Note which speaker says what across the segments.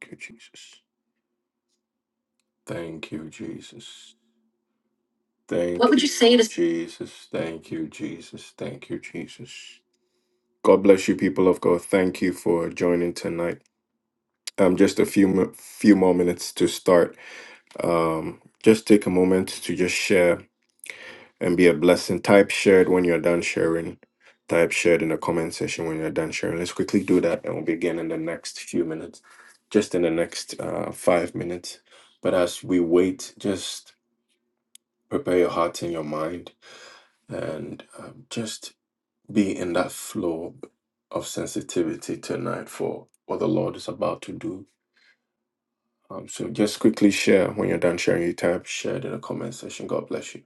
Speaker 1: Thank you, Jesus. Thank you, Jesus. Thank What Thank would you, you say to Jesus. Thank you, Jesus. Thank you, Jesus. God bless you, people of God. Thank you for joining tonight. Um, just a few mo- few more minutes to start. Um, just take a moment to just share and be a blessing. Type shared when you're done sharing. Type shared in the comment section when you're done sharing. Let's quickly do that, and we'll begin in the next few minutes. Just in the next uh, five minutes. But as we wait, just prepare your heart and your mind and um, just be in that flow of sensitivity tonight for what the Lord is about to do. Um, so just quickly share when you're done sharing your type, share it in the comment section. God bless you.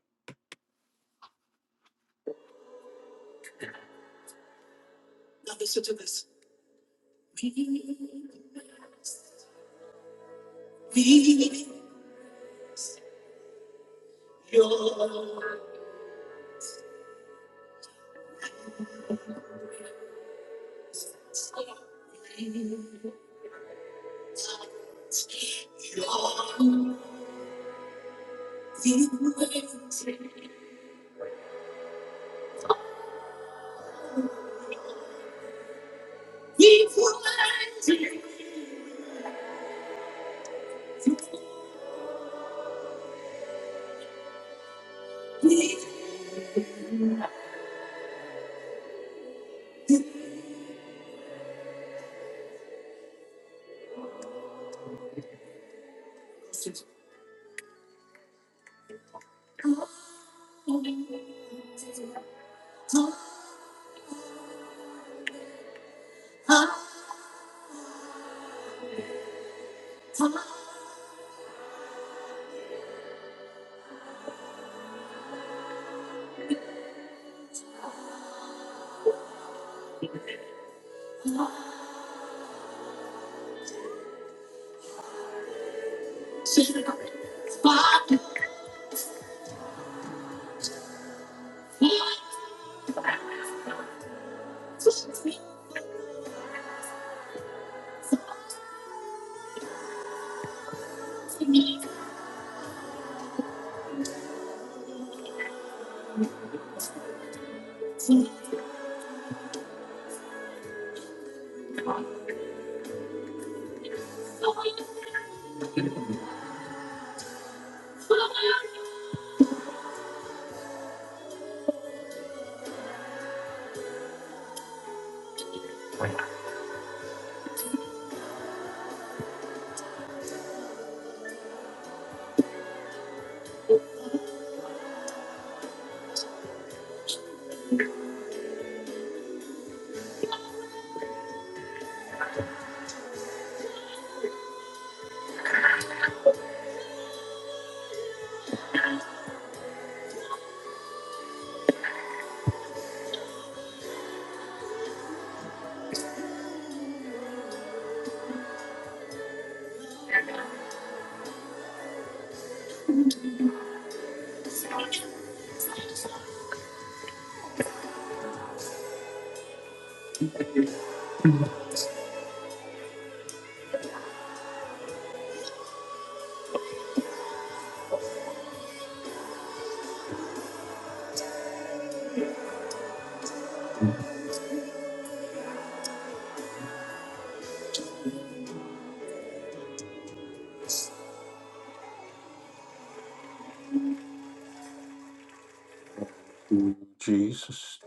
Speaker 1: Jesus.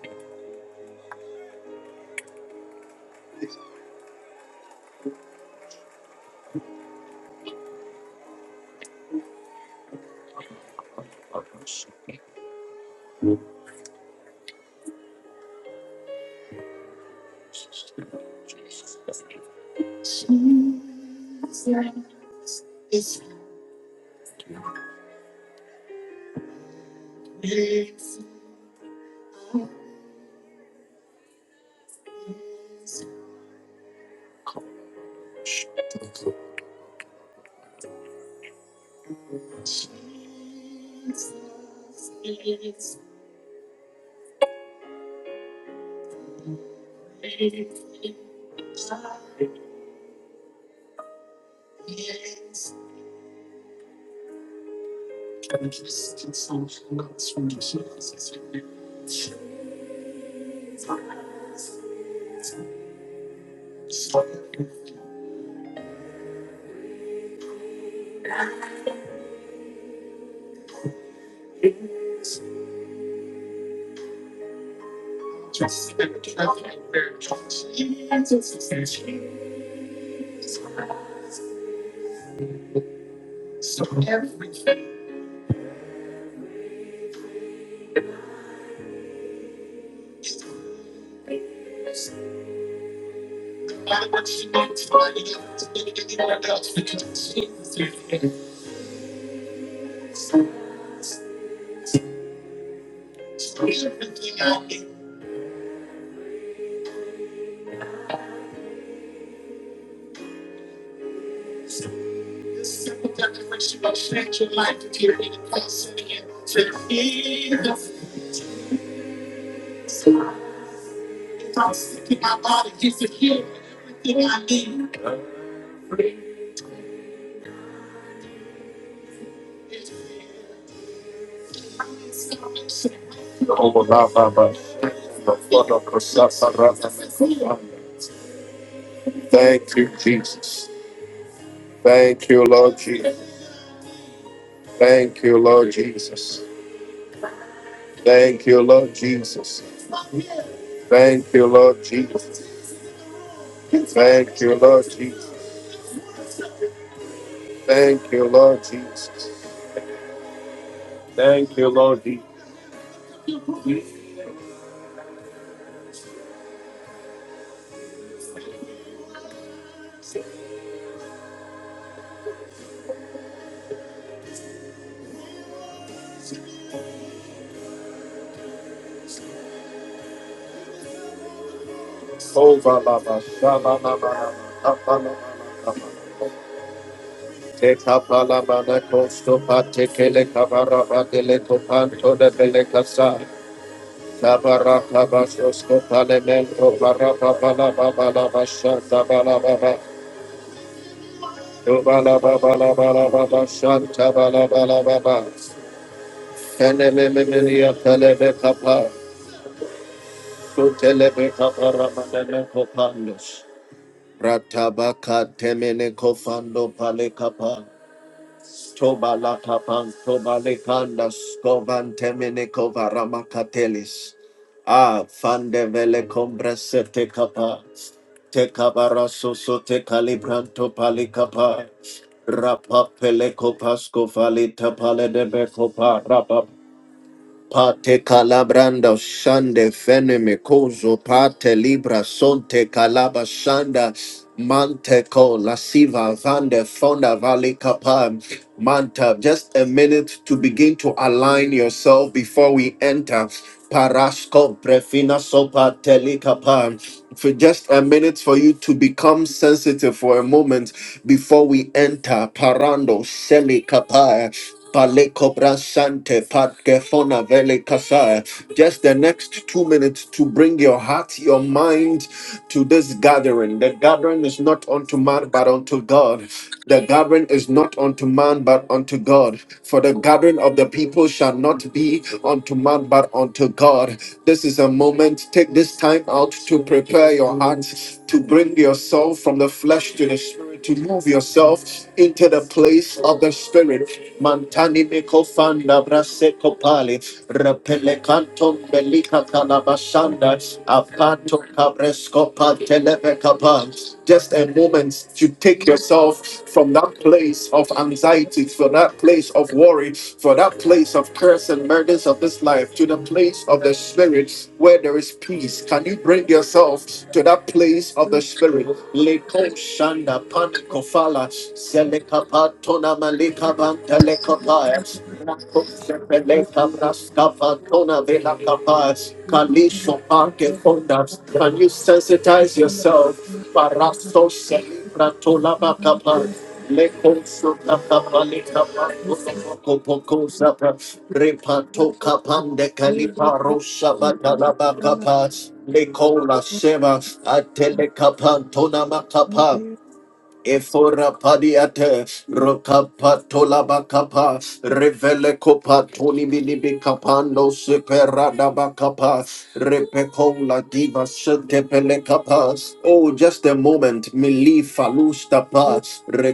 Speaker 1: Thank you, Jesus. Thank you, Lord Jesus. Thank you, Lord Jesus. Thank you, Lord Jesus. Thank you, Lord Thank you, Lord Jesus. Thank you, Lord Jesus. Over la ba sha la la la la la la la la la. Te ka pa la ba na ko sto pa te ke le ka ba ra ba de le ko pa to de be le ka sa. Ka ba ra ka ba so sto pa le men ko ba ra ba ba la ba ba la ba sha ta ba la ba ba. Do ba la ba ba la ba la ba ba sha ta ba la ba la ba ba. Kene me me me ni a tele be ka pa. Su tele be ka pa ra ba de le ko pa nos. Ratabaka temene kofando palekapa tobala kapan tobalekanda skovan temene kovaramakatelis. Ah, fandevele compresse te capa, te cabarasso so te calibranto palicapa, rapa peleco pasco falita pale de becopa, rapa pate calabrando shande feneme cozo pate libra sonte calabas ma ma- fauta for, the, for a moment. Uh, uh, bring your heart, your mind to this gathering. The gathering is not unto man, but unto God. The gathering is not unto man, but unto God. For the gathering of the people shall not be unto man, but unto God. This is a moment. Take this time out to prepare your heart, to bring yourself from the flesh to the spirit, to move yourself into the place of the spirit. Mantani meko fanda brase kopali Repelecantum belica
Speaker 2: Chosen of
Speaker 1: calabashanda, apanto cabresco panteleve Just a moment to take yourself from that place of anxiety, from that place of worry, from that place of curse and burdens of this life, to the place of the spirit where there is peace. Can you bring yourself to that place of the spirit? Leko shanda panikofala, selekapa tona malika bantelekapaya, can you sensitize yourself? Paraso celebra tolaba kapa. Lekonso kapa palika pako poko poko zapa. Repato kapande kalipa rosha batalaba kapa. Lekola shema atele kapa tonama kapa. Efora padiate rokapa tolabakapa revele kopa toni bilibi kapando superada bakapa repeko la diva sente pele kapa. Oh, just a moment. Mili falusta pa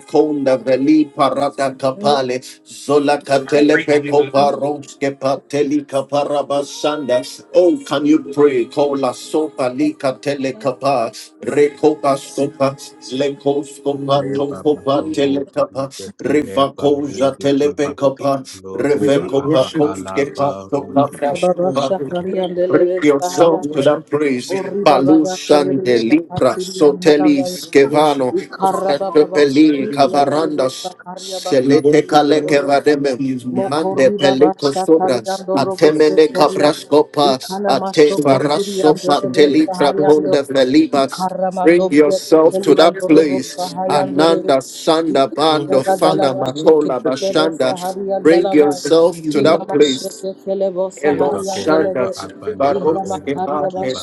Speaker 1: konda veli parada kapale zola katele peko paronske pateli kaparabasanda. Oh, can you pray? Kola sopa li katele kapa rekopa sopa leko skoma no
Speaker 3: Leba
Speaker 1: kopa tele
Speaker 3: bakoroba
Speaker 1: kapa
Speaker 3: ibekele
Speaker 1: riva koja
Speaker 3: barude
Speaker 1: tele
Speaker 3: kiba
Speaker 1: pekapa
Speaker 3: loroba abahala barudi
Speaker 4: Baba Shakari and
Speaker 1: Bring
Speaker 4: Eleve
Speaker 1: yourself to
Speaker 4: Sahayanda,
Speaker 1: that praise.
Speaker 4: Ori Baba
Speaker 1: Balusan
Speaker 4: Yanderebe
Speaker 1: de Libra,
Speaker 4: Shakatiri and the Lavaya,
Speaker 1: Sotelis, Kevano,
Speaker 4: Ikara Baba Shakari
Speaker 1: Fratopeli, Jesus.
Speaker 4: and Elevo
Speaker 1: Cavarandas, We
Speaker 4: Sakaria
Speaker 1: Selete worship the
Speaker 4: Basakiri and the Robosa,
Speaker 1: Mande merciful.
Speaker 4: Mokori Baba
Speaker 1: Pelico
Speaker 4: Shakali
Speaker 1: Sobras, He
Speaker 4: and
Speaker 1: first
Speaker 4: Robo
Speaker 1: Atemene is
Speaker 4: Sekoria,
Speaker 1: Cabrascopas,
Speaker 4: Ikana
Speaker 1: Ate
Speaker 4: Masho Kotiri and
Speaker 1: Varasopa,
Speaker 4: Eleve
Speaker 1: Telibra
Speaker 4: Sahayando,
Speaker 1: Ponde Felibas.
Speaker 4: Ikara Mando
Speaker 1: Bring yourself to
Speaker 4: Biakeli
Speaker 1: that
Speaker 4: and Robo
Speaker 1: place.
Speaker 4: Sahayandere,
Speaker 1: Ananda Sanda Bando
Speaker 4: Ikara
Speaker 1: Fana
Speaker 4: Dalava
Speaker 1: Makola
Speaker 4: Shekelevo
Speaker 1: Bashanda
Speaker 4: Sahari and
Speaker 1: Bring
Speaker 4: Dalavaya.
Speaker 1: yourself to that
Speaker 4: Inamashete
Speaker 1: place.
Speaker 4: kelebosa
Speaker 1: Elo
Speaker 3: Leba
Speaker 1: Shandra
Speaker 4: hariandelebe.
Speaker 3: koroba aba leba orude
Speaker 4: Ihramakaria
Speaker 3: kiba.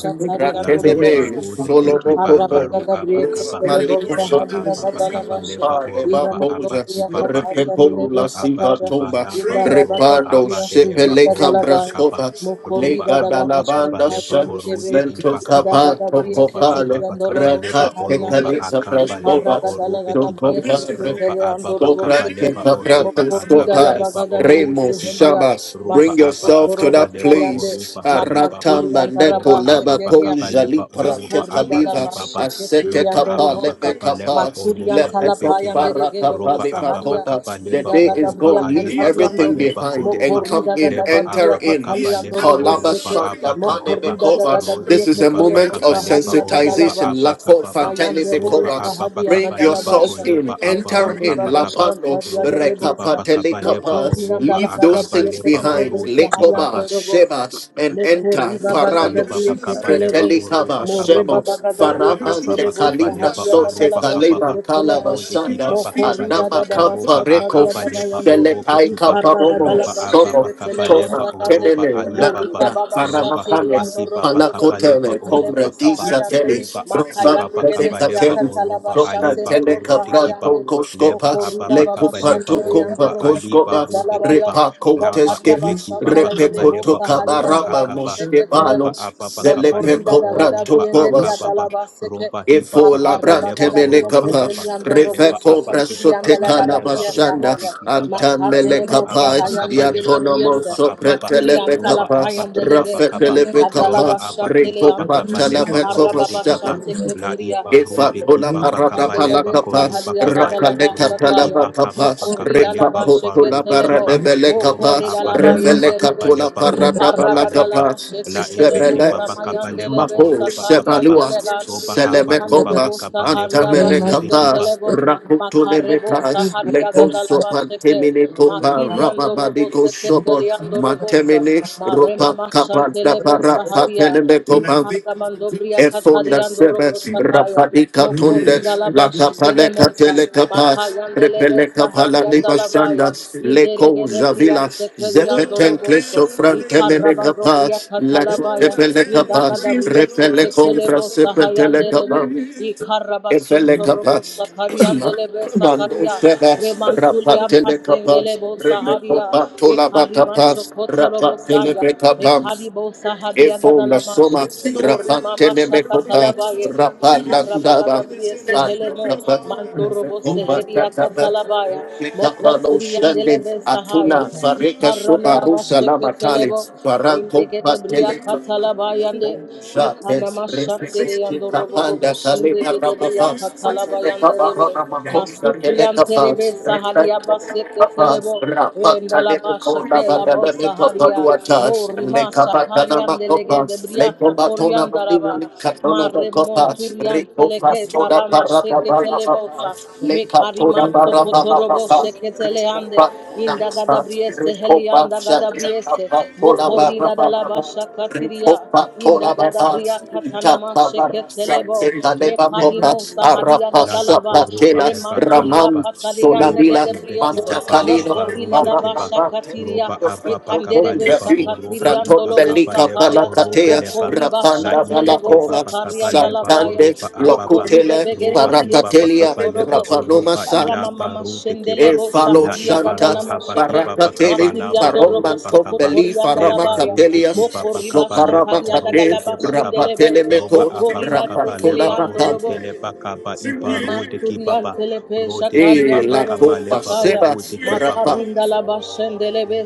Speaker 3: Lai baru
Speaker 1: Telebe
Speaker 3: barule ekiba
Speaker 1: Solomokobo.
Speaker 3: baru
Speaker 4: Ikarabagadabrieke
Speaker 3: abakaba.
Speaker 4: kelebosa
Speaker 3: Roba ababakaba
Speaker 4: hariagadalabashe.
Speaker 3: leba
Speaker 1: Paleba
Speaker 3: oruba
Speaker 1: Posa
Speaker 4: Iramandobria
Speaker 3: abakibaba.
Speaker 4: katariandelebe
Speaker 3: Roba
Speaker 1: Repecola Siva
Speaker 4: sakaya.
Speaker 3: abakiba
Speaker 1: Toba
Speaker 3: laba oroba
Speaker 1: Repando
Speaker 4: Indarabagobria
Speaker 3: aba heleba
Speaker 1: Sepeleca
Speaker 3: koruba
Speaker 4: seheriadalabai.
Speaker 3: kaba.
Speaker 1: Brascova
Speaker 3: Roba
Speaker 4: Mokorida
Speaker 1: Lega
Speaker 4: da la
Speaker 3: ababakaba
Speaker 1: Dalabanda
Speaker 3: leba
Speaker 4: mashkatarian de debe,
Speaker 3: orude
Speaker 1: Mento
Speaker 4: inda
Speaker 3: ibakaba.
Speaker 1: Capato
Speaker 4: gadabria
Speaker 3: Roba
Speaker 1: Copale
Speaker 4: keterian
Speaker 3: ababakaba
Speaker 4: dolobo
Speaker 3: leba
Speaker 1: Rata
Speaker 4: saharian
Speaker 3: oroba
Speaker 4: de,
Speaker 1: Tecalica
Speaker 3: akaba leba
Speaker 4: ikarra
Speaker 1: Brascova
Speaker 4: gada
Speaker 3: orube kiba.
Speaker 4: gadabria se
Speaker 3: Loba
Speaker 4: keterian dolobo
Speaker 1: Dobra,
Speaker 3: ababakaba
Speaker 4: sete,
Speaker 3: leba
Speaker 1: kepa,
Speaker 3: oroba
Speaker 1: brata,
Speaker 4: mokorida
Speaker 3: akaba
Speaker 4: da
Speaker 1: skopa,
Speaker 3: leba
Speaker 4: bagadabria
Speaker 3: orude
Speaker 1: Remo
Speaker 4: se
Speaker 3: kiba
Speaker 4: helia,
Speaker 1: Shabbas,
Speaker 3: roba
Speaker 1: bring
Speaker 4: masoko
Speaker 3: ababa
Speaker 1: yourself to
Speaker 4: korobo
Speaker 1: that
Speaker 3: kabaleba
Speaker 4: sayande,
Speaker 1: place.
Speaker 3: oroba alibaba
Speaker 4: makartuli
Speaker 1: Aratamba
Speaker 4: andaraba
Speaker 1: neko
Speaker 3: roba
Speaker 4: Basa
Speaker 1: leba
Speaker 3: ababa
Speaker 4: de,
Speaker 1: koja li
Speaker 3: kabaleba
Speaker 1: prate
Speaker 3: oroba
Speaker 4: mokorida da
Speaker 1: kaliva.
Speaker 4: bashe
Speaker 3: abakibaba
Speaker 1: Asete
Speaker 4: keterian
Speaker 3: loba
Speaker 4: andoro
Speaker 1: kapa
Speaker 3: ababa
Speaker 4: sa,
Speaker 1: lebe
Speaker 3: kabaleba
Speaker 1: kapa.
Speaker 4: maturian
Speaker 3: oroba
Speaker 1: Lepe
Speaker 4: talapayan de
Speaker 1: topa
Speaker 3: ibekiba
Speaker 4: regere
Speaker 1: rapa
Speaker 4: bo
Speaker 3: roba
Speaker 1: paliva
Speaker 3: ababa
Speaker 4: saharia,
Speaker 1: kopa. The
Speaker 3: kabaleba
Speaker 4: inda
Speaker 1: day is
Speaker 3: oroba
Speaker 4: gadabria
Speaker 1: gone. Leave
Speaker 3: haiba
Speaker 4: katarian do,
Speaker 1: everything
Speaker 3: kabaleba
Speaker 1: behind and
Speaker 3: koroba
Speaker 1: come
Speaker 4: Mokorida da
Speaker 1: in.
Speaker 3: leba
Speaker 1: Enter
Speaker 4: Gadabria
Speaker 3: ababa
Speaker 1: in.
Speaker 4: Cataliando
Speaker 3: kabaleba
Speaker 1: Kalaba
Speaker 3: oroba
Speaker 4: Roboseke,
Speaker 1: shanda pane
Speaker 3: abakibaba
Speaker 4: Mokorida da
Speaker 1: mekova.
Speaker 3: rode
Speaker 4: Gadabria
Speaker 1: This is a
Speaker 3: kibaba
Speaker 1: moment
Speaker 4: Catelebo
Speaker 1: of
Speaker 3: kabaleba
Speaker 4: Saharia
Speaker 3: oroba
Speaker 1: sensitization.
Speaker 4: Gadalabasha,
Speaker 1: Lako
Speaker 3: abakababa
Speaker 1: fatele
Speaker 4: Mayande Rebe
Speaker 3: roba
Speaker 1: mekova.
Speaker 3: ababa
Speaker 4: Saharia
Speaker 1: Bring
Speaker 3: kabaleba
Speaker 1: yourself
Speaker 4: Gadalabasha,
Speaker 1: in,
Speaker 3: koleba
Speaker 1: enter
Speaker 3: abaru
Speaker 4: Mokordi
Speaker 1: in,
Speaker 3: abakaba
Speaker 4: Babasha
Speaker 1: lapando,
Speaker 4: Taria de
Speaker 3: Rode ki
Speaker 4: Debosa,
Speaker 3: baba kabaleba
Speaker 4: Mokordi
Speaker 1: rekapatelekapa,
Speaker 4: and
Speaker 3: oroba
Speaker 1: leave
Speaker 4: Dalagada
Speaker 1: those
Speaker 4: Bria
Speaker 1: things
Speaker 3: akabaleba
Speaker 1: behind,
Speaker 4: Catelebo
Speaker 3: orode ki baba
Speaker 1: lekoba,
Speaker 4: Sahariando Robosa.
Speaker 1: shebas, and
Speaker 4: Mekori
Speaker 1: enter,
Speaker 4: baba
Speaker 3: Liba
Speaker 4: gadabri
Speaker 1: parados,
Speaker 3: bakaba leba
Speaker 4: ketelebo.
Speaker 1: retelikaba,
Speaker 3: oroba
Speaker 4: Morre
Speaker 3: kababa.
Speaker 4: baba
Speaker 1: shemos,
Speaker 4: gadabri
Speaker 3: Roba
Speaker 1: farama,
Speaker 3: ababa
Speaker 4: ketelebo.
Speaker 3: kaba
Speaker 1: tekalibra,
Speaker 3: leba
Speaker 4: Sahadia
Speaker 1: sote,
Speaker 4: badala
Speaker 3: oroba
Speaker 4: bashi
Speaker 3: kababa.
Speaker 1: kaleba,
Speaker 4: ketelebo.
Speaker 3: Rode
Speaker 1: kalabashanda,
Speaker 3: kiba bakaba
Speaker 4: Mokori dada
Speaker 1: anama,
Speaker 3: leba
Speaker 4: da basha
Speaker 3: oroba
Speaker 1: kampareko,
Speaker 4: tadia
Speaker 3: akaba
Speaker 4: baba
Speaker 3: leba
Speaker 4: yando.
Speaker 3: orobe
Speaker 1: sheletai,
Speaker 3: kiba.
Speaker 4: Ikara
Speaker 1: kaparomo,
Speaker 4: gadala
Speaker 3: Loba
Speaker 4: bashi
Speaker 1: somo,
Speaker 3: ababa kaba
Speaker 4: ketelebo
Speaker 3: leba
Speaker 1: toma,
Speaker 4: sagande.
Speaker 3: oroba
Speaker 1: tenene,
Speaker 4: Morri
Speaker 3: ahibaba.
Speaker 1: lakuda,
Speaker 4: baba basha
Speaker 3: Roba
Speaker 4: teli
Speaker 3: haba
Speaker 4: yando
Speaker 1: faramakanes,
Speaker 3: kiba
Speaker 4: robo
Speaker 3: bakaba
Speaker 4: gadabri
Speaker 3: leba
Speaker 1: Panacotele,
Speaker 4: ketelebo
Speaker 3: oroba
Speaker 1: Combre,
Speaker 3: kaba.
Speaker 1: Disa,
Speaker 4: sahayande.
Speaker 3: Roba
Speaker 1: Telis, Rosa,
Speaker 3: akiba
Speaker 4: Makayande
Speaker 3: bakaba
Speaker 4: gadabri
Speaker 3: leba
Speaker 1: Pede,
Speaker 4: akatala
Speaker 3: oroba
Speaker 4: basha
Speaker 3: aleba
Speaker 4: telebo
Speaker 3: korode kiba.
Speaker 4: sahayande.
Speaker 3: Leba
Speaker 1: Telekapratokoscopa,
Speaker 4: Mokoriba
Speaker 3: ababa
Speaker 4: baba
Speaker 3: kaba leba
Speaker 4: shateri
Speaker 3: oroba
Speaker 4: andoro boseke
Speaker 3: aliba
Speaker 1: Lekupatokopakoscopa,
Speaker 3: rode
Speaker 4: talabaya.
Speaker 3: kiba. Laba
Speaker 4: Mokaria
Speaker 1: Repacoteskevi,
Speaker 3: ibe
Speaker 4: basha
Speaker 3: kiba
Speaker 4: talegele
Speaker 3: bakaba leba
Speaker 4: bosa hadia
Speaker 3: oroba
Speaker 4: dala
Speaker 1: Repecotocabarama
Speaker 3: akaba
Speaker 4: masheke telebe.
Speaker 1: Mosquebano,
Speaker 3: ropa apapa kapaleba
Speaker 4: Mokorida dagada
Speaker 3: oropa
Speaker 4: bien
Speaker 1: Zelepecopratocovas.
Speaker 4: heria dala
Speaker 3: akababa
Speaker 4: baseke.
Speaker 3: ropa
Speaker 1: Efo
Speaker 3: hipapa
Speaker 4: Makare
Speaker 1: labrante
Speaker 3: kapaleba
Speaker 4: bagada bria
Speaker 3: oropa
Speaker 1: melekapa,
Speaker 3: kaba
Speaker 4: teteli andoro
Speaker 3: lopa
Speaker 4: boso
Speaker 1: refeko
Speaker 3: apa
Speaker 4: koti
Speaker 3: kipapa
Speaker 1: brasote
Speaker 4: diandele gada
Speaker 3: kapaleba
Speaker 1: kalabashanda,
Speaker 3: orobe
Speaker 4: sahaya.
Speaker 3: kibaba
Speaker 1: antam
Speaker 4: Makandele
Speaker 3: lopa
Speaker 4: bosa
Speaker 1: melekapa,
Speaker 3: apapa
Speaker 4: hayande gele
Speaker 3: kapaleba
Speaker 4: bria
Speaker 1: yatonomo
Speaker 4: se.
Speaker 3: oropa
Speaker 1: sopre
Speaker 3: apapa
Speaker 4: Matuli antala
Speaker 3: ropa
Speaker 1: telepekapa,
Speaker 3: apa
Speaker 4: payande rege.
Speaker 3: kipapa kapa
Speaker 4: Ikadala
Speaker 3: lopa
Speaker 1: rafetelepekapa,
Speaker 4: basha
Speaker 3: apa
Speaker 4: tele
Speaker 3: kipapa
Speaker 4: ando.
Speaker 1: rekopa
Speaker 3: kapaleba
Speaker 4: Ikara
Speaker 3: orode
Speaker 4: baba
Speaker 3: kipa
Speaker 1: telepekopastana,
Speaker 4: shante
Speaker 3: la
Speaker 4: keteria.
Speaker 3: ipa
Speaker 1: Eva
Speaker 3: rode
Speaker 1: Pola
Speaker 3: kipapa
Speaker 1: Parada
Speaker 4: Ashandelebe
Speaker 3: kapaleba koropa
Speaker 1: Palakapas,
Speaker 4: sahalia
Speaker 3: kaba
Speaker 4: gadalaba
Speaker 1: Rakaleka
Speaker 3: rode
Speaker 4: shakaya.
Speaker 3: ipa kapapa
Speaker 1: Palabakapas,
Speaker 4: Mokorida
Speaker 1: Repa
Speaker 4: laba
Speaker 3: kapaleba
Speaker 1: Potola
Speaker 3: oparude
Speaker 4: sheketelebo.
Speaker 1: Parade
Speaker 3: kipa ropa
Speaker 1: Belekapas,
Speaker 4: Mokorida
Speaker 3: apa
Speaker 4: laba
Speaker 3: kipapa
Speaker 1: Reveleka
Speaker 4: yenderebe.
Speaker 1: Tola
Speaker 3: kapaleba
Speaker 1: Parada
Speaker 3: koropa aleba
Speaker 4: Ikaragadalaba
Speaker 1: Balakapas,
Speaker 3: La
Speaker 4: sheketelebo
Speaker 3: ebeki
Speaker 1: Sebele
Speaker 3: baba kabaleba
Speaker 4: samayandelebe
Speaker 1: Mako
Speaker 3: oroba ababa.
Speaker 1: Sebalua,
Speaker 4: sakaryandelegad.
Speaker 3: Roba haba ibaba
Speaker 4: Ekandilebo
Speaker 1: Selemekomas,
Speaker 3: kabaleba
Speaker 4: saharia
Speaker 1: Antamene
Speaker 3: orode
Speaker 1: Kapas,
Speaker 4: baseketelebo.
Speaker 1: Rakutune
Speaker 4: Makarebo
Speaker 1: Metas,
Speaker 4: saharia
Speaker 1: Lekonso
Speaker 4: gadalaba sheke.
Speaker 1: Pantemine Topa,
Speaker 4: Makiriandorobo
Speaker 1: Rababadiko Sobor,
Speaker 4: seketeliandorobosa.
Speaker 1: Mantemine,
Speaker 4: Marema
Speaker 1: Ropa Kapada
Speaker 4: Mashantelebo
Speaker 1: Para,
Speaker 4: Saharia,
Speaker 1: Pateleme Kopas,
Speaker 4: Mikara Mandobria
Speaker 1: Efonda
Speaker 4: Katariando
Speaker 1: sebe
Speaker 4: Robo Sakaya,
Speaker 1: rapadika tunde
Speaker 4: Mokorinda
Speaker 1: la
Speaker 4: Labashi
Speaker 1: kapaleka
Speaker 4: Telemosa,
Speaker 1: telekapa
Speaker 4: Makayandelebe
Speaker 1: repeleka palani
Speaker 4: Saharianda
Speaker 1: bashanda
Speaker 4: Labaya,
Speaker 1: leko
Speaker 4: Inderege Debria
Speaker 1: javila
Speaker 4: Sekeriando
Speaker 1: zepeten
Speaker 4: Roboso,
Speaker 1: kleso frante meneka pa
Speaker 4: Ikarabandobria
Speaker 1: la
Speaker 4: Catalabaya,
Speaker 1: tepeleka pa
Speaker 4: Indagadabria
Speaker 1: repeleko
Speaker 4: Seketelebo
Speaker 1: vrasepeteleka pa
Speaker 4: Sahayanderebe, Ikarabason
Speaker 1: efeleka pa
Speaker 4: Robo Sakariandelebe
Speaker 1: Mando
Speaker 4: Sakaria,
Speaker 1: Sebas, Rapa
Speaker 4: Remantulian
Speaker 1: Telecapas,
Speaker 4: Pasengelebo
Speaker 1: Rebeco
Speaker 4: Saharia,
Speaker 1: Patola
Speaker 4: Ekariba
Speaker 1: Batapas,
Speaker 4: Shokotorobo Sanya,
Speaker 1: Rapa
Speaker 4: Ekaribo Saharia
Speaker 1: Efo na
Speaker 4: Gadalamashe,
Speaker 1: soma
Speaker 4: Morima
Speaker 1: rapante ne mekopa
Speaker 4: Mashakatalabaye,
Speaker 1: rapanda ndaba
Speaker 4: Ikarabagadabriye Sehelemo,
Speaker 1: rapanda
Speaker 4: Mantorobo
Speaker 1: kumba
Speaker 4: Seheria
Speaker 1: kataba
Speaker 4: Katalabaya,
Speaker 1: Kapra no
Speaker 4: Mokoturian Delebe Sahaya,
Speaker 1: atuna fareka soba rusa la matali
Speaker 4: Ikaranalamasheketelebo,
Speaker 1: baranto
Speaker 4: Endegede bria
Speaker 1: pastele
Speaker 4: katala bayande
Speaker 1: Shates,
Speaker 4: ikanama şatere
Speaker 1: Rexis,
Speaker 4: yandorobo bobo
Speaker 1: Kapanda, Saliba
Speaker 4: şindegede bria
Speaker 1: Rabafas,
Speaker 4: katala
Speaker 1: Ateleka
Speaker 4: bayande rebe
Speaker 1: Barona Makosa,
Speaker 4: Masupriyan
Speaker 1: Teleka
Speaker 4: terebe
Speaker 1: Fas,
Speaker 4: saharia baseke telebo
Speaker 1: Refas, Rapa,
Speaker 4: endalaba
Speaker 1: Taleko
Speaker 4: sheke
Speaker 1: Kona,
Speaker 4: labo
Speaker 1: Badaleko
Speaker 4: saharia
Speaker 1: Paduatas,
Speaker 4: morima
Speaker 1: Leka Batana
Speaker 4: shakarian delege
Speaker 1: Makopas,
Speaker 4: debria
Speaker 1: Leko
Speaker 4: sokorian
Speaker 1: Batona
Speaker 4: daraba
Speaker 1: Bolina, Katona
Speaker 4: mare
Speaker 1: Makopas,
Speaker 4: monturian
Speaker 1: Rico
Speaker 4: teleke
Speaker 1: Fasoda
Speaker 4: tarama sheke telebo sa
Speaker 1: Parababas,
Speaker 4: me
Speaker 1: Leka Toda
Speaker 4: kariman sokotorobo
Speaker 1: Barababas,
Speaker 4: sheke
Speaker 1: Rico
Speaker 4: teleande
Speaker 1: Fatuna
Speaker 4: inda
Speaker 1: Masas,
Speaker 4: gadabriese
Speaker 1: Rico
Speaker 4: helianda
Speaker 1: Fatsa, Rico
Speaker 4: gadabriese mo
Speaker 1: Fatona
Speaker 4: korida dalaba
Speaker 1: Barababas,
Speaker 4: shakatiria
Speaker 1: Copa tola
Speaker 4: Indagabriya
Speaker 1: babas,
Speaker 4: katanama
Speaker 1: tapa barasa,
Speaker 4: sheketelebo
Speaker 1: tenda leva copa,
Speaker 4: mekadimo sahadia
Speaker 1: arapa
Speaker 3: Laba
Speaker 4: gadalaba
Speaker 3: koroba
Speaker 1: sapatela,
Speaker 3: eba
Speaker 4: remantulia
Speaker 1: raman
Speaker 3: kalaba.
Speaker 4: patalia
Speaker 3: Roba
Speaker 1: solavila,
Speaker 3: ibeke
Speaker 4: negedebrioso
Speaker 1: manta
Speaker 3: baba
Speaker 1: calino,
Speaker 3: laba
Speaker 4: mokorina
Speaker 3: robe
Speaker 4: laba
Speaker 1: barapa
Speaker 3: kiba.
Speaker 1: mante.
Speaker 4: shakatiria
Speaker 3: Roba ababa
Speaker 1: Perfecto con
Speaker 4: ikanderebe
Speaker 3: kabaleba
Speaker 1: Jafi,
Speaker 3: o roba
Speaker 4: shakatirian
Speaker 1: Franton
Speaker 3: iba
Speaker 4: dolobo
Speaker 1: Belica
Speaker 3: kabaleba
Speaker 4: sakaya
Speaker 3: o
Speaker 1: Palacatea,
Speaker 4: Mokoriba
Speaker 3: La
Speaker 1: Rapanda
Speaker 3: ibeke
Speaker 4: Shantelebo
Speaker 1: Valacova,
Speaker 3: baba
Speaker 4: Sakarian
Speaker 3: kabaleba o
Speaker 4: Dalavaya,
Speaker 1: Santande,
Speaker 3: ababa.
Speaker 4: Mokoribe
Speaker 1: Locutele,
Speaker 4: Begede
Speaker 3: Roba iba
Speaker 4: Brioso
Speaker 1: Paracatelia,
Speaker 3: kabaleba
Speaker 4: Kotorobo,
Speaker 3: o
Speaker 1: Rapanoma
Speaker 3: roba
Speaker 1: San,
Speaker 3: ilaba
Speaker 4: Ramamama
Speaker 3: rude kiba.
Speaker 1: E
Speaker 4: Shendelebo
Speaker 1: falo
Speaker 3: La
Speaker 4: Sahadia
Speaker 3: iba
Speaker 1: shanta
Speaker 3: roha
Speaker 4: Gadalama
Speaker 3: baki
Speaker 4: Sheke
Speaker 3: baba
Speaker 1: barakateli
Speaker 3: kabalaba
Speaker 4: Makiriando
Speaker 3: o
Speaker 4: Robo
Speaker 1: faroman
Speaker 3: kaba.
Speaker 1: tombeli
Speaker 4: Sokotorianda
Speaker 1: farama
Speaker 3: Leba
Speaker 4: Labaya
Speaker 3: rude
Speaker 1: capelias
Speaker 3: kiba baba
Speaker 4: Mokoriba
Speaker 3: kabaleba o
Speaker 4: Shataria Dagalaba
Speaker 3: edeba kaba.
Speaker 4: Shendelebe
Speaker 1: rapatele
Speaker 3: Roba
Speaker 1: meco
Speaker 3: ababa
Speaker 4: Mokorina
Speaker 3: kaba
Speaker 1: rapatola
Speaker 3: leba
Speaker 4: Sekeleando
Speaker 1: macam
Speaker 3: oruke
Speaker 4: Robo
Speaker 3: leba kaba iba
Speaker 4: Brema
Speaker 3: rode
Speaker 4: Surian
Speaker 3: kibaba
Speaker 4: Telepe
Speaker 3: rode
Speaker 1: e
Speaker 3: kibaba
Speaker 1: la
Speaker 4: Shakariando Robo
Speaker 3: kaba
Speaker 1: coba
Speaker 3: leba
Speaker 4: Sakaya
Speaker 1: seba
Speaker 3: orude kibaba
Speaker 1: rapa.
Speaker 4: Makarinda Laba Shendelebe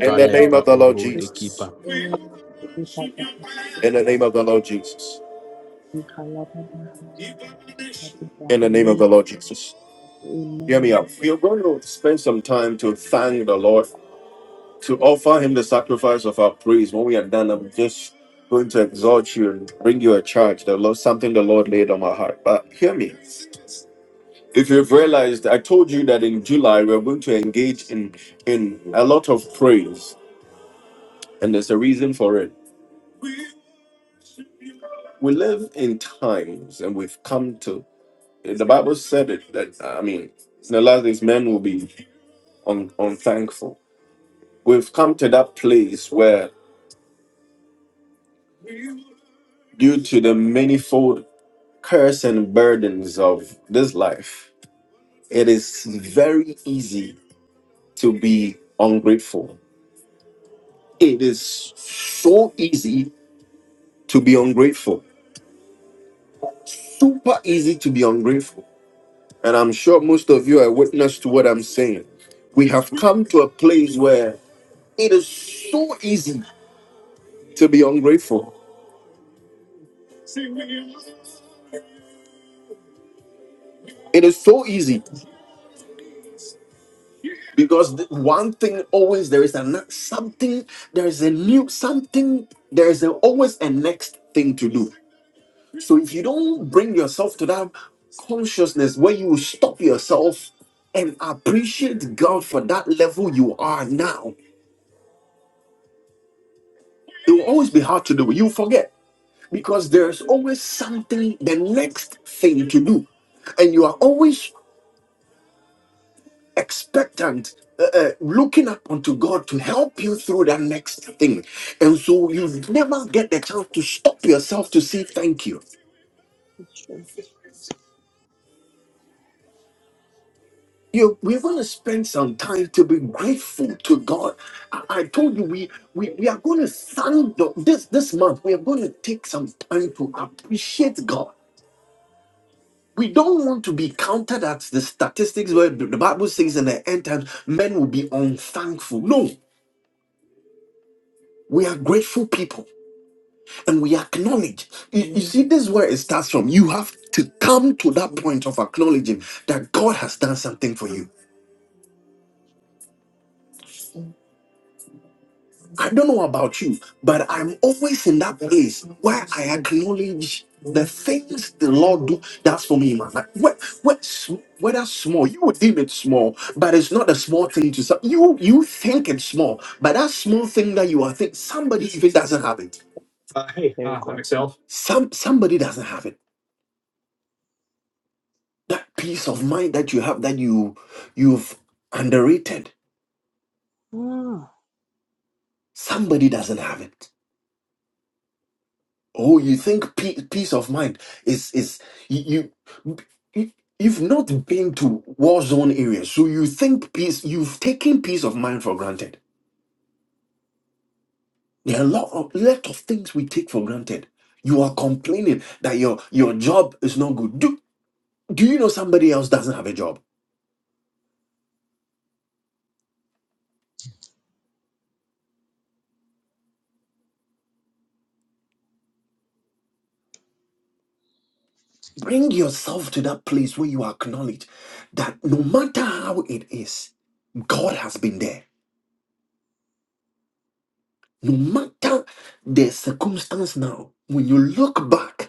Speaker 1: In the name
Speaker 3: kaleba
Speaker 1: of the Lord
Speaker 5: Hallelujah.
Speaker 3: orude kiba
Speaker 1: Jesus.
Speaker 4: Amen.
Speaker 1: In the name of the Lord Jesus. In the name of the Lord Jesus. Hear me
Speaker 5: Amen.
Speaker 1: out. We are going to spend some time to thank the Lord to offer him the sacrifice of our praise. When we are done, I'm just going to exhort you and bring you a charge, the Lord, something the Lord laid on my heart. But hear me. If you've realized, I told you that in July we're going to engage in in a lot of praise, and there's a reason for it. We live in times, and we've come to. The Bible said it that I mean, in the last days, men will be un, unthankful. We've come to that place where, due to the manifold curse and burdens of this life, it is very easy to be ungrateful. It is so easy to be ungrateful. Super easy to be ungrateful. And I'm sure most of you are witness to what I'm saying. We have come to a place where it is so easy to be ungrateful. It is so easy because th- one thing always there is a ne- something there is a new something there is a, always a next thing to do So if you don't bring yourself to that consciousness where you stop yourself and appreciate God for that level you are now, it will always be hard to do. You forget because there's always something, the next thing to do, and you are always expectant. Uh, uh, looking up unto God to help you through that next thing, and so you never get the chance to stop yourself to say thank you.
Speaker 5: It's true.
Speaker 1: You, we want to spend some time to be grateful to God. I, I told you we, we we are going to stand up this this month. We are going to take some time to appreciate God. We don't want to be counted at the statistics where the the Bible says in the end times men will be unthankful. No, we are grateful people and we acknowledge. You, you see, this is where it starts from. You have to come to that point of acknowledging that God has done something for you. I don't know about you, but I'm always in that place where I acknowledge the things the Lord do. That's for me, man. Like what, what, sm- whether small, you would deem it small, but it's not a small thing to some- you. You think it's small, but that small thing that you are think somebody even doesn't have it.
Speaker 5: Very good.
Speaker 1: Some somebody doesn't have it. That peace of mind that you have that you you've underrated.
Speaker 5: Ah,
Speaker 1: Somebody doesn't have it. Oh, you think pe- peace of mind is is you, you you- you've not been to war zone areas, so you think peace you've taken peace of mind for granted. There are a lot of lot of things we take for granted. You are complaining that your your job is not good. Do do you know somebody else doesn't have a job? Bring yourself to that place where you acknowledge that no matter how it is, God has been there. No matter the circumstance now, when you look back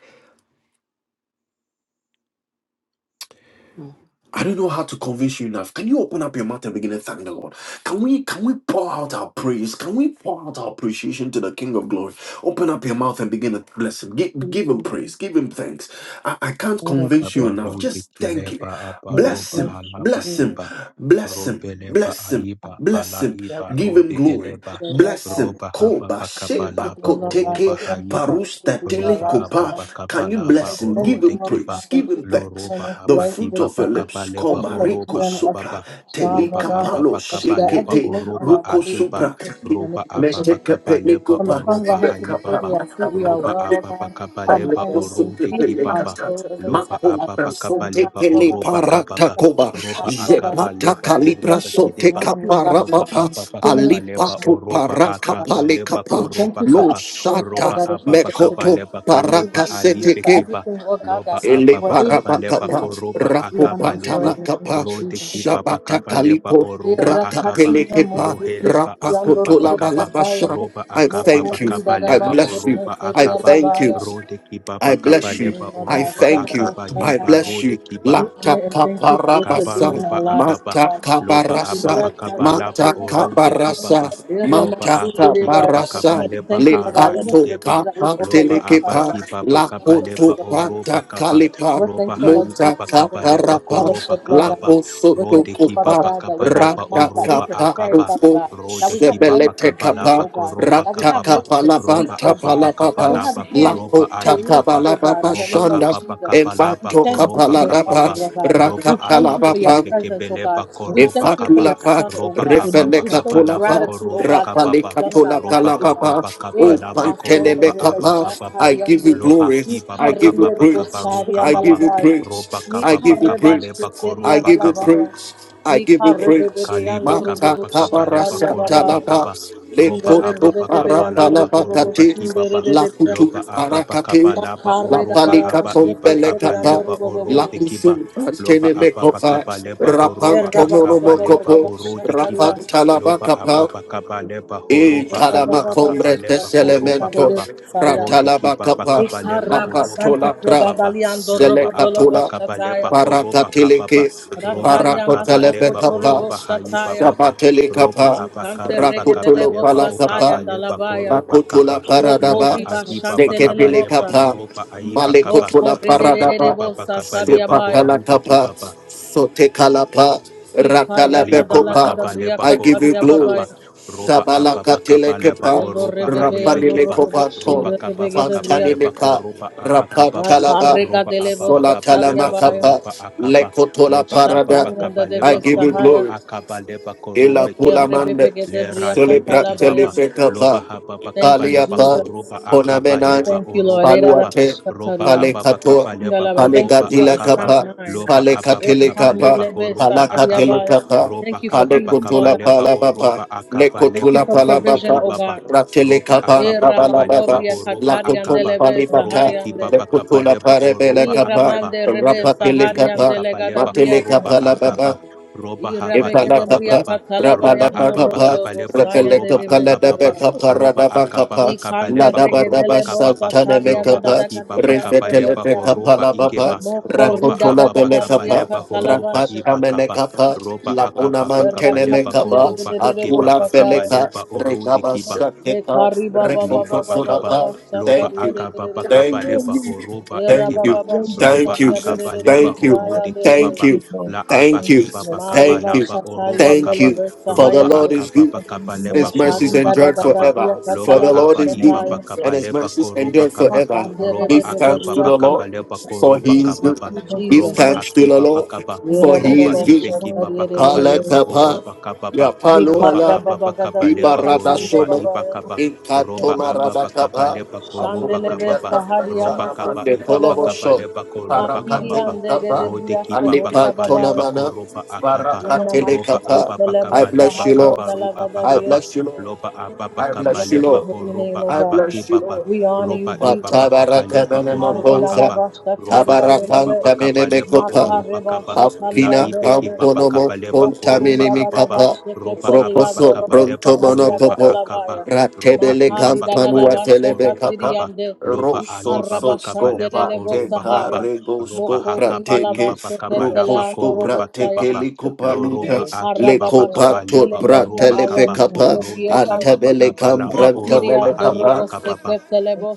Speaker 5: mm.
Speaker 1: I don't know how to convince you enough. Can you open up your mouth and begin to thank the Lord? Can we can we pour out our praise? Can we pour out our appreciation to the King of Glory? Open up your mouth and begin to bless him. Give, give him praise. Give him thanks. I, I can't
Speaker 5: God, I
Speaker 1: convince you
Speaker 5: bless
Speaker 1: enough.
Speaker 3: Kabaru
Speaker 1: Just thank him.
Speaker 3: Bikileba
Speaker 5: God, I
Speaker 1: Bless
Speaker 3: Abaroba
Speaker 5: bless
Speaker 1: him.
Speaker 3: Halaba
Speaker 1: Bless
Speaker 5: you.
Speaker 1: him.
Speaker 3: Kiba
Speaker 1: Bless him.
Speaker 3: Robeleba
Speaker 1: Bless him.
Speaker 3: Aiba
Speaker 1: Bless
Speaker 3: Bala
Speaker 1: him,
Speaker 5: Lord.
Speaker 3: Iba
Speaker 1: give him
Speaker 3: Rode
Speaker 1: glory.
Speaker 3: Eleba
Speaker 1: Bless him.
Speaker 3: Roba Haba
Speaker 1: Koba
Speaker 4: We thank
Speaker 1: sheba
Speaker 4: you,
Speaker 3: Bakabalaba
Speaker 4: Lord God. We
Speaker 1: koteke
Speaker 3: Oroba
Speaker 4: thank you for
Speaker 3: Haiba
Speaker 4: this. We do our
Speaker 1: parustatile
Speaker 3: Roba
Speaker 4: lives
Speaker 3: Aba
Speaker 4: and
Speaker 1: kopa. Can you
Speaker 3: Bakabalaba
Speaker 1: bless him?
Speaker 4: Thank
Speaker 1: Give
Speaker 4: you,
Speaker 3: Orode
Speaker 1: him
Speaker 4: Lord
Speaker 3: Kiba
Speaker 4: God,
Speaker 1: praise.
Speaker 4: that
Speaker 1: Give
Speaker 4: you
Speaker 1: him
Speaker 4: have
Speaker 1: thanks
Speaker 4: given
Speaker 3: Loroba
Speaker 4: us
Speaker 1: the
Speaker 3: Aba
Speaker 4: life
Speaker 1: fruit
Speaker 4: this
Speaker 3: Kiba
Speaker 1: of your
Speaker 4: morning,
Speaker 1: lips,
Speaker 3: Bakabaleba
Speaker 4: that you
Speaker 1: koma
Speaker 4: have
Speaker 1: rico
Speaker 3: Oroba
Speaker 4: given us
Speaker 1: supra,
Speaker 3: Ababa
Speaker 4: job,
Speaker 3: Loba
Speaker 4: Lord
Speaker 1: telika
Speaker 4: God,
Speaker 3: Aba
Speaker 1: palo,
Speaker 4: that, that
Speaker 3: Bakabaleba
Speaker 4: every
Speaker 1: shekete,
Speaker 4: limb on
Speaker 3: Oroba
Speaker 4: our
Speaker 1: ruko
Speaker 4: body is
Speaker 3: Akiba
Speaker 4: in
Speaker 1: supra,
Speaker 4: in the name
Speaker 3: Roba
Speaker 4: of
Speaker 3: Aba
Speaker 1: meteke
Speaker 4: Jesus.
Speaker 3: Bakabaleba
Speaker 4: From the
Speaker 1: penikopa,
Speaker 4: crown of our
Speaker 3: Oroba
Speaker 4: head to the soles
Speaker 3: Haibaba
Speaker 1: bekapa,
Speaker 4: of our feet, we are
Speaker 3: Roba
Speaker 4: well, Lord
Speaker 3: Aba
Speaker 4: God. Our
Speaker 3: Bakabaleba
Speaker 4: mind
Speaker 1: peleko
Speaker 4: is
Speaker 1: supra,
Speaker 3: Orode
Speaker 5: We are grateful for this
Speaker 4: intact, our
Speaker 5: time
Speaker 3: Kibaba
Speaker 1: pelekata,
Speaker 4: soul is
Speaker 3: Loba
Speaker 4: intact,
Speaker 1: mako
Speaker 4: our
Speaker 3: ababa
Speaker 4: feet are
Speaker 3: kaba
Speaker 1: prasote
Speaker 4: intact,
Speaker 3: leba
Speaker 4: Lord
Speaker 1: pele
Speaker 4: God, our
Speaker 3: oroba kababa.
Speaker 1: parata
Speaker 4: strength is
Speaker 1: koba,
Speaker 3: Roba
Speaker 4: intact, Lord God.
Speaker 3: akaba
Speaker 1: zepata
Speaker 3: leba
Speaker 4: I just
Speaker 1: kalibra
Speaker 4: thank
Speaker 3: oroba
Speaker 4: you this
Speaker 1: sote
Speaker 3: kideba.
Speaker 4: morning,
Speaker 5: here.
Speaker 4: Lord God,
Speaker 1: kapara
Speaker 3: Loba
Speaker 4: for
Speaker 1: baba,
Speaker 3: ababa
Speaker 4: giving us
Speaker 3: kaba
Speaker 4: a chance
Speaker 3: leba
Speaker 1: alipato
Speaker 3: oroba
Speaker 4: to do
Speaker 1: paraka
Speaker 4: it,
Speaker 3: akaba
Speaker 1: pale
Speaker 3: leba
Speaker 4: we
Speaker 1: kapa,
Speaker 4: thank
Speaker 3: koroba
Speaker 4: you for
Speaker 1: lo
Speaker 3: kaba.
Speaker 4: everything, Father
Speaker 1: shata,
Speaker 3: Roba
Speaker 4: God, that you've
Speaker 3: ababa
Speaker 4: done
Speaker 3: kaba
Speaker 4: today,
Speaker 1: mekoto,
Speaker 3: leba
Speaker 4: for everything that
Speaker 3: koroba
Speaker 5: This
Speaker 4: you did,
Speaker 3: alibe
Speaker 4: for
Speaker 1: Paracasete
Speaker 3: kiba.
Speaker 4: everything, Lord God,
Speaker 3: Loba
Speaker 4: that
Speaker 1: Ele
Speaker 4: you were
Speaker 3: ababa
Speaker 4: able
Speaker 3: kaba
Speaker 4: to do,
Speaker 3: leba
Speaker 1: parabakapa,
Speaker 4: Lord.
Speaker 3: koroba
Speaker 4: We honor
Speaker 3: akaba
Speaker 4: you for
Speaker 1: rakopatana
Speaker 4: it
Speaker 3: leba.
Speaker 4: in the name of
Speaker 1: kapa,
Speaker 3: Rode
Speaker 4: Jesus.
Speaker 3: kiba
Speaker 1: shabata
Speaker 3: bakaba leba
Speaker 1: kalipo,
Speaker 3: oroba akaba.
Speaker 4: Irakatiya
Speaker 1: rakapelekepa,
Speaker 4: mosiki
Speaker 3: Roheleba akaba
Speaker 4: yandorobo
Speaker 3: bakaba.
Speaker 4: sataya.
Speaker 1: rapakotolabalabasha.
Speaker 3: Roba
Speaker 1: I
Speaker 3: akaba
Speaker 1: thank you.
Speaker 4: Mokuri
Speaker 3: bakaba
Speaker 1: I
Speaker 3: leba
Speaker 4: dadaba
Speaker 1: bless you.
Speaker 4: shete
Speaker 3: oroba
Speaker 1: I
Speaker 4: seria
Speaker 3: akaba.
Speaker 1: thank you.
Speaker 4: babaya.
Speaker 3: Rode kiba
Speaker 1: I bless you.
Speaker 3: bakabaleba
Speaker 1: I
Speaker 4: We
Speaker 3: oroba
Speaker 4: do
Speaker 1: thank you. I
Speaker 3: akabaliba
Speaker 1: bless
Speaker 3: rode
Speaker 1: you.
Speaker 3: kiba
Speaker 4: honor
Speaker 1: Lapta
Speaker 4: and thank you for what you're
Speaker 3: Kaba
Speaker 4: doing
Speaker 1: kaparabasa.
Speaker 4: in
Speaker 3: roba
Speaker 4: our lives,
Speaker 3: ababa.
Speaker 1: Mata
Speaker 4: Lord
Speaker 3: Loba
Speaker 4: We
Speaker 1: kabarasa.
Speaker 3: ababa
Speaker 4: bless you,
Speaker 3: kaba
Speaker 4: Lord
Speaker 3: laba
Speaker 1: Mata
Speaker 3: orude kibaba.
Speaker 1: kabarasa.
Speaker 3: Loba
Speaker 1: Mata
Speaker 4: you,
Speaker 3: aba kibaba
Speaker 4: God.
Speaker 5: time
Speaker 3: kaba
Speaker 1: kabarasa.
Speaker 5: that
Speaker 4: We
Speaker 3: leba
Speaker 4: Thank you, Lord God,
Speaker 1: Lipa
Speaker 3: hara
Speaker 5: God
Speaker 4: even for
Speaker 1: to
Speaker 4: the
Speaker 3: ideba.
Speaker 4: things that we've
Speaker 1: kapa
Speaker 3: Loba
Speaker 4: overlooked,
Speaker 3: aba
Speaker 4: Father
Speaker 1: telekepa.
Speaker 4: God.
Speaker 3: kibaba
Speaker 4: that you've
Speaker 3: kaba
Speaker 4: left us,
Speaker 3: leba
Speaker 1: Lakoto
Speaker 4: Lord God.
Speaker 3: oroba
Speaker 1: pata
Speaker 3: kaba.
Speaker 1: kalipa.
Speaker 4: We're
Speaker 3: Roba
Speaker 4: thankful, Lord
Speaker 3: hai
Speaker 1: Mota
Speaker 3: baba
Speaker 4: Jesus, for
Speaker 3: kaba
Speaker 4: this
Speaker 3: leba
Speaker 1: kaparapa.
Speaker 3: koroba
Speaker 4: fellowship, Lord God.
Speaker 3: kababa.
Speaker 4: We're
Speaker 1: Lakosoto
Speaker 3: Rode
Speaker 4: thankful, Father
Speaker 3: kibaba
Speaker 4: God,
Speaker 1: kupa.
Speaker 4: that
Speaker 3: kaba
Speaker 4: we have a
Speaker 3: leba
Speaker 1: Rata
Speaker 4: mouth that we
Speaker 3: oroba
Speaker 4: can
Speaker 1: kapa
Speaker 4: pray,
Speaker 3: akaba.
Speaker 4: Father
Speaker 1: upo
Speaker 4: God, that
Speaker 3: Rode
Speaker 4: we have lungs
Speaker 3: kibaba
Speaker 4: to
Speaker 1: sebelete
Speaker 3: kaba
Speaker 4: breathe,
Speaker 3: laba
Speaker 1: kapa
Speaker 4: oh God,
Speaker 3: koroba
Speaker 4: that we
Speaker 1: rata
Speaker 4: have
Speaker 3: kababa.
Speaker 4: lips
Speaker 1: kapa
Speaker 4: to
Speaker 1: la
Speaker 4: speak,
Speaker 3: Roba
Speaker 1: banta
Speaker 4: oh
Speaker 3: ababa
Speaker 4: God,
Speaker 1: pala
Speaker 3: kaba
Speaker 4: that we
Speaker 1: papa
Speaker 4: have
Speaker 3: laba
Speaker 4: hands
Speaker 3: koroba
Speaker 1: lako
Speaker 4: to lift,
Speaker 1: takaba
Speaker 3: aibaba.
Speaker 4: oh
Speaker 1: la
Speaker 4: God,
Speaker 1: papa
Speaker 4: in the
Speaker 3: Roba
Speaker 4: name of
Speaker 1: shanda
Speaker 3: kababa
Speaker 4: Jesus.
Speaker 3: kaba
Speaker 4: We
Speaker 3: laba
Speaker 1: evato
Speaker 4: thank
Speaker 5: has
Speaker 4: you
Speaker 1: kapa
Speaker 3: koroba
Speaker 4: this
Speaker 1: la
Speaker 5: set
Speaker 1: papa
Speaker 3: kababa.
Speaker 4: morning, Lord God.
Speaker 3: Loba
Speaker 4: We thank you
Speaker 3: aibe
Speaker 4: for your
Speaker 1: rata
Speaker 3: kebe
Speaker 4: presence, oh God.
Speaker 3: kebeleba
Speaker 5: for
Speaker 4: We
Speaker 3: koroba
Speaker 4: thank you for
Speaker 3: kaba
Speaker 4: your
Speaker 5: us
Speaker 1: Efatulapa,
Speaker 4: son, oh
Speaker 3: roba
Speaker 4: God.
Speaker 5: to
Speaker 3: kaba
Speaker 5: lift
Speaker 4: We
Speaker 5: up
Speaker 4: show
Speaker 3: bakaba
Speaker 4: you
Speaker 3: laba
Speaker 1: Refelekatolapa,
Speaker 4: gratitude, oh
Speaker 3: koroba
Speaker 4: God, for what
Speaker 3: kababa
Speaker 4: you've done in our
Speaker 1: Rapalikatolapa
Speaker 3: roba
Speaker 4: lives, oh
Speaker 5: this
Speaker 4: God.
Speaker 3: kaba
Speaker 1: Lababa,
Speaker 3: bakaba
Speaker 1: O
Speaker 5: your
Speaker 3: laba
Speaker 4: Eramasondo
Speaker 3: koroba aba
Speaker 1: Pantelebekapa.
Speaker 3: kababa
Speaker 1: I give
Speaker 4: rebechatariando,
Speaker 1: you
Speaker 3: loha
Speaker 1: glory,
Speaker 3: kiba
Speaker 1: I give you
Speaker 3: bakaba
Speaker 4: mikarele
Speaker 5: word
Speaker 3: bakaba ro
Speaker 1: praise, I
Speaker 4: rebosabianda
Speaker 3: kababa
Speaker 1: give you
Speaker 4: labaya,
Speaker 3: roba
Speaker 1: praise, I
Speaker 3: kaba
Speaker 1: give you
Speaker 4: mikareberianda
Speaker 5: and
Speaker 3: bakaba leba
Speaker 1: praise, I
Speaker 3: koroba
Speaker 1: give you
Speaker 3: kaba
Speaker 4: labaya,
Speaker 1: praise, I give you
Speaker 5: the name
Speaker 1: praise.
Speaker 4: mikarebebeyando
Speaker 3: Kaliba kaba
Speaker 1: Mata
Speaker 3: bakaba leba
Speaker 4: rubobosataria
Speaker 1: Kabarasa
Speaker 3: koroba
Speaker 4: babaya,
Speaker 1: Talaba,
Speaker 3: kaba roba
Speaker 5: of
Speaker 3: aba
Speaker 1: Lekoto
Speaker 3: bakaba
Speaker 4: inderebebebeyando
Speaker 3: laba horoba kibaba
Speaker 1: Parapalabakati,
Speaker 4: ruboboshinderebebebea,
Speaker 3: loba
Speaker 1: Laputu
Speaker 3: aba bakaba
Speaker 1: Parakati,
Speaker 3: laba
Speaker 4: makareda
Speaker 3: oroba haba
Speaker 1: Lapalikatom
Speaker 3: iba kaba
Speaker 4: dalabashekeriando
Speaker 3: leba
Speaker 1: Belekapa.
Speaker 4: rubobobo,
Speaker 3: orode kiba
Speaker 1: Lakusum
Speaker 3: loba
Speaker 1: Antene
Speaker 3: aba
Speaker 1: Mekopa,
Speaker 3: bakaba leba horoba akaba leba
Speaker 1: Rapantomoromokopo,
Speaker 3: orode
Speaker 4: erabababababashataria,
Speaker 3: kiba loba aba
Speaker 1: Rapantalabakapa,
Speaker 3: bakaba
Speaker 5: to
Speaker 3: leba
Speaker 1: E
Speaker 3: horoba
Speaker 4: Mikante
Speaker 1: tarama
Speaker 3: aiba kaba
Speaker 1: combrete
Speaker 3: leba koroba
Speaker 1: selemento,
Speaker 3: kaba rode
Speaker 1: ratalaba
Speaker 3: kiba
Speaker 1: capa,
Speaker 3: bakaba leba
Speaker 1: la
Speaker 3: oroba
Speaker 1: patola pra,
Speaker 3: hakibaba loba aba
Speaker 1: selecatola,
Speaker 3: bakaba leba koroba kababa
Speaker 1: paracatilique,
Speaker 5: set up
Speaker 3: roba akaba
Speaker 1: paracotelebe
Speaker 3: leba
Speaker 1: capa,
Speaker 3: oroba haiba baba
Speaker 1: shabatele
Speaker 3: roba
Speaker 1: capa,
Speaker 3: abakaba
Speaker 5: this
Speaker 3: bakaba
Speaker 4: regedele
Speaker 1: racutulo
Speaker 3: leba
Speaker 4: bosa taya
Speaker 1: palacapa,
Speaker 3: okaba leba
Speaker 4: ndalabaya.
Speaker 3: koroba
Speaker 1: lacutula
Speaker 3: kaba
Speaker 4: Moko
Speaker 3: loba
Speaker 1: paradaba,
Speaker 4: riba
Speaker 5: time
Speaker 3: akiba
Speaker 4: shantelele
Speaker 3: bakaba
Speaker 1: secatele
Speaker 3: leba
Speaker 4: bosa.
Speaker 1: capa,
Speaker 3: oroba aiba kaba
Speaker 4: Moko
Speaker 1: malecotula
Speaker 3: robe
Speaker 4: rededede
Speaker 1: paradaba,
Speaker 3: kiba
Speaker 4: bosa
Speaker 3: bakaba leba
Speaker 4: tariabaya.
Speaker 1: supatala
Speaker 3: horudi
Speaker 1: capa,
Speaker 3: kibaba
Speaker 1: sote calapa,
Speaker 4: Sikara
Speaker 1: ratalabe
Speaker 3: Liba
Speaker 4: gadala
Speaker 1: copa.
Speaker 3: bakaba
Speaker 4: gadabria
Speaker 3: leba
Speaker 1: I give you
Speaker 4: kataria
Speaker 3: koroba kaba
Speaker 1: glory.
Speaker 4: babaya.
Speaker 3: roba aba bakaba
Speaker 1: Sabalakatelekepa,
Speaker 3: leba
Speaker 4: Dondo
Speaker 3: oroba
Speaker 4: rebebe
Speaker 3: alebe
Speaker 4: yando
Speaker 3: keba
Speaker 4: robo
Speaker 1: Rapanimikovato,
Speaker 3: roba
Speaker 4: boshinde
Speaker 3: kaba
Speaker 4: rebege de
Speaker 3: bakaba
Speaker 4: bria.
Speaker 3: leba
Speaker 1: Fantanimika,
Speaker 3: koroba aba kaba ba
Speaker 1: Rapatalaba,
Speaker 4: Makarega
Speaker 3: roba aba
Speaker 4: delebo
Speaker 3: bakaba
Speaker 4: sataria
Speaker 3: leba
Speaker 4: baya.
Speaker 1: Solatalamakapa,
Speaker 3: koroba akaba
Speaker 1: Lekotola
Speaker 3: loba kaba
Speaker 1: Parada.
Speaker 4: Shataria da
Speaker 3: bakaba
Speaker 1: I
Speaker 3: leba
Speaker 4: debe
Speaker 1: give you
Speaker 3: koroba
Speaker 4: sahaya.
Speaker 1: glory.
Speaker 3: akaba leba
Speaker 1: Ila
Speaker 3: korobe kideba
Speaker 1: Pulamande,
Speaker 4: Mekerebebege
Speaker 3: le
Speaker 4: debria
Speaker 3: radi
Speaker 1: Celebra
Speaker 4: katala
Speaker 3: beke baba
Speaker 4: bayande.
Speaker 1: Telefekapa,
Speaker 3: loba haba bakaba
Speaker 4: Thank you,
Speaker 3: leba
Speaker 1: Paliapa,
Speaker 3: koroba
Speaker 4: Jesus.
Speaker 3: akaba
Speaker 4: We
Speaker 1: Ponamenan,
Speaker 3: leba
Speaker 4: Thank you, Lord.
Speaker 3: oroba
Speaker 4: Eraraba
Speaker 3: kaba
Speaker 1: Paluate,
Speaker 3: roba
Speaker 4: shataria.
Speaker 3: aba
Speaker 1: Palekato,
Speaker 3: bakaba leba
Speaker 4: Indalaba. Thank you
Speaker 3: koroba
Speaker 4: for a
Speaker 1: Palekatila
Speaker 3: akaba
Speaker 4: sound
Speaker 1: Kapa,
Speaker 4: mind.
Speaker 3: loba aba
Speaker 1: Palekatile
Speaker 3: bakaba
Speaker 1: Kapa,
Speaker 3: leba
Speaker 4: Ekandelebe
Speaker 3: horoba
Speaker 4: saharia
Speaker 3: akaba
Speaker 1: Palakatile
Speaker 4: baya.
Speaker 1: Kapa,
Speaker 3: Roba
Speaker 4: Thank you for
Speaker 3: kababa
Speaker 4: peace,
Speaker 1: Palekutula
Speaker 4: Lord God.
Speaker 3: kabaleba
Speaker 1: Palababa,
Speaker 3: oropa
Speaker 4: Thank you
Speaker 3: akabaleba
Speaker 1: Lekutula
Speaker 4: for
Speaker 3: horode
Speaker 4: provision, O
Speaker 1: Palababa,
Speaker 3: kibaba
Speaker 4: God.
Speaker 1: Ratele
Speaker 3: Roba
Speaker 1: Kapa,
Speaker 3: ababa kabaleba
Speaker 1: Labalababa,
Speaker 4: Eramandobria
Speaker 3: horopa
Speaker 4: katarian
Speaker 1: Lakutun
Speaker 3: akaba
Speaker 4: delebe
Speaker 3: ropi
Speaker 1: Palibata,
Speaker 4: sahayande.
Speaker 3: kibaba
Speaker 1: Lekutula
Speaker 3: kabaleba oroba
Speaker 1: Parebele Kapa,
Speaker 3: akaba
Speaker 4: Iramande rebe
Speaker 3: leba
Speaker 1: Rapatile
Speaker 4: saharian
Speaker 3: kibaba
Speaker 1: Kapa,
Speaker 4: delegada
Speaker 3: kabaleba
Speaker 1: Matele
Speaker 3: koropa
Speaker 5: and that
Speaker 3: akaba
Speaker 1: Kapa
Speaker 3: roba haba
Speaker 5: has
Speaker 3: ibaba
Speaker 4: Irabegedebria
Speaker 1: Ipanakapa,
Speaker 3: kaba Roba
Speaker 4: katalabayando
Speaker 3: ababa
Speaker 1: Rapanakapa,
Speaker 4: rododobo
Speaker 3: kabaleba
Speaker 4: sayande
Speaker 3: koropa
Speaker 1: Repelekapa,
Speaker 4: libesaya.
Speaker 3: akababa
Speaker 1: Ladabekapa,
Speaker 3: roba
Speaker 1: Radabakapa,
Speaker 3: akababa
Speaker 4: Nikante
Speaker 3: kabaleba koropa
Speaker 1: Ladabadaba,
Speaker 4: regedelebo
Speaker 3: kababa
Speaker 4: sataria
Speaker 3: loba
Speaker 1: Santanemekapa,
Speaker 3: akibaba
Speaker 4: dadadagadian
Speaker 3: kabaleba
Speaker 4: sohoria.
Speaker 1: Refetelebekapa,
Speaker 3: horopa
Speaker 1: Lababa,
Speaker 3: ikeba
Speaker 5: gone
Speaker 3: roba
Speaker 4: Mokori
Speaker 1: Rakotola
Speaker 3: ababa
Speaker 4: dadagadabriya
Speaker 1: Belekapa,
Speaker 3: kabaleba horopa
Speaker 4: katalabashe.
Speaker 3: ibakaba
Speaker 1: Rakatamenekapa,
Speaker 3: roba
Speaker 1: Lapuna
Speaker 3: akaba bakabaleba
Speaker 4: Errakatidian
Speaker 1: Mantenemekapa,
Speaker 3: koroba ike
Speaker 4: dededebo
Speaker 1: Atula
Speaker 3: baba
Speaker 4: sataya.
Speaker 1: Feleka,
Speaker 3: kabaleba orode
Speaker 1: Rekaba
Speaker 5: so
Speaker 3: kiba
Speaker 1: Sateka,
Speaker 4: Mekari
Speaker 5: far.
Speaker 4: baba
Speaker 5: But
Speaker 4: baba
Speaker 3: liba
Speaker 4: baba
Speaker 3: bakaba
Speaker 4: baba
Speaker 1: Repoposolapa.
Speaker 3: loba
Speaker 1: Thank
Speaker 4: sataria
Speaker 1: you.
Speaker 3: akaba
Speaker 4: dededede.
Speaker 3: bakaba
Speaker 1: Thank
Speaker 5: Lord,
Speaker 1: you.
Speaker 3: leba
Speaker 5: we
Speaker 3: horoba
Speaker 4: Era
Speaker 1: Thank you.
Speaker 3: ikeba
Speaker 4: baba baba
Speaker 5: love you.
Speaker 3: roba
Speaker 1: Thank you.
Speaker 5: We
Speaker 4: sataria
Speaker 5: worship
Speaker 3: akaba leba
Speaker 4: dededebo
Speaker 1: Thank
Speaker 5: you,
Speaker 1: you.
Speaker 5: God,
Speaker 3: horude
Speaker 5: we
Speaker 4: sayande
Speaker 5: Thank
Speaker 4: lebe.
Speaker 1: Thank
Speaker 3: kibaba
Speaker 5: you,
Speaker 1: you.
Speaker 5: Lord.
Speaker 3: la
Speaker 5: We
Speaker 3: aba
Speaker 1: Thank
Speaker 5: Thank
Speaker 1: you.
Speaker 5: you, Lord.
Speaker 3: kibaba kaba
Speaker 1: Thank
Speaker 4: Mariba
Speaker 1: you.
Speaker 3: laba
Speaker 4: sataria
Speaker 3: oroba
Speaker 1: Thank
Speaker 3: kaba
Speaker 1: you.
Speaker 4: delebe
Speaker 1: For the
Speaker 3: roba
Speaker 1: Lord
Speaker 4: sahayande.
Speaker 1: is
Speaker 3: akaba
Speaker 1: good.
Speaker 5: Thank
Speaker 3: bakaba leba
Speaker 1: His
Speaker 5: you,
Speaker 1: mercies
Speaker 5: Lord.
Speaker 4: Makari
Speaker 3: koroba
Speaker 4: da da
Speaker 1: endure
Speaker 4: da da
Speaker 3: akaba
Speaker 4: bria
Speaker 1: forever. For
Speaker 3: loba
Speaker 4: katala
Speaker 1: the Lord
Speaker 3: haba
Speaker 5: and
Speaker 1: is
Speaker 5: then
Speaker 1: good.
Speaker 5: the name
Speaker 3: ibaba
Speaker 5: of
Speaker 4: bashataya.
Speaker 1: And
Speaker 3: kaba
Speaker 1: his
Speaker 3: leba
Speaker 1: mercies
Speaker 3: koroba
Speaker 1: endure
Speaker 5: God
Speaker 3: kaba
Speaker 1: forever.
Speaker 5: and of
Speaker 4: Kandere
Speaker 5: our
Speaker 3: roba
Speaker 1: Give
Speaker 4: bege de
Speaker 1: thanks
Speaker 3: akaba
Speaker 1: to
Speaker 5: confession
Speaker 4: bria
Speaker 1: the
Speaker 4: se.
Speaker 5: of
Speaker 1: Lord.
Speaker 3: bakaba leba
Speaker 5: Jesus.
Speaker 1: For
Speaker 3: koroba
Speaker 1: he
Speaker 5: That
Speaker 1: is
Speaker 4: Thank
Speaker 1: good.
Speaker 3: kababa
Speaker 4: you,
Speaker 5: in the
Speaker 1: Give
Speaker 4: Jesus.
Speaker 3: roba
Speaker 5: name of
Speaker 1: thanks to the
Speaker 3: akiba
Speaker 1: Lord.
Speaker 3: bakaba
Speaker 5: and
Speaker 1: For
Speaker 4: Yera da
Speaker 5: faith
Speaker 1: he
Speaker 4: da
Speaker 3: roba
Speaker 1: is
Speaker 5: in
Speaker 1: good.
Speaker 5: the
Speaker 3: ibeki
Speaker 5: world
Speaker 4: bashatari
Speaker 3: baba
Speaker 4: yere
Speaker 5: and
Speaker 3: kaba
Speaker 4: yere
Speaker 3: leba
Speaker 4: yere se.
Speaker 1: Palekapa,
Speaker 3: oroba kababa
Speaker 5: faith
Speaker 3: loba
Speaker 1: Yapaluala,
Speaker 4: Mikara
Speaker 5: the
Speaker 4: baba
Speaker 3: ababa
Speaker 4: gada
Speaker 3: kaba
Speaker 4: bria
Speaker 3: leba
Speaker 1: Ibarada
Speaker 4: katari
Speaker 5: protection
Speaker 4: ya
Speaker 3: horoba
Speaker 1: Some,
Speaker 4: baba ya.
Speaker 5: of
Speaker 3: ibakaba
Speaker 5: the
Speaker 3: roba
Speaker 1: Inkatoma
Speaker 5: need
Speaker 3: ababa
Speaker 1: Radakapa,
Speaker 3: kabalé bako ko roba
Speaker 4: Shandele be
Speaker 1: Aporia
Speaker 3: kababa
Speaker 4: sahari ya
Speaker 3: roba kaba
Speaker 4: maseke
Speaker 1: Sanamande
Speaker 3: ibaba
Speaker 4: telebo.
Speaker 3: kaba
Speaker 1: Toloso,
Speaker 3: leba ko roba
Speaker 5: for
Speaker 4: Makiri
Speaker 5: this
Speaker 3: kababa
Speaker 1: Parakatele
Speaker 4: ande
Speaker 1: Kapa,
Speaker 4: gede
Speaker 3: rode
Speaker 4: bria
Speaker 3: ki baba
Speaker 4: sohori ya
Speaker 1: Alipa
Speaker 3: kabalé
Speaker 4: baba ya.
Speaker 3: bako
Speaker 1: Tonamana,
Speaker 3: roba akaba
Speaker 5: for all
Speaker 4: Inna
Speaker 1: Parakatele
Speaker 3: roba
Speaker 4: masheke
Speaker 1: Kapa.
Speaker 3: ababa
Speaker 4: telebo
Speaker 1: I
Speaker 3: kaba
Speaker 1: bless
Speaker 3: leba
Speaker 1: you,
Speaker 4: sahari
Speaker 1: Lord.
Speaker 3: kaba ru
Speaker 4: andala gada
Speaker 1: I
Speaker 3: abakaba
Speaker 4: bria
Speaker 1: bless
Speaker 4: se.
Speaker 1: you, Lord.
Speaker 3: loba ababa
Speaker 1: I
Speaker 4: We Bless
Speaker 1: bless you,
Speaker 3: kabalé leba
Speaker 4: your
Speaker 1: Lord.
Speaker 4: holy name,
Speaker 3: roba
Speaker 4: O
Speaker 1: I
Speaker 4: God.
Speaker 3: abaki
Speaker 1: bless you,
Speaker 3: baba
Speaker 1: Lord.
Speaker 4: We honor you,
Speaker 3: roba
Speaker 4: Jesus.
Speaker 3: ibaba kaba
Speaker 1: Tabaraka
Speaker 3: leba ho roba
Speaker 4: Harrenda
Speaker 1: menemaposa.
Speaker 4: la
Speaker 3: kaba
Speaker 4: başta
Speaker 3: roba
Speaker 4: tariyan
Speaker 5: the
Speaker 3: aki
Speaker 4: delebe.
Speaker 3: baba
Speaker 1: Tabarakanta
Speaker 3: kabalé leba o
Speaker 1: menemekopa.
Speaker 3: roba
Speaker 4: Makarre
Speaker 3: kaba
Speaker 4: başta
Speaker 3: la
Speaker 1: Afkina
Speaker 4: taliyan
Speaker 3: ibe ki baba
Speaker 4: derebesa.
Speaker 1: amponomo
Speaker 3: kaba leba roba
Speaker 1: kontamini
Speaker 4: Mokorrida da la
Speaker 3: ababa
Speaker 1: mikapa.
Speaker 4: başta
Speaker 3: roba ababa
Speaker 4: keseliyan
Speaker 1: Rokoso
Speaker 3: kaba leba
Speaker 1: pronto
Speaker 4: dorobosta hariyan
Speaker 3: roba
Speaker 4: da da
Speaker 1: monokopo.
Speaker 4: la
Speaker 3: akaba
Speaker 4: baya.
Speaker 3: roba
Speaker 1: Ratebele
Speaker 3: ki baba
Speaker 4: Makarrida da
Speaker 3: kaba
Speaker 4: la
Speaker 1: campanua
Speaker 3: leba
Speaker 4: başta
Speaker 1: telebe
Speaker 3: koroba
Speaker 1: capa.
Speaker 3: kaba
Speaker 4: katiriyan de.
Speaker 3: loba
Speaker 1: Rosso
Speaker 3: ayi
Speaker 4: İkarra
Speaker 3: baba
Speaker 4: baştan
Speaker 3: kaba
Speaker 1: sosco
Speaker 3: leba
Speaker 4: telele
Speaker 1: prate
Speaker 3: oroba
Speaker 4: bosta
Speaker 3: kaba
Speaker 4: haya.
Speaker 5: commitment
Speaker 3: roba
Speaker 1: carregosco
Speaker 3: hakaba
Speaker 4: Mokorrida
Speaker 3: i
Speaker 4: la
Speaker 1: prateke.
Speaker 3: baba
Speaker 4: başta
Speaker 3: kaba
Speaker 5: of
Speaker 3: laba
Speaker 4: keseliyan
Speaker 1: Rocosco
Speaker 3: koroba ki
Speaker 5: the
Speaker 4: dorobosta ya.
Speaker 1: prateke
Speaker 3: baba lo
Speaker 1: licopaluta.
Speaker 3: roba
Speaker 5: world.
Speaker 3: aki
Speaker 4: Mikarra
Speaker 3: baba kaba
Speaker 4: başta
Speaker 1: Lecopato
Speaker 3: leba
Speaker 4: telebesta
Speaker 3: oroba
Speaker 1: pratelebe
Speaker 5: Salvation
Speaker 3: kaba
Speaker 4: hayan
Speaker 5: water,
Speaker 4: de
Speaker 1: capa.
Speaker 4: de
Speaker 5: i
Speaker 3: rode ki
Speaker 4: briyosa.
Speaker 5: water,
Speaker 3: baba
Speaker 1: Antebele
Speaker 3: kaba laba
Speaker 5: and
Speaker 1: campranta
Speaker 4: Makiria
Speaker 3: oroba
Speaker 1: bele
Speaker 5: faith of
Speaker 3: hayi
Speaker 5: our
Speaker 1: capa.
Speaker 4: Dorobo
Speaker 3: baba kaba
Speaker 5: commitment.
Speaker 4: Seketelebo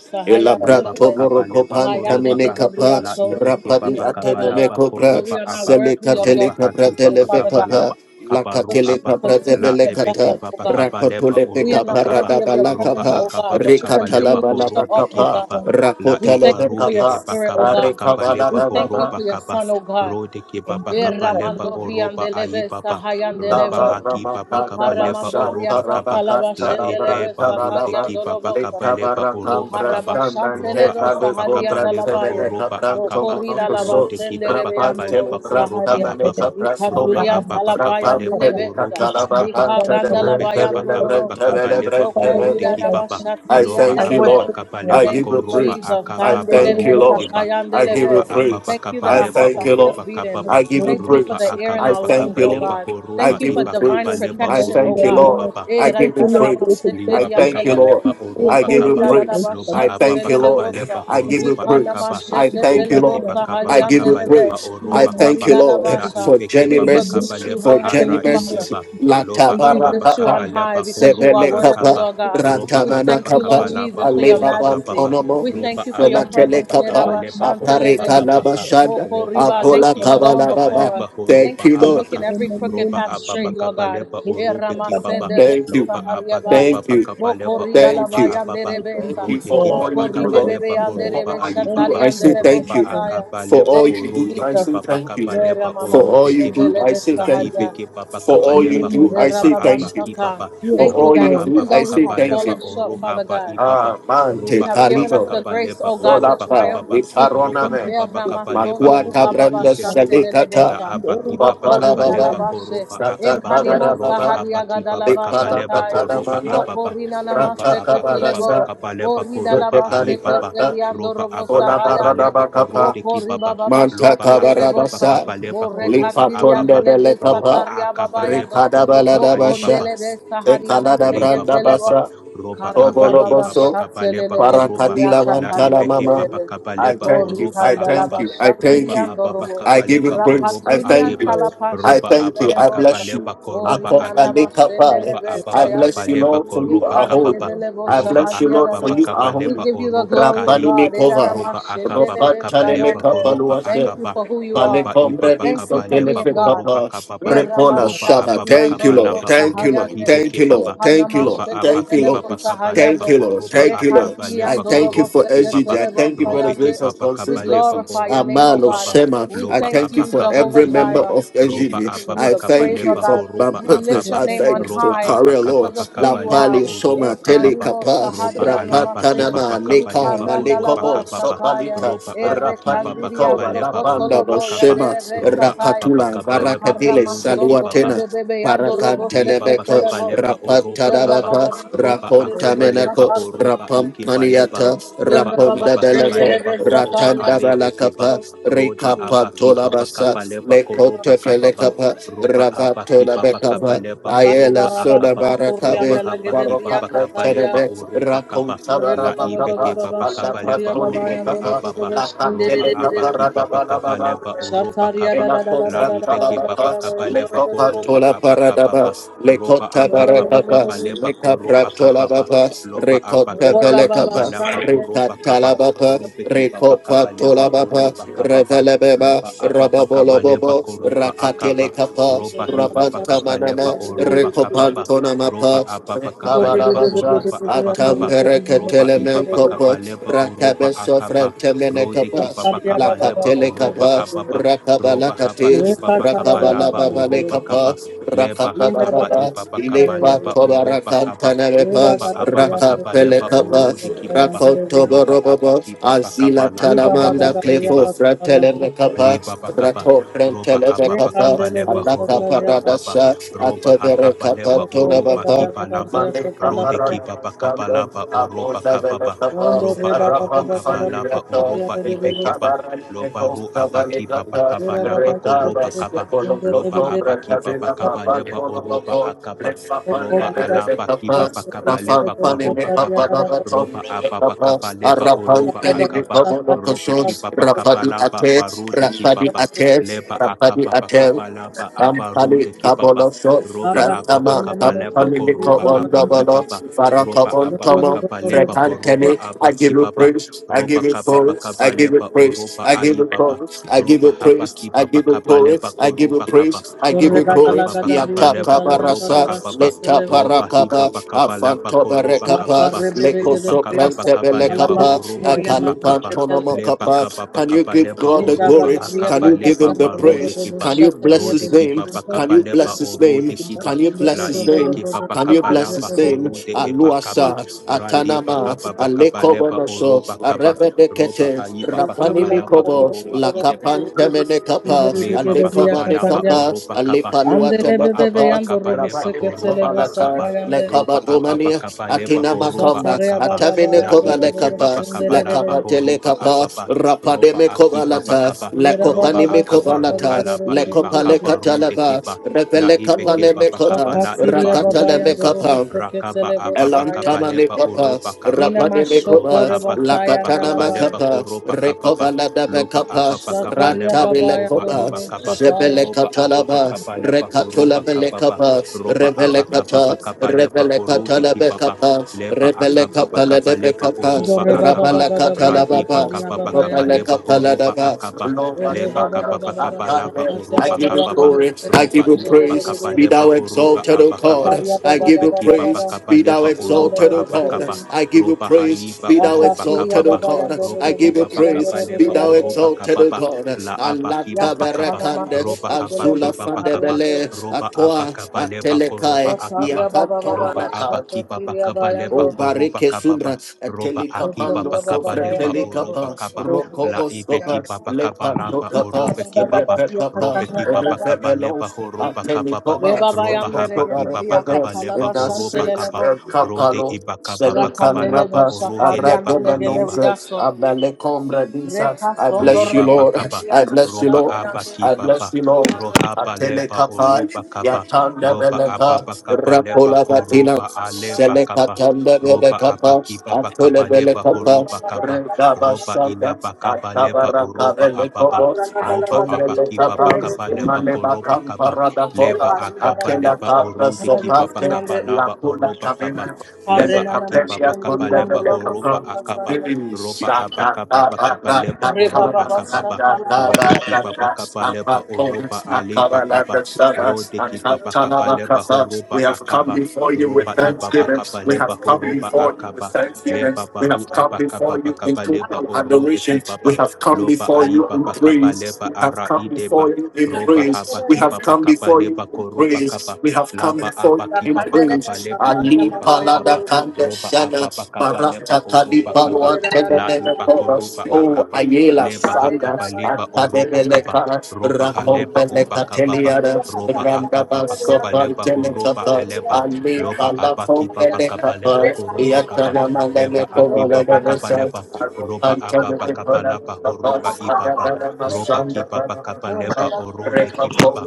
Speaker 5: Father, this
Speaker 3: liba
Speaker 5: is
Speaker 1: Elabrato
Speaker 4: Sahayandelebe
Speaker 5: the
Speaker 3: pakapa
Speaker 1: moroko
Speaker 3: leba
Speaker 1: panta
Speaker 5: commitment
Speaker 3: koroba
Speaker 1: mene
Speaker 3: ka
Speaker 5: of
Speaker 1: kapa
Speaker 5: the
Speaker 3: la
Speaker 4: Mayandegedebriaso
Speaker 3: ibeke ke
Speaker 1: rapadi
Speaker 3: baba kaba
Speaker 1: atene me
Speaker 4: Irabababa.
Speaker 3: laba
Speaker 1: kopra
Speaker 4: So we
Speaker 3: koroba
Speaker 4: are not
Speaker 3: aba
Speaker 1: seleka
Speaker 4: worthy of
Speaker 1: tele
Speaker 4: your
Speaker 3: roba
Speaker 1: kapra
Speaker 3: haki
Speaker 4: blessing,
Speaker 1: tele
Speaker 3: baba
Speaker 1: be
Speaker 4: Father
Speaker 3: kaba
Speaker 4: God.
Speaker 3: laba
Speaker 1: kapa
Speaker 3: kaba
Speaker 4: But you
Speaker 1: lakatele
Speaker 3: aba
Speaker 1: kapra
Speaker 4: continue
Speaker 3: la
Speaker 1: debele
Speaker 4: to
Speaker 3: ebe
Speaker 4: bless
Speaker 3: ke
Speaker 4: us,
Speaker 1: kata
Speaker 4: O
Speaker 3: baba
Speaker 4: God.
Speaker 3: kaba leba
Speaker 1: rakotole be
Speaker 4: We are
Speaker 3: oroba
Speaker 1: kapa
Speaker 4: not
Speaker 3: kaba
Speaker 4: worthy of
Speaker 1: radaba
Speaker 4: your
Speaker 1: la
Speaker 3: roba
Speaker 4: presence,
Speaker 1: kapa
Speaker 4: O
Speaker 3: akaba
Speaker 4: God,
Speaker 3: baba
Speaker 4: but you
Speaker 3: kaba
Speaker 1: rikatala
Speaker 4: continue
Speaker 3: leba
Speaker 4: to
Speaker 1: bala
Speaker 4: show
Speaker 1: ba
Speaker 3: horo de
Speaker 4: up,
Speaker 3: ki
Speaker 4: O
Speaker 5: Christian
Speaker 1: kapa
Speaker 4: God.
Speaker 3: baba
Speaker 5: strength
Speaker 3: la
Speaker 4: We
Speaker 1: rakotele
Speaker 4: thank
Speaker 3: iba
Speaker 1: be
Speaker 4: you
Speaker 3: ro
Speaker 4: for
Speaker 3: de
Speaker 4: your
Speaker 1: kapa
Speaker 3: eba
Speaker 4: spirit, O
Speaker 5: that
Speaker 3: kaba baba
Speaker 4: God.
Speaker 5: we
Speaker 3: kaba
Speaker 4: We
Speaker 3: leba
Speaker 4: thank you
Speaker 1: arekabala
Speaker 3: horoba
Speaker 4: for your
Speaker 3: kaba
Speaker 4: son, O God.
Speaker 3: ro de ki baba
Speaker 5: embrace
Speaker 3: kaba
Speaker 5: and
Speaker 3: leba
Speaker 5: live
Speaker 4: Erramando
Speaker 3: oroba ai
Speaker 4: riandelebe
Speaker 3: baba
Speaker 5: in the
Speaker 3: roba
Speaker 4: sahayandelebo.
Speaker 1: Frata
Speaker 5: name
Speaker 3: haki baba kaba leba
Speaker 4: Ikaramando
Speaker 3: oroba kaba
Speaker 4: riasantalaba
Speaker 3: la ebe
Speaker 4: shendelebe
Speaker 3: ba ro de ki baba
Speaker 4: sahariandolobosa.
Speaker 3: kaba leba oroba kaba roba
Speaker 4: Ikarabashantelebe
Speaker 3: ababa kaba leba ho
Speaker 4: sahariandalabaye.
Speaker 3: akaba
Speaker 4: Mokorida
Speaker 5: of Jesus.
Speaker 4: laba
Speaker 3: rode ki baba
Speaker 4: senderebe
Speaker 3: kaba
Speaker 5: Comes
Speaker 3: leba
Speaker 4: andorobo
Speaker 5: from
Speaker 3: koroba
Speaker 5: the
Speaker 4: saharia.
Speaker 3: ababa roba
Speaker 4: Ikatulian
Speaker 5: heaven.
Speaker 3: ababa kaba
Speaker 5: Father,
Speaker 3: leba
Speaker 1: pelika
Speaker 4: talapayandelebesa.
Speaker 3: oroba
Speaker 5: we should
Speaker 1: kalaba
Speaker 5: give
Speaker 3: akaba
Speaker 5: one
Speaker 1: brante de
Speaker 5: another
Speaker 3: robe
Speaker 1: brente
Speaker 3: heba
Speaker 5: in
Speaker 1: de
Speaker 5: the
Speaker 3: kaba ba
Speaker 5: name
Speaker 1: brente
Speaker 4: Mikarandalabayandorobosa.
Speaker 5: of
Speaker 1: de
Speaker 5: Jesus.
Speaker 3: leba o
Speaker 1: brente
Speaker 5: Father,
Speaker 3: rode
Speaker 1: de
Speaker 4: Mokorida
Speaker 5: Lord, I
Speaker 4: laba
Speaker 3: baba
Speaker 5: thank you.
Speaker 1: I
Speaker 3: loba
Speaker 5: I
Speaker 1: thank you,
Speaker 4: shatiriandelebe.
Speaker 3: ababa
Speaker 1: Lord.
Speaker 5: worship you.
Speaker 3: kaba
Speaker 5: I
Speaker 1: I
Speaker 3: leba
Speaker 4: Thank
Speaker 1: give
Speaker 4: you,
Speaker 1: you
Speaker 5: magnify your
Speaker 3: koroba
Speaker 1: praise.
Speaker 4: Jesus.
Speaker 5: name.
Speaker 1: I
Speaker 3: akaba
Speaker 5: I
Speaker 3: ba
Speaker 1: thank
Speaker 4: Amdelebe,
Speaker 1: you,
Speaker 3: rode
Speaker 5: reverence
Speaker 1: Lord.
Speaker 3: ki
Speaker 1: I give you
Speaker 3: roba
Speaker 4: sakayandelebe.
Speaker 5: you.
Speaker 3: ababa
Speaker 1: praise.
Speaker 4: Thank you that
Speaker 3: kaba
Speaker 1: I
Speaker 4: our
Speaker 3: leba
Speaker 4: hearts
Speaker 1: thank
Speaker 4: are
Speaker 1: you,
Speaker 4: still
Speaker 1: Lord.
Speaker 3: oroba roba
Speaker 4: beating.
Speaker 5: Thank you,
Speaker 1: I give you
Speaker 4: Thank
Speaker 5: Lord.
Speaker 4: you for
Speaker 3: roba
Speaker 1: praise.
Speaker 4: the air in
Speaker 1: I
Speaker 3: akaba
Speaker 4: our
Speaker 3: ba
Speaker 4: lungs,
Speaker 1: thank
Speaker 3: kaba
Speaker 1: you,
Speaker 4: oh
Speaker 3: leba
Speaker 1: Lord.
Speaker 4: God.
Speaker 3: ho
Speaker 1: I
Speaker 4: Thank you
Speaker 1: give
Speaker 4: for
Speaker 1: you
Speaker 3: iba
Speaker 5: I
Speaker 4: divine
Speaker 3: kaba
Speaker 1: praise.
Speaker 5: Thank you, I thank you,
Speaker 3: leba
Speaker 1: I
Speaker 5: Lord,
Speaker 3: o
Speaker 4: protection,
Speaker 5: for
Speaker 4: oh
Speaker 1: thank you,
Speaker 3: rode
Speaker 5: your
Speaker 4: God.
Speaker 1: Lord.
Speaker 5: love.
Speaker 3: baba
Speaker 5: I
Speaker 4: Eh,
Speaker 1: I
Speaker 5: thank
Speaker 1: give you
Speaker 5: you, Lord,
Speaker 4: rantandaraba,
Speaker 5: for your
Speaker 1: praise. I
Speaker 3: liba
Speaker 5: protection.
Speaker 1: thank you,
Speaker 3: bakaba
Speaker 4: sekeriandelebe.
Speaker 1: Lord.
Speaker 3: leba
Speaker 5: For your
Speaker 1: I
Speaker 3: oroba
Speaker 1: give you
Speaker 3: kaba
Speaker 5: mercy, and
Speaker 1: praise.
Speaker 4: Mokoridadadaba,
Speaker 5: for
Speaker 3: loba
Speaker 5: your
Speaker 1: I thank
Speaker 3: aba
Speaker 1: you,
Speaker 3: bakaba
Speaker 1: Lord.
Speaker 3: leba
Speaker 4: shantelelelebosa.
Speaker 1: I give
Speaker 5: mercy.
Speaker 1: you
Speaker 3: horoba
Speaker 1: praise.
Speaker 4: Ikanama,
Speaker 5: Your
Speaker 3: akaba
Speaker 5: mercy
Speaker 1: I
Speaker 5: is your
Speaker 1: thank you,
Speaker 3: robe
Speaker 5: mercy.
Speaker 3: eba
Speaker 5: and
Speaker 1: Lord.
Speaker 4: sheketelebosa,
Speaker 5: your
Speaker 3: kaba
Speaker 1: I give you
Speaker 3: bakaba
Speaker 4: hariandelebe.
Speaker 3: leba
Speaker 1: praise.
Speaker 5: You
Speaker 1: I
Speaker 5: know,
Speaker 3: oroba
Speaker 5: I
Speaker 1: thank
Speaker 3: kaba
Speaker 1: you,
Speaker 5: thank you
Speaker 1: Lord,
Speaker 5: for
Speaker 3: la
Speaker 4: Mokoridadabasha.
Speaker 1: for
Speaker 3: ibe
Speaker 5: everything,
Speaker 1: Jenny
Speaker 4: We
Speaker 5: for
Speaker 3: keba
Speaker 5: your love.
Speaker 1: mercies,
Speaker 3: bakaba
Speaker 4: salute you,
Speaker 3: leba
Speaker 1: for
Speaker 4: oh
Speaker 5: Thank
Speaker 1: Jenny
Speaker 4: Heavenly
Speaker 3: hara
Speaker 5: you, Lord.
Speaker 4: Father.
Speaker 1: mercies.
Speaker 3: ideba
Speaker 1: La
Speaker 3: loba
Speaker 5: Thank
Speaker 4: We
Speaker 5: you,
Speaker 3: aba
Speaker 1: tabara,
Speaker 4: lift you on
Speaker 3: bakaba
Speaker 4: high
Speaker 3: leba
Speaker 4: because you are
Speaker 3: koroba
Speaker 4: worthy,
Speaker 1: sebele
Speaker 3: akaba
Speaker 4: Lord
Speaker 5: Lord,
Speaker 4: God.
Speaker 3: roba
Speaker 4: We
Speaker 3: aba
Speaker 1: Ratamana
Speaker 4: thank
Speaker 5: for
Speaker 4: you, Lord
Speaker 3: bakaba
Speaker 1: kapa,
Speaker 5: your
Speaker 3: laba
Speaker 4: Jesus,
Speaker 5: mercy.
Speaker 4: for your
Speaker 1: aleba
Speaker 3: oroba
Speaker 4: majesty.
Speaker 3: kababa
Speaker 1: bamponomo,
Speaker 4: We
Speaker 5: name of
Speaker 3: roba
Speaker 4: thank you for
Speaker 3: aba
Speaker 4: your
Speaker 5: Jesus.
Speaker 3: kiba
Speaker 1: solatele
Speaker 4: presence.
Speaker 3: bakaba
Speaker 1: kapa,
Speaker 5: God be
Speaker 3: leba
Speaker 5: praised.
Speaker 1: apare
Speaker 3: koroba
Speaker 4: Erabashantelebesa,
Speaker 5: Lord.
Speaker 1: kalaba
Speaker 3: abaka
Speaker 1: shanda,
Speaker 5: Protect
Speaker 3: roba
Speaker 4: mokoriba.
Speaker 5: my
Speaker 3: aba
Speaker 4: Thank
Speaker 1: apola
Speaker 4: you for
Speaker 3: kiba
Speaker 5: family,
Speaker 4: going
Speaker 1: kabala
Speaker 3: bakaba
Speaker 1: baba.
Speaker 4: before
Speaker 3: leba
Speaker 4: us.
Speaker 5: protect
Speaker 4: Thank
Speaker 1: Thank
Speaker 3: horoba
Speaker 4: you
Speaker 1: you,
Speaker 4: for
Speaker 5: me
Speaker 1: Lord.
Speaker 4: making
Speaker 3: abaka
Speaker 5: in
Speaker 4: every
Speaker 5: the
Speaker 4: crooked
Speaker 3: roba
Speaker 5: name of
Speaker 4: path
Speaker 3: aba
Speaker 4: straight,
Speaker 5: Jesus.
Speaker 4: Lord
Speaker 3: bakaba
Speaker 4: God.
Speaker 3: leba
Speaker 5: This is
Speaker 3: orobe
Speaker 5: my brother
Speaker 3: kibaba
Speaker 1: Thank
Speaker 5: himself
Speaker 1: you.
Speaker 4: Eramasenderebesa
Speaker 3: Lopa
Speaker 5: and my
Speaker 3: apa
Speaker 5: God.
Speaker 4: hariabaya,
Speaker 3: kipa
Speaker 1: Thank you.
Speaker 5: Protect
Speaker 3: pakapa
Speaker 5: my
Speaker 3: lepa
Speaker 5: Jesus.
Speaker 1: Thank
Speaker 3: oropa
Speaker 1: you.
Speaker 3: apapa.
Speaker 5: I thank
Speaker 1: Thank
Speaker 4: mokorilabayanderebesa,
Speaker 5: you,
Speaker 1: you
Speaker 3: Rode
Speaker 1: for
Speaker 5: Lord.
Speaker 3: kipa
Speaker 1: all you do,
Speaker 5: I
Speaker 3: pakapa
Speaker 1: Lord.
Speaker 5: thank
Speaker 3: lepa
Speaker 5: you, Lord.
Speaker 1: For
Speaker 3: oropa
Speaker 1: all you
Speaker 5: Thank
Speaker 1: do,
Speaker 5: you,
Speaker 3: aipapa.
Speaker 1: I say
Speaker 5: Lord. Thank
Speaker 1: thank
Speaker 3: Ropa
Speaker 5: you,
Speaker 1: you.
Speaker 5: Lord.
Speaker 4: mokoribebebeyanderebeshatariandelebosakaya.
Speaker 3: akapa
Speaker 1: For
Speaker 3: lepa
Speaker 1: all
Speaker 4: Thank
Speaker 1: you
Speaker 4: you,
Speaker 1: do,
Speaker 3: orode
Speaker 1: I
Speaker 4: Jesus.
Speaker 1: say
Speaker 3: kipa
Speaker 1: thank you.
Speaker 3: pakapa
Speaker 4: Mera
Speaker 3: lepa
Speaker 4: mama
Speaker 1: For all
Speaker 3: orode
Speaker 1: you do,
Speaker 3: kipa.
Speaker 1: I say
Speaker 3: La
Speaker 1: thank you.
Speaker 3: ipe
Speaker 4: mashendele
Speaker 3: kipa
Speaker 1: For
Speaker 3: pakapa
Speaker 1: all
Speaker 5: In the
Speaker 1: you
Speaker 3: lepa
Speaker 5: name
Speaker 1: do,
Speaker 5: of
Speaker 1: I say
Speaker 3: koropa
Speaker 5: Jesus.
Speaker 1: thank
Speaker 3: apa
Speaker 1: you.
Speaker 4: Yerababashaka.
Speaker 3: kipapa.
Speaker 1: For
Speaker 5: Yes,
Speaker 4: Thank you
Speaker 1: all
Speaker 3: Ropa
Speaker 4: that
Speaker 1: you
Speaker 5: Lord.
Speaker 3: apa
Speaker 1: do,
Speaker 4: even
Speaker 1: I
Speaker 4: though we
Speaker 1: say
Speaker 4: have
Speaker 3: pakapa
Speaker 1: thank
Speaker 5: Provide
Speaker 1: you.
Speaker 3: lepa
Speaker 4: fallen short,
Speaker 5: and
Speaker 3: oroha
Speaker 4: Father
Speaker 3: pa
Speaker 4: God,
Speaker 3: ipapa.
Speaker 1: Ah, man,
Speaker 4: you
Speaker 1: te
Speaker 3: Ropa
Speaker 4: have
Speaker 5: thank
Speaker 3: apa
Speaker 4: given us the
Speaker 3: pakapa
Speaker 4: grace,
Speaker 3: lepa
Speaker 4: oh God, to
Speaker 3: oropa
Speaker 5: you.
Speaker 1: Solapa,
Speaker 4: triumph
Speaker 3: kapapa.
Speaker 5: I
Speaker 3: Ropa
Speaker 5: thank
Speaker 1: Liparoname,
Speaker 4: E
Speaker 5: you
Speaker 3: kapa
Speaker 5: for
Speaker 3: pakapa lepa
Speaker 4: ramasondo
Speaker 1: Makuata
Speaker 5: protecting
Speaker 3: oropa
Speaker 4: rebaba
Speaker 1: Branda
Speaker 3: ipe
Speaker 5: my
Speaker 3: kipa.
Speaker 5: family.
Speaker 4: shantelele
Speaker 3: La
Speaker 1: Salikata,
Speaker 4: bosa.
Speaker 5: You
Speaker 3: apa
Speaker 5: always
Speaker 3: kipa
Speaker 5: come
Speaker 4: Moko
Speaker 1: Papala
Speaker 5: through
Speaker 3: pakapa
Speaker 4: rida
Speaker 5: for
Speaker 1: Baba,
Speaker 3: lepa
Speaker 5: me.
Speaker 4: labashe.
Speaker 3: koropa
Speaker 4: E
Speaker 1: Santa
Speaker 3: akapa
Speaker 5: Yeah.
Speaker 4: kanimo
Speaker 1: Kavara
Speaker 3: roba
Speaker 1: Baba,
Speaker 4: sahadia
Speaker 3: abaki baba
Speaker 4: gadalaba
Speaker 1: Lipala
Speaker 3: kabale bako
Speaker 4: shataya.
Speaker 3: roba
Speaker 1: Katalamanda,
Speaker 4: Moko
Speaker 3: ababa
Speaker 4: rina
Speaker 3: roba
Speaker 1: Prata
Speaker 4: namaste
Speaker 3: abaki
Speaker 5: Look
Speaker 3: baba
Speaker 4: ketelebo.
Speaker 1: Kavarasa,
Speaker 3: kabale bako
Speaker 4: Morina
Speaker 3: roba
Speaker 1: Sute
Speaker 3: ayi
Speaker 4: labaste
Speaker 3: baba
Speaker 1: Kalikata,
Speaker 4: keteriando
Speaker 3: roba
Speaker 4: robo
Speaker 3: ababa kabale
Speaker 1: Olabarada
Speaker 4: sahayande.
Speaker 3: bako
Speaker 1: Bakapa,
Speaker 3: rode
Speaker 4: Moko
Speaker 3: ki baba
Speaker 4: riba baba
Speaker 1: Manta
Speaker 3: loba
Speaker 4: shatelele
Speaker 3: akababa
Speaker 5: at
Speaker 4: bosa.
Speaker 1: Kavarabasa,
Speaker 3: kabale
Speaker 5: my
Speaker 3: bako
Speaker 4: More
Speaker 3: roba
Speaker 4: katiriande
Speaker 1: Lipatonda
Speaker 3: ababa
Speaker 4: lebe
Speaker 3: roba
Speaker 1: Belekapa,
Speaker 4: sakaria
Speaker 3: akabale
Speaker 4: babayando.
Speaker 1: Rikada
Speaker 3: bako roba
Speaker 1: Balada
Speaker 3: ayi
Speaker 4: Moko
Speaker 3: baba
Speaker 1: Basha,
Speaker 4: ndelebe sahadia
Speaker 1: Ekalada
Speaker 4: maste
Speaker 3: Liba
Speaker 1: Branda
Speaker 3: bakaba
Speaker 4: ketelebo.
Speaker 1: Basa,
Speaker 3: roba
Speaker 4: Kariba
Speaker 5: I
Speaker 3: abaki
Speaker 4: baba
Speaker 3: baba
Speaker 1: Toboroboso,
Speaker 3: kaba leba
Speaker 4: şatselele
Speaker 3: koroba
Speaker 4: yebriya
Speaker 1: Parakadila
Speaker 3: la
Speaker 1: Mantala
Speaker 4: katanyan
Speaker 3: ibeke
Speaker 1: Mama.
Speaker 3: baba
Speaker 4: derele.
Speaker 3: kaba
Speaker 1: I
Speaker 3: leba
Speaker 5: thank
Speaker 1: thank
Speaker 4: Mori
Speaker 1: you.
Speaker 3: horoba
Speaker 1: I
Speaker 4: kandala
Speaker 1: thank
Speaker 3: ababa
Speaker 1: you. I
Speaker 3: roba
Speaker 1: thank
Speaker 4: başakiriyan
Speaker 1: you.
Speaker 3: ababa
Speaker 4: dorobo.
Speaker 1: I
Speaker 3: kaba
Speaker 1: give you
Speaker 3: leba
Speaker 1: praise.
Speaker 3: koroba
Speaker 1: I
Speaker 5: you,
Speaker 4: Rapatunyan
Speaker 1: thank you.
Speaker 3: aleba
Speaker 4: talapa
Speaker 1: I
Speaker 5: Lord.
Speaker 3: roba
Speaker 1: thank you.
Speaker 4: şeketele
Speaker 3: ababa
Speaker 1: I
Speaker 3: kaba
Speaker 4: boka.
Speaker 1: bless you.
Speaker 3: leba
Speaker 1: I
Speaker 3: koroba
Speaker 4: Mori
Speaker 1: call my
Speaker 4: nalama
Speaker 3: akiba
Speaker 1: lake up high.
Speaker 3: roba
Speaker 1: I
Speaker 3: ababa kaba
Speaker 1: bless
Speaker 4: sayande.
Speaker 1: you,
Speaker 3: leba
Speaker 1: Lord, for
Speaker 4: We
Speaker 1: you
Speaker 3: koroba
Speaker 1: are
Speaker 5: Thank
Speaker 1: holy.
Speaker 3: kababa
Speaker 4: karegedelebo
Speaker 1: I
Speaker 3: roba
Speaker 1: bless you, Lord,
Speaker 3: akaba
Speaker 1: for
Speaker 4: shahadiyadaba.
Speaker 1: you are
Speaker 3: bakaba
Speaker 4: We
Speaker 1: holy.
Speaker 3: leba
Speaker 4: give you the
Speaker 3: oroba
Speaker 4: glory, O
Speaker 1: Rapani
Speaker 3: kaliba
Speaker 4: God.
Speaker 1: Mikova.
Speaker 4: Edaraba
Speaker 3: roba akaba
Speaker 4: shendelebe
Speaker 3: bakaba
Speaker 1: Ropatane
Speaker 3: leba
Speaker 4: sayande.
Speaker 3: horoba
Speaker 4: Thank
Speaker 1: Mekapaluase.
Speaker 4: you
Speaker 3: akaba
Speaker 4: for who you are.
Speaker 3: roba
Speaker 1: Palekombre
Speaker 3: ibaba
Speaker 4: Thank you
Speaker 3: kaba
Speaker 4: for
Speaker 3: leba
Speaker 4: being God.
Speaker 3: koroba
Speaker 1: Dinsotelefekapa.
Speaker 3: kababa
Speaker 4: Erama
Speaker 1: Repola
Speaker 3: roba
Speaker 1: Shaba.
Speaker 3: ababa
Speaker 1: Thank you,
Speaker 3: kaba
Speaker 4: shakiriyandorobo
Speaker 1: Lord.
Speaker 3: laba
Speaker 1: Thank you,
Speaker 3: oroba
Speaker 1: Lord.
Speaker 4: sahayande.
Speaker 1: Thank
Speaker 3: ibeke
Speaker 1: you,
Speaker 4: We
Speaker 3: baba
Speaker 1: Lord. Thank
Speaker 4: kanama
Speaker 1: you, Lord.
Speaker 3: Loba aba
Speaker 1: Thank you,
Speaker 3: kiba
Speaker 4: sheketelebo
Speaker 1: Lord.
Speaker 3: bakaba
Speaker 1: Thank
Speaker 3: leba
Speaker 4: sahayande.
Speaker 1: you, Lord.
Speaker 3: koroba
Speaker 1: Thank you, Lord.
Speaker 3: akaba
Speaker 1: I
Speaker 3: leba
Speaker 1: thank you
Speaker 4: Rekandiyandorobo
Speaker 3: korobe
Speaker 1: for SGT.
Speaker 3: kibaba.
Speaker 1: I
Speaker 4: seketelebo
Speaker 1: thank you for the
Speaker 3: Robe
Speaker 1: grace
Speaker 4: sayande.
Speaker 1: of
Speaker 3: ibaba
Speaker 4: We
Speaker 3: kaba
Speaker 1: consistency.
Speaker 3: leba
Speaker 4: glorify your
Speaker 3: horode
Speaker 4: name, O
Speaker 1: Amalo
Speaker 3: kibaba.
Speaker 4: God.
Speaker 1: Shema.
Speaker 4: We
Speaker 1: I
Speaker 3: Loba
Speaker 4: thank
Speaker 1: thank you
Speaker 3: aba
Speaker 4: you,
Speaker 1: for
Speaker 4: Jehovah
Speaker 1: every member
Speaker 3: kibaba.
Speaker 4: Jireh.
Speaker 1: of
Speaker 4: We
Speaker 3: Roba
Speaker 4: give
Speaker 1: SGT.
Speaker 3: aba
Speaker 4: you
Speaker 1: I
Speaker 4: the praise,
Speaker 1: thank
Speaker 3: kabalé
Speaker 4: O
Speaker 1: you
Speaker 3: leba
Speaker 1: for
Speaker 4: God.
Speaker 1: my
Speaker 3: roba
Speaker 4: We lift
Speaker 1: business.
Speaker 3: akaba.
Speaker 4: your
Speaker 1: I
Speaker 4: name on
Speaker 1: thank you for
Speaker 3: Roba
Speaker 4: high
Speaker 3: aba
Speaker 1: career,
Speaker 3: kaba
Speaker 4: because
Speaker 1: Lord.
Speaker 4: of who
Speaker 1: La
Speaker 3: bakaba
Speaker 4: you
Speaker 3: leba
Speaker 4: are.
Speaker 1: Pali Soma
Speaker 3: oroba
Speaker 1: Tele
Speaker 3: kababa.
Speaker 4: Ekanimo
Speaker 1: Kapa
Speaker 3: Roba
Speaker 4: shahadia
Speaker 3: alaba
Speaker 4: lamashe,
Speaker 3: kibaba
Speaker 1: Rapatanama
Speaker 3: kabalé
Speaker 1: Neka
Speaker 3: leba
Speaker 4: ikaranda
Speaker 3: roba
Speaker 1: Malekobo
Speaker 4: lava
Speaker 3: kababa.
Speaker 4: shakaya,
Speaker 1: Sopalita
Speaker 3: Roba aba
Speaker 1: Rapali
Speaker 3: kibaba
Speaker 4: erekandiria
Speaker 1: Mikora
Speaker 3: kabalé
Speaker 1: La
Speaker 3: leba
Speaker 1: Banda
Speaker 3: roba
Speaker 4: sokotolobo
Speaker 3: kaba.
Speaker 1: Shema
Speaker 4: yanderebe
Speaker 3: Roba aba
Speaker 4: sakaya,
Speaker 1: Rakatula
Speaker 3: bakaba leba
Speaker 1: Varakadile
Speaker 3: horode
Speaker 4: ikaramasondo
Speaker 3: kibaba.
Speaker 1: Saluatena
Speaker 4: rebebebe yandorobo
Speaker 3: Lipa
Speaker 1: Paracantenemeco,
Speaker 3: bakaba
Speaker 4: sekeselebo,
Speaker 3: leba oropa kaba
Speaker 1: Rapatanabaca,
Speaker 4: erababa
Speaker 3: roba
Speaker 4: shampilelebo
Speaker 3: akaba akabaleba
Speaker 1: Racontameneco,
Speaker 4: sakaria
Speaker 3: horoba
Speaker 4: baraya,
Speaker 3: ikiba leba,
Speaker 1: Rapampaniata,
Speaker 3: loba
Speaker 4: erababa
Speaker 3: ababa kaba
Speaker 1: Rapondabeleco,
Speaker 3: leba
Speaker 4: shendelebe
Speaker 3: horoba
Speaker 4: sakaria
Speaker 3: alebe keba
Speaker 1: Ratandabalacapa,
Speaker 3: roda abaki
Speaker 1: Ricapatolabasa,
Speaker 3: bakaba leba koroba kababa
Speaker 1: Lecotefelecapa,
Speaker 3: roba abaki bakaba
Speaker 1: Ravatolabecapa,
Speaker 3: leba
Speaker 1: Ayela
Speaker 3: oroba akaba
Speaker 4: Kantarabaso
Speaker 3: loba
Speaker 4: Kurianda
Speaker 1: Sonabaracabe,
Speaker 3: habaki
Speaker 1: Baroka
Speaker 4: Lagedebriya
Speaker 3: bakaba leba
Speaker 4: Kataria
Speaker 1: Pratenebe,
Speaker 3: oroba kaba la ibe
Speaker 1: Racontabarabacapa,
Speaker 3: keba baba
Speaker 4: Shataria
Speaker 3: kabaleba horoba
Speaker 1: Alapatonimecapa,
Speaker 3: ababa
Speaker 4: Baba
Speaker 1: La
Speaker 3: roba abaki bakaba leba
Speaker 1: Catelecaparadabalababa,
Speaker 3: oroba kaba la
Speaker 1: Emakotra
Speaker 3: ibeke keba baba
Speaker 1: talabas,
Speaker 3: kabaleba
Speaker 1: lekopa
Speaker 3: horoba
Speaker 1: tola
Speaker 3: abakababa
Speaker 1: paradabas,
Speaker 3: roba
Speaker 1: lekota
Speaker 3: akaba bakaba
Speaker 1: barakabas,
Speaker 3: leba
Speaker 1: lekapra
Speaker 3: koroba kababa
Speaker 1: tolababas,
Speaker 3: loba
Speaker 1: rekota
Speaker 3: abakiba bakaba
Speaker 1: belekabas,
Speaker 3: laba oroba kaba
Speaker 1: rekatalababa,
Speaker 3: robe kiba
Speaker 1: rekopa
Speaker 3: bakaba leba
Speaker 1: tolababa,
Speaker 3: oroba kababa
Speaker 1: revelebeba,
Speaker 3: loba ababa kaba leba
Speaker 1: rababolobobo,
Speaker 3: koroba akaba
Speaker 1: rakatelekapa,
Speaker 3: roba hiba bakaba
Speaker 1: rabantamanama,
Speaker 3: leba oroba kababa
Speaker 1: rekopantonamapa,
Speaker 3: roba ababa kaba leba
Speaker 1: rekabarabasha,
Speaker 3: horoba abakaba roba iba
Speaker 1: atampereketelemengkopo,
Speaker 3: bakaba leba oroba akaba rode kiba
Speaker 1: rakabesofrentemenekapa,
Speaker 3: bakaba leba
Speaker 1: Lakatele
Speaker 3: oroba
Speaker 1: kapa,
Speaker 3: ababa
Speaker 1: rakabala
Speaker 3: roba haba
Speaker 1: kate,
Speaker 3: kiba bakaba
Speaker 1: rakabala
Speaker 3: laba
Speaker 1: baba le
Speaker 3: oroba kaba
Speaker 1: kapa,
Speaker 3: leba
Speaker 1: rakabala
Speaker 3: hakaba
Speaker 1: baba,
Speaker 3: ibaba
Speaker 1: ile
Speaker 3: kaba
Speaker 4: Sareva.
Speaker 3: leba
Speaker 1: patoba
Speaker 3: oroba kaba
Speaker 1: rakantana lepa,
Speaker 4: Neva
Speaker 3: roba
Speaker 4: gada
Speaker 3: ababa
Speaker 4: viya
Speaker 3: kaba
Speaker 4: sete
Speaker 1: rakapele
Speaker 3: leba
Speaker 4: sete
Speaker 1: kapa,
Speaker 3: orode
Speaker 4: sete
Speaker 3: kibaba
Speaker 4: yandere.
Speaker 1: rakotoba
Speaker 3: loba aba
Speaker 1: robobo,
Speaker 3: kibaba kaba
Speaker 1: azila
Speaker 3: la
Speaker 4: Riba
Speaker 3: kaba
Speaker 4: baga
Speaker 1: tanamanda
Speaker 4: da
Speaker 3: rode
Speaker 4: Bria
Speaker 3: kiba
Speaker 1: clefo
Speaker 4: Ribaba Gagaria
Speaker 1: fratele
Speaker 4: Katalabasa,
Speaker 1: me kapa,
Speaker 3: Liba bakaba
Speaker 1: rato
Speaker 3: roba
Speaker 1: frentele me
Speaker 3: ababa
Speaker 1: kapa,
Speaker 3: kaba
Speaker 4: Rekandele
Speaker 3: leba
Speaker 1: alaka
Speaker 3: horoba
Speaker 4: Besataria
Speaker 3: ababa
Speaker 1: paradasha,
Speaker 3: roba
Speaker 1: atovere
Speaker 3: hakaba
Speaker 1: kapa,
Speaker 3: leba
Speaker 4: Moko,
Speaker 3: oroba
Speaker 1: tonabapa,
Speaker 4: Ribada
Speaker 3: kiba
Speaker 4: Gadabria
Speaker 1: mande
Speaker 3: rode
Speaker 4: Katalabria,
Speaker 1: kapa
Speaker 3: kibaba bakaba
Speaker 1: Rapadi
Speaker 3: oroba kababa
Speaker 4: Rondo
Speaker 3: roba
Speaker 4: Rebaba
Speaker 3: ababa
Speaker 4: Baba
Speaker 3: kaba
Speaker 4: Baba Sataria
Speaker 3: oroba
Speaker 4: de De
Speaker 3: ibekeba
Speaker 4: Devosa,
Speaker 3: loba ru abaki bakaba
Speaker 4: Vera
Speaker 3: laba
Speaker 4: Baba
Speaker 3: koroba
Speaker 4: Yoko,
Speaker 3: kaba
Speaker 4: Indele
Speaker 3: loba
Speaker 4: Bigataria,
Speaker 3: abaki bakaba kabaleba oroba akaba
Speaker 4: Moko,
Speaker 3: roba
Speaker 4: Ribada
Speaker 3: alaba kibaba kabaleba
Speaker 4: Gadabria
Speaker 3: koroba
Speaker 4: Sataria,
Speaker 3: kaba
Speaker 4: Baba
Speaker 3: roba ababa kabaleba oroba
Speaker 4: Baba
Speaker 3: akaba
Speaker 4: Sataria,
Speaker 3: rope ki
Speaker 4: Baba
Speaker 3: papa kapalapa
Speaker 1: Atel,
Speaker 3: barude ki
Speaker 1: Rapadi
Speaker 3: papa
Speaker 1: Atel,
Speaker 3: leba
Speaker 1: Rapadi
Speaker 3: akapapa
Speaker 1: Atel,
Speaker 3: kapalapa
Speaker 1: Rampali
Speaker 3: abarude ki papa
Speaker 1: Kaboloso,
Speaker 3: ropa
Speaker 4: Arra
Speaker 3: apapa
Speaker 1: Rantama,
Speaker 4: Katalina
Speaker 3: kapalapa
Speaker 4: Mosatia
Speaker 1: Kapalimiko
Speaker 3: koropa
Speaker 4: Baba
Speaker 3: apa
Speaker 4: Yanda,
Speaker 3: baba
Speaker 1: Wondobolo,
Speaker 3: papa ropa
Speaker 1: Farakabon
Speaker 3: apapa
Speaker 4: Rondo
Speaker 1: Tomo,
Speaker 4: Rebaba Baba
Speaker 3: kapalapa
Speaker 4: basha
Speaker 3: horopa
Speaker 1: Frekantene,
Speaker 4: taria.
Speaker 1: I
Speaker 3: apa
Speaker 1: give you
Speaker 3: baba papa
Speaker 1: praise, I
Speaker 3: ropa
Speaker 1: give you
Speaker 3: kapapa
Speaker 1: glory, I give you
Speaker 3: kapalapa
Speaker 1: praise,
Speaker 3: oropa
Speaker 1: I give
Speaker 3: ai
Speaker 1: you
Speaker 3: papa
Speaker 1: glory, I give
Speaker 3: ropa
Speaker 1: you
Speaker 3: hapa
Speaker 1: praise,
Speaker 3: ki
Speaker 1: I
Speaker 3: papa
Speaker 1: give you glory,
Speaker 3: kapalapa
Speaker 1: I give you
Speaker 3: koropa kapa
Speaker 1: praise, I give
Speaker 4: Torre
Speaker 1: you
Speaker 3: ropa
Speaker 1: glory,
Speaker 4: Gadala
Speaker 3: kapapa
Speaker 4: Gadabria
Speaker 3: kapalapa
Speaker 4: Catalana
Speaker 3: oropa
Speaker 1: Yatakabarasa,
Speaker 3: kapapa
Speaker 1: Leta
Speaker 4: Rabashe
Speaker 3: ropa hipa
Speaker 1: Parakaba,
Speaker 3: pakapalapa koropa kapapa
Speaker 1: Afantobarekapa, Leko
Speaker 4: Makarebebegede
Speaker 3: ropa kapapa
Speaker 4: Briasa
Speaker 1: soprante bele
Speaker 3: kapalapa
Speaker 4: Katalaba
Speaker 1: kapa,
Speaker 3: oropa
Speaker 4: Korea
Speaker 3: ipa
Speaker 1: akali
Speaker 3: kapa
Speaker 1: pantona
Speaker 4: Mateketelevo
Speaker 3: Lepa
Speaker 1: kapa.
Speaker 3: kapa pa
Speaker 1: Can you
Speaker 3: kapa
Speaker 1: give
Speaker 3: lepa
Speaker 1: God the
Speaker 4: Inda
Speaker 3: horopa
Speaker 1: glory?
Speaker 4: Gadabria
Speaker 1: Can
Speaker 3: akapa
Speaker 1: you give
Speaker 3: lepa
Speaker 1: him
Speaker 4: Katalian
Speaker 1: the
Speaker 4: Robo
Speaker 3: parude
Speaker 1: praise?
Speaker 3: kiba
Speaker 1: Can you bless
Speaker 4: Shataria
Speaker 1: his
Speaker 3: rode
Speaker 4: de
Speaker 1: name?
Speaker 3: kiba pa
Speaker 4: Rusa
Speaker 1: Can
Speaker 3: kapa
Speaker 1: you
Speaker 3: lepa
Speaker 1: bless his name?
Speaker 3: orode
Speaker 1: Can
Speaker 3: kiba
Speaker 1: you bless
Speaker 3: la
Speaker 1: his
Speaker 3: ibe
Speaker 1: name?
Speaker 3: kiba
Speaker 4: Robo
Speaker 3: pa
Speaker 1: Can you
Speaker 3: kapa
Speaker 1: bless his
Speaker 3: lapa
Speaker 1: name?
Speaker 3: horude eba
Speaker 1: Aluasa,
Speaker 3: kaba radi pa
Speaker 1: Atanama,
Speaker 3: hapa pa kapa lepa
Speaker 1: Alekobonoso,
Speaker 3: oropa kaba roba
Speaker 1: Arevekete,
Speaker 3: haiba pa
Speaker 1: Rafani
Speaker 3: kapa
Speaker 4: Shataria
Speaker 3: lapa
Speaker 1: mikobo,
Speaker 3: koropa kideba
Speaker 1: Lakapan temene Temenekapa,
Speaker 3: leba
Speaker 4: Inderebegede Bria
Speaker 3: bakaba laba
Speaker 4: Kataria
Speaker 1: Alekovanekapa,
Speaker 3: oroba kaba
Speaker 4: Andele
Speaker 3: loba aba
Speaker 4: bebebe
Speaker 1: Alepaluatenekapa,
Speaker 4: yando
Speaker 3: bakaba
Speaker 4: robo
Speaker 3: leba
Speaker 1: Rabadime
Speaker 4: seketele
Speaker 3: horoba
Speaker 4: bo
Speaker 1: Kovalata,
Speaker 3: akaba
Speaker 4: sakayande.
Speaker 3: roba
Speaker 1: lekaba
Speaker 3: aba
Speaker 1: Lekabadomania,
Speaker 3: bakaba leba
Speaker 1: Atina
Speaker 3: horoba
Speaker 1: Makamba,
Speaker 4: Şatarya
Speaker 3: akaba
Speaker 4: baba baba
Speaker 3: la
Speaker 4: yando
Speaker 1: Ataminikova
Speaker 4: robo
Speaker 3: ibeke
Speaker 4: bo
Speaker 1: Lekapa,
Speaker 3: baba kaba laba
Speaker 4: şinderere.
Speaker 1: Lekabate
Speaker 3: horoba
Speaker 1: Lekapa,
Speaker 3: ababa roba aki bakaba,
Speaker 1: Rapademekovalata,
Speaker 4: Yera
Speaker 3: loba
Speaker 4: baba baba
Speaker 3: akaba
Speaker 1: Lekopanimikovalata,
Speaker 3: ruha laba
Speaker 4: şatarya
Speaker 3: ibakaba rude
Speaker 1: Lekopalekatalava,
Speaker 3: kiba la ibeke baba
Speaker 1: Revelekapanemekova,
Speaker 3: kaba la
Speaker 4: Shakatiria
Speaker 3: ibaru
Speaker 4: babayan
Speaker 3: edeba
Speaker 4: dorobo
Speaker 1: Rakatalemekapa.
Speaker 3: rakaba
Speaker 4: seketelebo
Speaker 3: aba bakaba
Speaker 1: Elantama
Speaker 4: sahayanda.
Speaker 3: leba
Speaker 1: Nikapa,
Speaker 3: oroba
Speaker 4: Ina
Speaker 3: kababa
Speaker 1: Rapane
Speaker 3: roba
Speaker 1: Mikoba,
Speaker 4: mashokore
Speaker 3: haba kiba
Speaker 4: basayanda
Speaker 1: Lakatana
Speaker 3: bakaba
Speaker 4: labaya.
Speaker 3: leba
Speaker 1: Makapa,
Speaker 3: koroba kababa
Speaker 1: Rekova
Speaker 3: loba
Speaker 1: Nadabekapa,
Speaker 3: ababa kaba
Speaker 4: Shataria
Speaker 3: leba
Speaker 1: Ratabile
Speaker 4: babayan
Speaker 3: oroba
Speaker 1: Kopa,
Speaker 3: iba
Speaker 4: dorobo
Speaker 3: kaba
Speaker 4: sapaya.
Speaker 1: Zebele
Speaker 3: roba ababa
Speaker 1: Katalaba,
Speaker 3: kaba leba
Speaker 1: Rekatula
Speaker 3: horoba kababa
Speaker 1: Belekapa,
Speaker 3: roba
Speaker 1: Rebele
Speaker 3: abakaba
Speaker 1: Kata,
Speaker 3: bakaba leba
Speaker 1: Rebele
Speaker 3: horode
Speaker 1: Katala
Speaker 3: kibaba
Speaker 1: Bekapa,
Speaker 3: leba
Speaker 1: Rebele
Speaker 3: akaba
Speaker 1: Kapala
Speaker 3: bakaba leba
Speaker 1: Debekapa,
Speaker 3: oroba
Speaker 4: Dore baba
Speaker 3: akaba
Speaker 1: Rabala
Speaker 4: bagada bria
Speaker 3: radi
Speaker 4: kataria
Speaker 1: Katalababa,
Speaker 3: bakaba
Speaker 4: babayan
Speaker 3: bakaba
Speaker 4: dor.
Speaker 3: leba
Speaker 1: I
Speaker 3: horoba akaba
Speaker 4: Dore
Speaker 3: leba
Speaker 4: baba
Speaker 3: kaba
Speaker 4: baba baba
Speaker 3: bakaba laba
Speaker 1: I
Speaker 4: shakaria
Speaker 3: oroba
Speaker 1: give you
Speaker 4: babayan
Speaker 3: kababa
Speaker 4: dorobo.
Speaker 1: glory. I
Speaker 3: roba
Speaker 1: give you
Speaker 3: iba
Speaker 4: Dore bebe
Speaker 1: praise.
Speaker 4: bebe.
Speaker 3: bakaba
Speaker 1: Be
Speaker 3: leba
Speaker 1: thou
Speaker 3: horoba
Speaker 1: exalted, O
Speaker 3: abakaba
Speaker 1: God.
Speaker 4: Shakaria
Speaker 1: I
Speaker 4: baba
Speaker 1: give
Speaker 3: robe
Speaker 1: you
Speaker 4: baba baba
Speaker 3: kiba
Speaker 4: baba.
Speaker 1: praise.
Speaker 3: bakaba
Speaker 1: Be thou
Speaker 3: leba
Speaker 4: Shakaria
Speaker 3: oroba
Speaker 1: exalted,
Speaker 4: bebe
Speaker 1: O
Speaker 4: bebe
Speaker 1: God.
Speaker 3: abakaba
Speaker 4: bebe.
Speaker 1: I give you
Speaker 3: roba
Speaker 1: praise.
Speaker 3: haliba
Speaker 1: Be thou
Speaker 3: oroba
Speaker 4: Akatiria
Speaker 1: exalted,
Speaker 3: kababa
Speaker 1: O God.
Speaker 4: babayan
Speaker 1: I
Speaker 3: robe
Speaker 4: dorobo
Speaker 3: ki
Speaker 1: give
Speaker 4: bobo
Speaker 1: you
Speaker 3: baba kaba
Speaker 4: shendere
Speaker 1: praise. Be
Speaker 4: bebe
Speaker 3: leba
Speaker 1: thou
Speaker 4: yando.
Speaker 3: oroba
Speaker 1: exalted, O
Speaker 3: kababa
Speaker 1: God.
Speaker 3: la aba ki
Speaker 1: Alata
Speaker 3: baba kaba
Speaker 4: Yakatana
Speaker 1: berekande.
Speaker 3: roba haba
Speaker 4: mashekele bo
Speaker 3: ki
Speaker 1: Azula
Speaker 3: baba kaba
Speaker 1: fandebele.
Speaker 4: sahayanda.
Speaker 3: roba aba
Speaker 1: Atoa
Speaker 3: kaba leba koroba
Speaker 1: atelekai.
Speaker 3: akaba
Speaker 4: Sataria Baba Baba
Speaker 3: loba
Speaker 4: Baba
Speaker 3: aba
Speaker 1: Yakato
Speaker 3: ki baba
Speaker 4: Sataria
Speaker 3: kaba leba
Speaker 1: O
Speaker 4: Bayando
Speaker 3: koroba
Speaker 1: bareke
Speaker 3: kababa
Speaker 1: sumbra
Speaker 3: roba
Speaker 1: telika
Speaker 3: aki
Speaker 1: pando
Speaker 3: baba
Speaker 4: Dotoria Baba
Speaker 3: kaba
Speaker 1: sofre
Speaker 3: leba
Speaker 4: Bayando
Speaker 1: telika
Speaker 3: oroba
Speaker 1: pa
Speaker 3: kaba la
Speaker 1: rokobo
Speaker 3: ibe
Speaker 1: skopa
Speaker 3: ki baba kaba
Speaker 1: lepa
Speaker 3: laba
Speaker 1: toka pa
Speaker 3: orobe ki baba
Speaker 1: repe
Speaker 4: Rabadabia
Speaker 1: kapa
Speaker 3: robe
Speaker 4: Katana
Speaker 3: ki baba
Speaker 4: Dalaba
Speaker 3: kaba leba
Speaker 1: revebelos
Speaker 3: horoba kababa
Speaker 1: atemikoba
Speaker 4: Reba
Speaker 3: roba
Speaker 4: Bayandere
Speaker 3: haba ki
Speaker 1: kotora
Speaker 3: baba
Speaker 4: Gedebria
Speaker 3: kaba
Speaker 1: repebes
Speaker 3: leba
Speaker 1: in
Speaker 4: Katalaba
Speaker 1: the
Speaker 3: oroba
Speaker 1: six
Speaker 3: kaba
Speaker 4: Shantelelebo
Speaker 3: rode
Speaker 1: kapalo
Speaker 3: iba kaba baba
Speaker 1: Shalom
Speaker 3: kaba laba
Speaker 4: Rakandelebo
Speaker 1: Kalimata,
Speaker 3: orohe leba
Speaker 4: Shakariandele
Speaker 3: kaliba
Speaker 1: Aradebanonses,
Speaker 4: Gedebriaso
Speaker 1: Abele Combra Disa.
Speaker 4: Repa
Speaker 1: I
Speaker 4: Sondo
Speaker 1: bless you,
Speaker 3: Leba
Speaker 1: Lord.
Speaker 3: bakaba,
Speaker 4: Rebedebria
Speaker 1: I bless you,
Speaker 3: roba
Speaker 4: Katalaba
Speaker 1: Lord.
Speaker 3: aba
Speaker 4: Yande
Speaker 1: I
Speaker 3: kibaba,
Speaker 1: bless you, Lord.
Speaker 3: rohaba leba
Speaker 1: Atelekapa,
Speaker 3: oroba kaba,
Speaker 1: Yatanda
Speaker 3: loba aba
Speaker 1: Beleka,
Speaker 3: bakaba leba
Speaker 1: Rapola Vatina,
Speaker 3: koroba aleba
Speaker 4: Katalaba
Speaker 3: kaba,
Speaker 1: Selekatanda
Speaker 3: roba aba
Speaker 1: Belekapa,
Speaker 3: kibaba
Speaker 1: Atole
Speaker 3: kaba leba
Speaker 1: Belekapa,
Speaker 4: Yanda
Speaker 3: horoba
Speaker 4: Baba
Speaker 3: kaba,
Speaker 1: Regaba
Speaker 3: roba
Speaker 4: Shataria
Speaker 1: Shanda,
Speaker 3: inaba kaba leba
Speaker 1: Atabaraka
Speaker 3: oroba ababa,
Speaker 1: Belekobo,
Speaker 4: Parana
Speaker 3: roba
Speaker 4: Dalaba
Speaker 1: Atonda
Speaker 3: aba
Speaker 4: Dabria
Speaker 3: kibaba
Speaker 1: Lekapa,
Speaker 3: kaba leba
Speaker 4: Tetelebo
Speaker 1: Maneba
Speaker 3: koroba kaba,
Speaker 1: Kamparada
Speaker 4: Re
Speaker 3: leba
Speaker 1: Koka,
Speaker 4: karnı da da
Speaker 3: akaba
Speaker 4: da
Speaker 1: Akela
Speaker 3: leba
Speaker 4: başla
Speaker 1: Kapra
Speaker 3: orode
Speaker 4: kasala ve
Speaker 3: kibaba
Speaker 1: Sopate,
Speaker 3: kaba
Speaker 4: sayandı.
Speaker 3: laba
Speaker 1: Lakula
Speaker 3: oroba kaba,
Speaker 1: Kabina.
Speaker 3: leba
Speaker 4: Karrena
Speaker 3: akibaba
Speaker 4: namaşken
Speaker 3: kaba
Speaker 4: duruyan
Speaker 3: leba
Speaker 4: dola
Speaker 3: horoba
Speaker 4: bossa
Speaker 3: akaba,
Speaker 4: kasarıya.
Speaker 3: roba abakaba bakaba leba
Speaker 4: Re
Speaker 3: horoba
Speaker 4: baba
Speaker 3: kababa
Speaker 4: başla kala bayan
Speaker 3: roba
Speaker 4: bayan
Speaker 3: kibaba kaba leba oroba aleba kaba rode kibaba
Speaker 4: yapayım.
Speaker 3: kaba leba horoba
Speaker 1: We have come
Speaker 3: akaba
Speaker 1: before you with
Speaker 3: roba
Speaker 4: Ra
Speaker 3: ibaba
Speaker 4: baba
Speaker 1: thanksgiving.
Speaker 3: kaba
Speaker 1: We
Speaker 3: leba
Speaker 1: have
Speaker 4: yapayım.
Speaker 1: come
Speaker 3: horoba
Speaker 1: before you with
Speaker 3: akaba
Speaker 1: thanksgiving.
Speaker 3: leba
Speaker 1: We
Speaker 3: baru
Speaker 1: have come
Speaker 3: abakaba
Speaker 1: before you in
Speaker 3: bakaba leba
Speaker 1: total
Speaker 3: orode
Speaker 1: adoration.
Speaker 3: kibaba
Speaker 1: We have come
Speaker 3: loba
Speaker 1: before you in
Speaker 3: aibaba kaba
Speaker 1: praise.
Speaker 3: leba
Speaker 1: We have
Speaker 3: ara
Speaker 1: come
Speaker 3: ideba
Speaker 1: before you in
Speaker 3: roba
Speaker 4: Kandere
Speaker 1: praise.
Speaker 3: haba
Speaker 4: kere
Speaker 1: We have have
Speaker 4: yapayım.
Speaker 3: kibaba
Speaker 1: come
Speaker 3: kaba
Speaker 1: before you
Speaker 3: leba
Speaker 1: in
Speaker 3: koroba kaba
Speaker 1: praise. We have come
Speaker 3: laba
Speaker 1: before
Speaker 3: aba
Speaker 1: you
Speaker 4: Ra
Speaker 1: in
Speaker 3: kibaba
Speaker 4: kandere
Speaker 1: praise.
Speaker 3: kaba
Speaker 4: ve
Speaker 3: leba
Speaker 1: Ali
Speaker 4: sakarya
Speaker 3: oroba
Speaker 4: babayım
Speaker 1: palada
Speaker 3: kababa
Speaker 4: durumu.
Speaker 1: kanda
Speaker 3: roba
Speaker 1: shana
Speaker 3: ababa kaba leba
Speaker 1: barata kali
Speaker 3: oroba kaba
Speaker 1: palwa
Speaker 4: Endore da da da
Speaker 3: la
Speaker 4: da
Speaker 1: tenenene
Speaker 3: iba
Speaker 4: da da da.
Speaker 1: koras.
Speaker 3: koruba
Speaker 1: Oh
Speaker 3: akaba
Speaker 1: ayela
Speaker 3: leba
Speaker 4: Makarre da
Speaker 1: sandas
Speaker 4: da
Speaker 3: hakaba leba
Speaker 4: bayan durumu.
Speaker 3: oroba
Speaker 1: atadebele
Speaker 3: kaba
Speaker 1: karas
Speaker 3: roba haleba
Speaker 1: rakombele
Speaker 3: oba kababa
Speaker 4: Makarre da
Speaker 1: kateliaras
Speaker 3: roba
Speaker 4: kasala
Speaker 1: randa
Speaker 3: akaba
Speaker 4: bayan da
Speaker 1: baso
Speaker 3: bakaba
Speaker 4: yan
Speaker 3: leba
Speaker 4: durumu.
Speaker 1: kantele
Speaker 3: horoba
Speaker 1: kapas
Speaker 4: Endore da
Speaker 3: eleba
Speaker 4: da
Speaker 1: ali
Speaker 4: yan
Speaker 3: loba abaki baba
Speaker 4: durumu.
Speaker 1: palafombele
Speaker 3: kaba leba
Speaker 4: Re
Speaker 1: kapas
Speaker 3: koroba
Speaker 4: kandere
Speaker 3: kaba
Speaker 4: bassa
Speaker 1: yatana
Speaker 4: kasarya
Speaker 1: maleme
Speaker 3: leba aki
Speaker 1: kovale
Speaker 3: bakaba
Speaker 4: durumu.
Speaker 1: devesas
Speaker 3: leba roba
Speaker 4: Thank
Speaker 1: arupantele
Speaker 3: ababa kaba laba horoba
Speaker 1: kapas
Speaker 3: ibaba
Speaker 1: adabala
Speaker 3: roba ki
Speaker 1: masanda
Speaker 3: bakaba kaba leba
Speaker 1: kapas. Oh, I
Speaker 3: orode kibaba.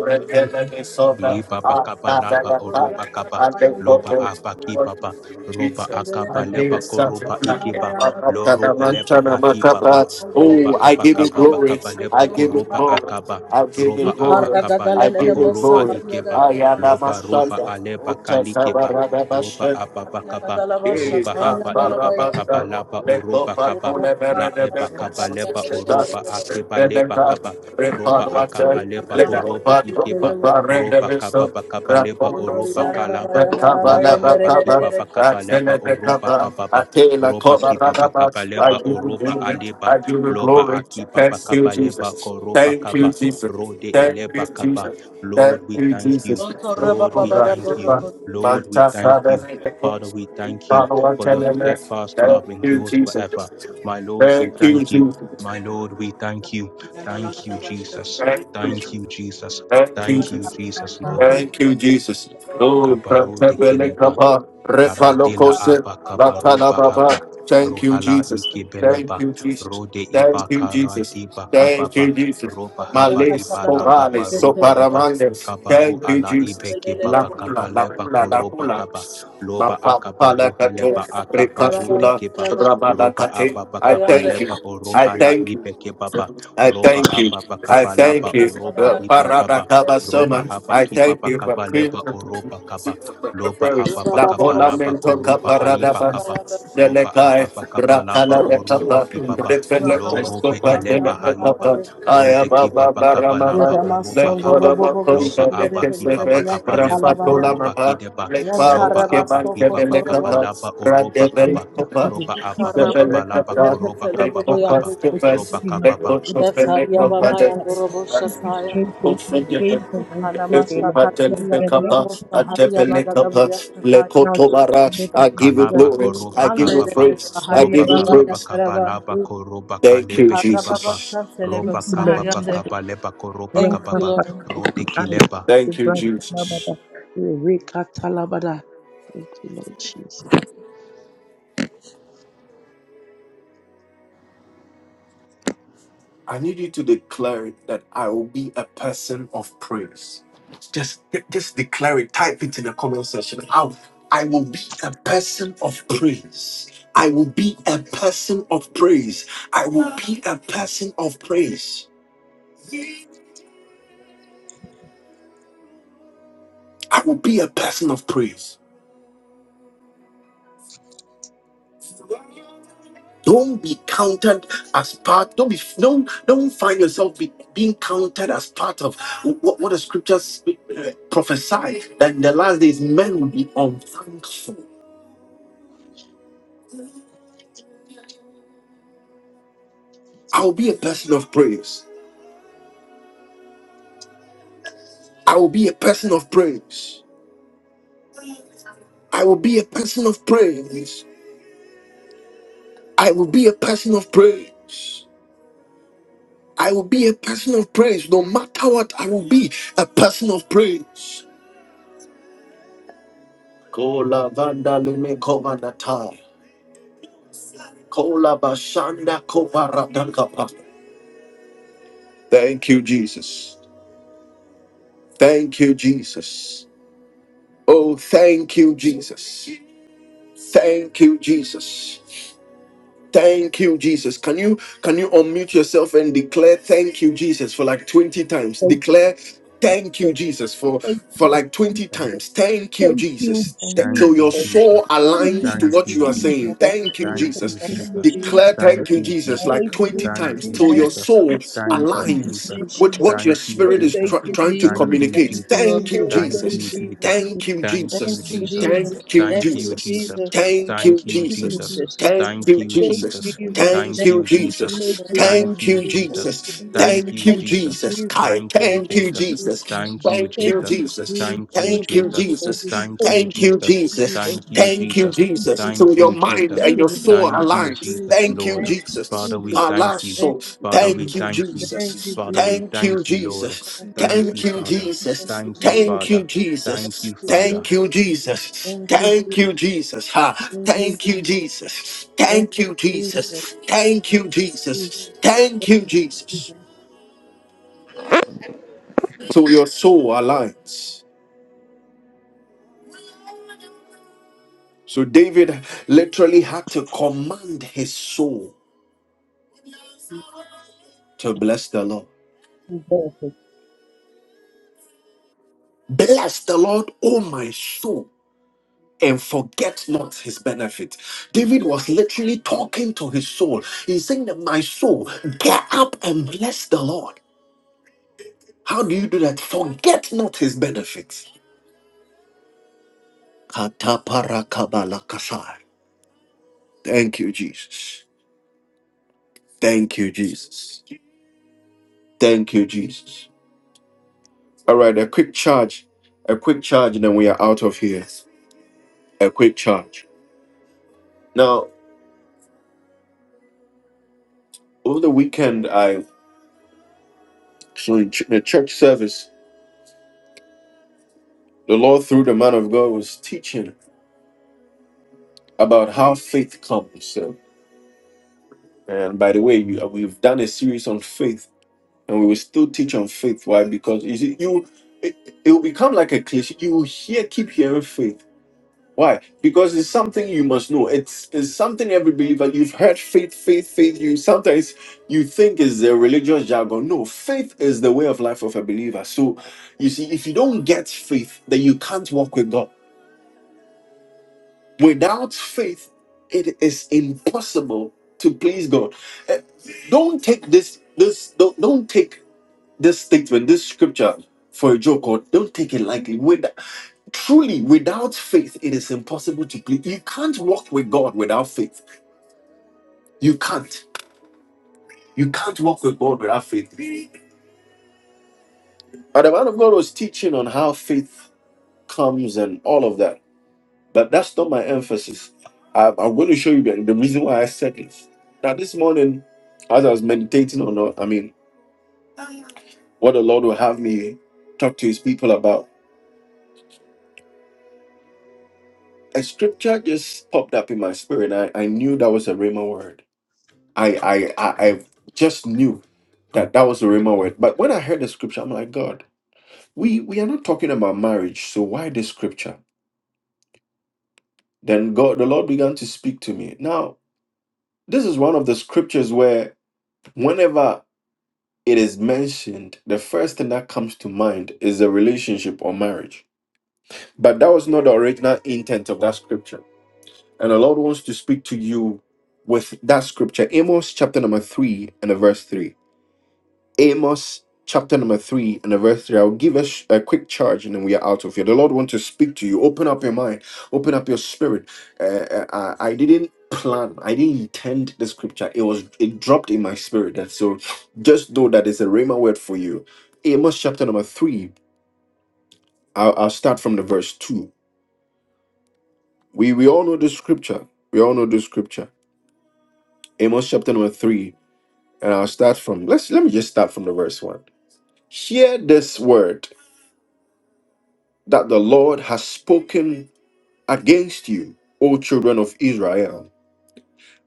Speaker 3: Liba bakaba laba oroba kaba loba apa kibaba roba akaba leba koroba ikiba loro eleba hakibaba roba
Speaker 1: give you
Speaker 3: abakaba
Speaker 1: glory.
Speaker 3: bakaba leba
Speaker 1: I give you
Speaker 3: koroba
Speaker 1: glory.
Speaker 3: akaba
Speaker 1: I give
Speaker 3: roba
Speaker 1: you glory.
Speaker 3: abakaba
Speaker 1: I
Speaker 3: leba
Speaker 1: give you
Speaker 3: horoba
Speaker 1: glory.
Speaker 3: ikeba
Speaker 1: I am a
Speaker 3: loba roba
Speaker 1: Sunday.
Speaker 3: aleba kalikeba roba ababakaba
Speaker 1: I give you
Speaker 3: roba
Speaker 1: glory.
Speaker 3: haba ibaba
Speaker 1: I
Speaker 3: kaba laba oroba kaba la eba kaba leba oroba akeba leba kaba roba akaba leba horoba ikeba
Speaker 4: you.
Speaker 3: roba kaba baka
Speaker 4: Thank
Speaker 3: oroba kalaba loba haba kiba baka oroba kababa roba kiba baka oroba aleba
Speaker 1: give you
Speaker 3: loba
Speaker 1: glory.
Speaker 3: akiba
Speaker 1: Thank
Speaker 3: baka
Speaker 1: you, Jesus.
Speaker 3: koroba
Speaker 1: Thank you,
Speaker 3: kaba
Speaker 1: Jesus.
Speaker 3: rode
Speaker 1: Thank
Speaker 3: eleba
Speaker 1: you,
Speaker 3: kaba
Speaker 1: Jesus. Thank
Speaker 3: Lord we
Speaker 1: you,
Speaker 3: thank you
Speaker 1: Jesus.
Speaker 3: Lord
Speaker 1: Oh,
Speaker 3: we thank you
Speaker 1: God.
Speaker 3: Lord we
Speaker 1: Manta
Speaker 3: thank you Father
Speaker 1: Father,
Speaker 3: we thank you
Speaker 1: Father, I
Speaker 3: for
Speaker 1: tell
Speaker 3: your
Speaker 1: them that.
Speaker 3: steadfast
Speaker 1: Thank
Speaker 3: love
Speaker 1: you,
Speaker 3: endures
Speaker 1: Jesus.
Speaker 3: forever my Lord we
Speaker 1: Thank you,
Speaker 3: thank you
Speaker 1: Jesus.
Speaker 3: my Lord we thank you thank you Jesus
Speaker 1: Thank you,
Speaker 3: thank
Speaker 1: Jesus.
Speaker 3: you Jesus
Speaker 1: Thank you,
Speaker 3: Thank you,
Speaker 1: Jesus.
Speaker 3: Jesus, Lord.
Speaker 1: Thank you, Jesus. Oh,
Speaker 3: Kabaru
Speaker 1: Pratebele
Speaker 3: de
Speaker 1: Kaba,
Speaker 3: Karadela
Speaker 1: Repalokose,
Speaker 3: aba
Speaker 1: Latana
Speaker 3: kabaruba
Speaker 1: Baba.
Speaker 3: aba
Speaker 1: Thank you,
Speaker 3: rohala
Speaker 1: Jesus. Thank
Speaker 3: ikebeleba
Speaker 1: you, Jesus.
Speaker 3: rode iba
Speaker 1: Thank you, Jesus.
Speaker 3: karadiba
Speaker 1: Thank
Speaker 3: kababa
Speaker 1: you, Jesus.
Speaker 3: roba haba
Speaker 1: Males,
Speaker 3: iba la
Speaker 1: Kovale,
Speaker 3: baba rubeleba
Speaker 1: Soparamandes.
Speaker 3: kabaru
Speaker 1: Thank you,
Speaker 3: ala
Speaker 1: Jesus.
Speaker 3: ibeke baba
Speaker 1: Lakula,
Speaker 3: kabaleba
Speaker 1: Lakula,
Speaker 3: koroba
Speaker 1: Lakula.
Speaker 3: kaba
Speaker 1: Kula, La
Speaker 3: loba
Speaker 1: Kula.
Speaker 3: akaba
Speaker 1: Bapapalakato,
Speaker 3: ruhaleba akaba rude
Speaker 1: Rekasula,
Speaker 3: keba roba
Speaker 1: Rabalakate.
Speaker 3: ababa
Speaker 1: I thank
Speaker 3: kabaleba
Speaker 1: you. I
Speaker 3: orohala
Speaker 1: thank you.
Speaker 3: ibeke baba
Speaker 1: I
Speaker 3: roba
Speaker 1: thank you.
Speaker 3: ababa
Speaker 1: I
Speaker 3: kabalaba
Speaker 1: thank you.
Speaker 3: oroba
Speaker 1: Uh,
Speaker 3: iba kaba roba
Speaker 1: Paradakabasoma.
Speaker 3: haba
Speaker 1: I thank
Speaker 3: kibaba
Speaker 1: you for being
Speaker 3: kabaleba oroba kaba
Speaker 1: the
Speaker 3: lopa
Speaker 1: first.
Speaker 3: apa
Speaker 1: La
Speaker 3: pakapa lapa
Speaker 1: Polamento
Speaker 3: koropa aipa
Speaker 1: Caparadaba.
Speaker 3: kapa ropa
Speaker 1: Delekai.
Speaker 3: apa pakapa lapa
Speaker 1: Rakalabekapa.
Speaker 3: oropa kipapa lo rope
Speaker 1: Lepelekoskopa.
Speaker 3: elepa haipa
Speaker 4: you.
Speaker 1: Delekapa. I am
Speaker 3: rode
Speaker 1: a
Speaker 3: kipapa kapa
Speaker 1: Baramama.
Speaker 3: lapa oropa
Speaker 4: Yeramasondo
Speaker 3: hapa
Speaker 4: robo
Speaker 3: lopa
Speaker 1: Lepolamakonda.
Speaker 4: bushindere
Speaker 3: apa
Speaker 4: bebede
Speaker 3: kipapa
Speaker 1: Lekesefe.
Speaker 4: biyaka
Speaker 3: kapa lepa
Speaker 4: talabaya.
Speaker 3: koropa
Speaker 1: Rafatolamama.
Speaker 3: kidepa lopa
Speaker 4: Yantara
Speaker 1: Leparos
Speaker 3: apa
Speaker 1: Kevan
Speaker 4: soko
Speaker 3: kipapa
Speaker 4: torobo.
Speaker 3: kapa
Speaker 1: Kebelekapa.
Speaker 3: lapa oropa kapa
Speaker 1: Radebelekapa.
Speaker 3: ropa apa
Speaker 1: The
Speaker 4: Ikaraba
Speaker 3: pakapa
Speaker 1: ballad
Speaker 4: gada
Speaker 1: of
Speaker 3: lapa
Speaker 1: God,
Speaker 5: you.
Speaker 4: biyaka
Speaker 3: koropa
Speaker 1: Bring
Speaker 3: kapa
Speaker 4: telebede
Speaker 5: children,
Speaker 3: pakapa
Speaker 4: yandu.
Speaker 5: the
Speaker 3: ropa
Speaker 1: Sebelekabras,
Speaker 5: children you have
Speaker 3: kapa
Speaker 1: Rikopas
Speaker 5: given
Speaker 1: to
Speaker 4: Shetariya
Speaker 5: me,
Speaker 1: Lekot
Speaker 4: baba
Speaker 5: Lord, that
Speaker 4: yandu robo
Speaker 5: give me
Speaker 4: shataya.
Speaker 5: strength to gain for my
Speaker 4: Ikana
Speaker 1: Let
Speaker 5: children.
Speaker 1: go
Speaker 4: masaka
Speaker 1: to
Speaker 4: tiri
Speaker 5: That the
Speaker 4: yandu
Speaker 5: Lord
Speaker 4: robo
Speaker 1: Fekabas,
Speaker 5: keep me
Speaker 4: sahariya
Speaker 5: safe
Speaker 4: bagada
Speaker 1: Adebelekabas,
Speaker 4: biyaka kaya.
Speaker 5: now,
Speaker 1: Lekotobara.
Speaker 5: that I
Speaker 1: I
Speaker 5: can
Speaker 1: give you
Speaker 5: the
Speaker 3: kalaba
Speaker 1: glory,
Speaker 5: name of
Speaker 3: koroba
Speaker 1: I give you
Speaker 4: Andele
Speaker 5: Jesus.
Speaker 3: kababa
Speaker 4: de
Speaker 1: praise, I
Speaker 5: And in
Speaker 4: sahariya
Speaker 5: the
Speaker 3: roba
Speaker 1: give you
Speaker 4: baba
Speaker 5: name
Speaker 3: kababa
Speaker 1: praise.
Speaker 4: yakaraba.
Speaker 3: kabalaba
Speaker 5: of
Speaker 3: koroba
Speaker 1: Thank you,
Speaker 3: kalebe
Speaker 4: Ikara
Speaker 3: kibaba
Speaker 4: baba
Speaker 1: Jesus.
Speaker 4: shantelebe
Speaker 5: thank
Speaker 3: roba
Speaker 5: you, Lord
Speaker 3: kababa
Speaker 4: sahariyande.
Speaker 5: Jesus.
Speaker 3: kabaleba koroba
Speaker 4: Thank you,
Speaker 5: Welcome,
Speaker 3: kababa
Speaker 5: Father,
Speaker 4: Lord.
Speaker 3: rode
Speaker 5: eyes.
Speaker 3: kileba
Speaker 5: The
Speaker 1: Thank you,
Speaker 5: brand
Speaker 1: Jesus.
Speaker 5: Talabada, Eureka Talabada. Thank you, Lord Jesus.
Speaker 1: I need you to declare it that I will be a person of praise. Just, just declare it. Type it in the comment section. How I will be a person of praise. I will be a person of praise. I be a person of praise. I will be a person of praise. Don't be counted as part. Don't be. Don't don't find yourself be, being counted as part of what, what the scriptures prophesy that in the last days men will be unthankful I will be a person of praise. I will be a person of praise. I will be a person of praise. I will be a person of praise. I will be a person of praise. No matter what, I will be a person of praise. Kola vanda lime kovanata. Kola bashanda kovaradakapa. Thank you, Jesus. Thank you, Jesus. Oh, thank you, Jesus. Thank you, Jesus. Thank you, Jesus. Can you can you unmute yourself and declare thank you, Jesus, for like 20 times?
Speaker 5: Thank
Speaker 1: Declare thank you,
Speaker 5: you,
Speaker 1: Jesus, for
Speaker 5: thank
Speaker 1: for like
Speaker 5: you,
Speaker 1: 20
Speaker 5: Jesus.
Speaker 1: times. Thank you,
Speaker 5: thank
Speaker 1: Jesus.
Speaker 5: you,
Speaker 6: Thank
Speaker 1: That-
Speaker 5: Jesus.
Speaker 3: thank
Speaker 1: So
Speaker 6: you,
Speaker 1: your
Speaker 3: you
Speaker 6: Jesus.
Speaker 1: soul
Speaker 3: jesus
Speaker 5: Thank
Speaker 4: Thank
Speaker 1: aligns
Speaker 5: you,
Speaker 4: you.
Speaker 1: to
Speaker 6: Thank
Speaker 1: what you
Speaker 6: you,
Speaker 1: are
Speaker 5: Jesus.
Speaker 1: saying.
Speaker 6: Jesus.
Speaker 4: Thank you,
Speaker 1: Thank you,
Speaker 4: Jesus.
Speaker 1: Jesus.
Speaker 5: Thank you,
Speaker 4: Thank
Speaker 6: Thank
Speaker 4: you,
Speaker 6: you,
Speaker 1: Declare
Speaker 4: Jesus.
Speaker 5: Jesus.
Speaker 6: Jesus.
Speaker 1: thank you, Jesus, like
Speaker 5: Thank you,
Speaker 1: 20 times
Speaker 5: Jesus.
Speaker 1: till your soul
Speaker 5: Oh,
Speaker 6: Thank
Speaker 1: aligns
Speaker 6: you,
Speaker 5: Jesus.
Speaker 1: with
Speaker 6: Jesus.
Speaker 1: what your
Speaker 5: Oh,
Speaker 1: spirit is
Speaker 6: Thank
Speaker 1: tr-
Speaker 5: thank
Speaker 4: Thank you,
Speaker 5: you,
Speaker 7: Jesus,
Speaker 6: you,
Speaker 1: trying to
Speaker 7: thank
Speaker 6: Jesus.
Speaker 4: Jesus.
Speaker 7: you,
Speaker 5: Jesus.
Speaker 1: communicate.
Speaker 4: Thank you, Lord.
Speaker 1: Thank
Speaker 6: Thank
Speaker 1: you,
Speaker 5: Oh,
Speaker 4: Thank you,
Speaker 5: thank
Speaker 1: Jesus.
Speaker 5: you,
Speaker 4: Jesus.
Speaker 5: Jesus.
Speaker 1: Thank you,
Speaker 4: Thank you,
Speaker 1: Jesus.
Speaker 6: you,
Speaker 7: Jesus,
Speaker 5: Jesus.
Speaker 4: Jesus.
Speaker 6: Jesus.
Speaker 1: Thank you,
Speaker 7: Jesus.
Speaker 4: Thank you,
Speaker 6: Thank
Speaker 1: Jesus.
Speaker 6: you, Jesus.
Speaker 4: Jesus.
Speaker 1: Thank
Speaker 4: Thank
Speaker 1: you,
Speaker 4: you,
Speaker 7: Thank
Speaker 6: Thank
Speaker 7: you,
Speaker 6: you, Jesus. Thank
Speaker 1: Jesus.
Speaker 6: you,
Speaker 5: Jesus.
Speaker 7: Jesus.
Speaker 6: Jesus.
Speaker 1: Thank you,
Speaker 5: Thank you,
Speaker 1: Jesus.
Speaker 6: Thank you, Jesus. Thank you, Jesus. Thank you, Jesus. Thank you, Jesus. Thank you, Jesus. Thank you,
Speaker 4: Jesus.
Speaker 5: Jesus.
Speaker 1: Thank
Speaker 4: Thank
Speaker 1: you,
Speaker 7: Thank
Speaker 4: you,
Speaker 7: you, Jesus. Thank
Speaker 6: Jesus.
Speaker 7: you,
Speaker 1: Jesus.
Speaker 5: Thank
Speaker 4: Jesus.
Speaker 6: thank
Speaker 5: you.
Speaker 4: Thank
Speaker 1: Thank you,
Speaker 4: you,
Speaker 7: Jesus.
Speaker 4: Jesus.
Speaker 1: Jesus.
Speaker 5: Thank
Speaker 1: Thank
Speaker 4: Thank
Speaker 1: you,
Speaker 4: you,
Speaker 1: Jesus.
Speaker 4: Jesus.
Speaker 1: Kai,
Speaker 4: Thank
Speaker 1: thank
Speaker 4: you,
Speaker 1: you,
Speaker 6: you,
Speaker 7: Thank you, Jesus. Thank you,
Speaker 1: Jesus.
Speaker 7: Jesus.
Speaker 1: Thank
Speaker 4: Jesus.
Speaker 1: you,
Speaker 4: Thank
Speaker 7: Thank
Speaker 4: you,
Speaker 1: Jesus.
Speaker 5: you,
Speaker 4: Jesus.
Speaker 5: thank
Speaker 1: Thank
Speaker 5: you,
Speaker 1: you,
Speaker 4: Thank
Speaker 5: thank you,
Speaker 6: thank you,
Speaker 1: Jesus. Thank you, Jesus. Thank you, Jesus. So
Speaker 3: Thank
Speaker 1: your
Speaker 5: Thank
Speaker 3: you,
Speaker 5: you,
Speaker 1: mind
Speaker 3: Jesus.
Speaker 1: and
Speaker 5: thank
Speaker 1: your
Speaker 7: you,
Speaker 1: soul
Speaker 3: Thank
Speaker 5: you,
Speaker 7: Jesus.
Speaker 3: you,
Speaker 4: you,
Speaker 1: aligns.
Speaker 4: Jesus.
Speaker 3: Jesus,
Speaker 5: thank you, thank
Speaker 1: Thank you,
Speaker 3: Lord.
Speaker 5: you,
Speaker 1: Jesus.
Speaker 3: Father,
Speaker 5: thank you,
Speaker 3: we
Speaker 5: Jesus.
Speaker 6: Jesus.
Speaker 3: thank you.
Speaker 6: Thank
Speaker 4: Thank
Speaker 6: you,
Speaker 3: Father,
Speaker 4: you,
Speaker 3: we
Speaker 1: Thank
Speaker 7: Thank
Speaker 1: you,
Speaker 7: you,
Speaker 3: thank you.
Speaker 7: Jesus.
Speaker 4: thank
Speaker 6: Thank
Speaker 4: you,
Speaker 1: Jesus.
Speaker 6: you,
Speaker 3: Father,
Speaker 6: Jesus.
Speaker 4: Jesus.
Speaker 3: we
Speaker 1: Thank you,
Speaker 3: thank you, Lord.
Speaker 1: Jesus.
Speaker 4: Thank
Speaker 6: thank you,
Speaker 4: you,
Speaker 3: Thank
Speaker 4: Jesus.
Speaker 3: you,
Speaker 1: Thank you,
Speaker 3: Father.
Speaker 6: thank you,
Speaker 4: Thank
Speaker 1: Jesus.
Speaker 4: you,
Speaker 3: Thank you,
Speaker 4: Jesus.
Speaker 1: Thank
Speaker 3: Father.
Speaker 1: you,
Speaker 6: Jesus.
Speaker 4: Thank
Speaker 3: Thank you,
Speaker 1: Jesus.
Speaker 4: you, Jesus.
Speaker 3: Father.
Speaker 1: Thank you, Jesus.
Speaker 4: Thank you, Jesus. Thank you, Jesus. Thank you, Jesus. Thank you, Jesus. Thank you,
Speaker 1: Thank
Speaker 3: Thank
Speaker 1: you,
Speaker 3: you,
Speaker 1: Jesus. Ha.
Speaker 4: Jesus.
Speaker 1: Thank you, Jesus.
Speaker 4: Thank
Speaker 1: Thank you, Jesus. Thank you,
Speaker 4: you, Jesus.
Speaker 1: Jesus. Thank you, Jesus. So your soul aligns. So David literally had to command his soul to bless the Lord.
Speaker 5: Thank you, Jesus.
Speaker 1: Bless the Lord, oh my soul and forget not his benefit. David was literally talking to his soul. He's saying that my soul, get up and bless the Lord. How do you do that? Forget not his benefits. Kataparakabalakasai. Thank you, Jesus. Thank you, Jesus. Thank you, Jesus. All right, a quick charge. A quick charge, and then we are out of here. A quick charge. Now, over the weekend, I so in ch- the church service, the Lord through the man of God was teaching about how faith comes. So, and by the way, you, uh, we've done a series on faith, and we will still teach on faith. Why? Because you see, you it, it will become like a cliche. You will hear, keep hearing faith. Why? Because it's something you must know. It's, it's something every believer you've heard faith, faith, faith. You sometimes you think is a religious jargon. No, faith is the way of life of a believer. So you see, if you don't get faith, then you can't walk with God. Without faith, it is impossible to please God. Eh, Don't take this this don't, don't take this statement, this scripture for a joke or don't take it lightly. With, truly, without faith, it is impossible to please. You can't walk with God without faith. You can't. You can't walk with God without faith. But the man of God was teaching on how faith comes and all of that. But that's not my emphasis. I, I'm going to show you the, the reason why I said this. Now, this morning, as I was meditating on, uh, I mean, what the Lord will have me talk to His people about, a scripture just popped up in my spirit. I, I knew that was a Rhema word. I, I, I, I just knew that that was a Rhema word. But when I heard the scripture, I'm like, God, we, we are not talking about marriage, so why this scripture? Then God, the Lord began to speak to me. Now, this is one of the scriptures where whenever it is mentioned, the first thing that comes to mind is a relationship or marriage. But that was not the original intent of that scripture. And the Lord wants to speak to you with that scripture, Amos chapter number 3 and the verse 3. Amos chapter number three and the verse three. I'll give us a quick charge and then we are out of here. The Lord wants to speak to you. Open up your mind, open up your spirit. Uh, uh, uh, I didn't plan, I didn't intend the scripture. It was it dropped in my spirit. And so just know that it's a rhema word for you. Amos chapter number three. I'll, I'll start from the verse two. We we all know the scripture. We all know the scripture. Amos chapter number three. And I'll start from let's let me just start from the verse one. Hear this word. that the Lord has spoken against you, O children of Israel,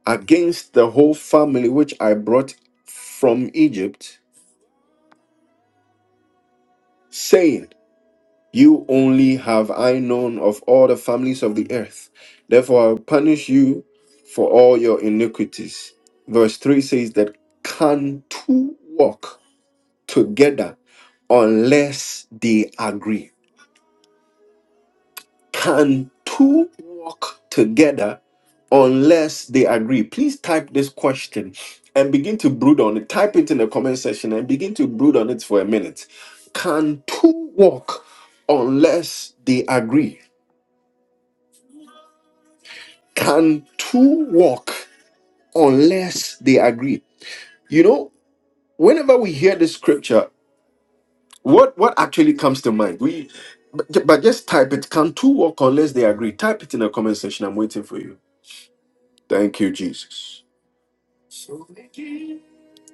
Speaker 1: against the whole family which I brought from Egypt, saying, You only have I known of all the families of the earth. Therefore I will punish you for all your iniquities. Verse 3 says that can two walk together unless they agree? Can two walk together unless they agree? Please type this question and begin to brood on it. Type it in the comment section and begin to brood on it for a minute. Can two walk unless they agree? Can two walk unless they agree? You know, whenever we hear this scripture, what what actually comes to mind? We but but just type it. Can two walk unless they agree? Type it in the comment section. I'm waiting for you. Thank you, Jesus.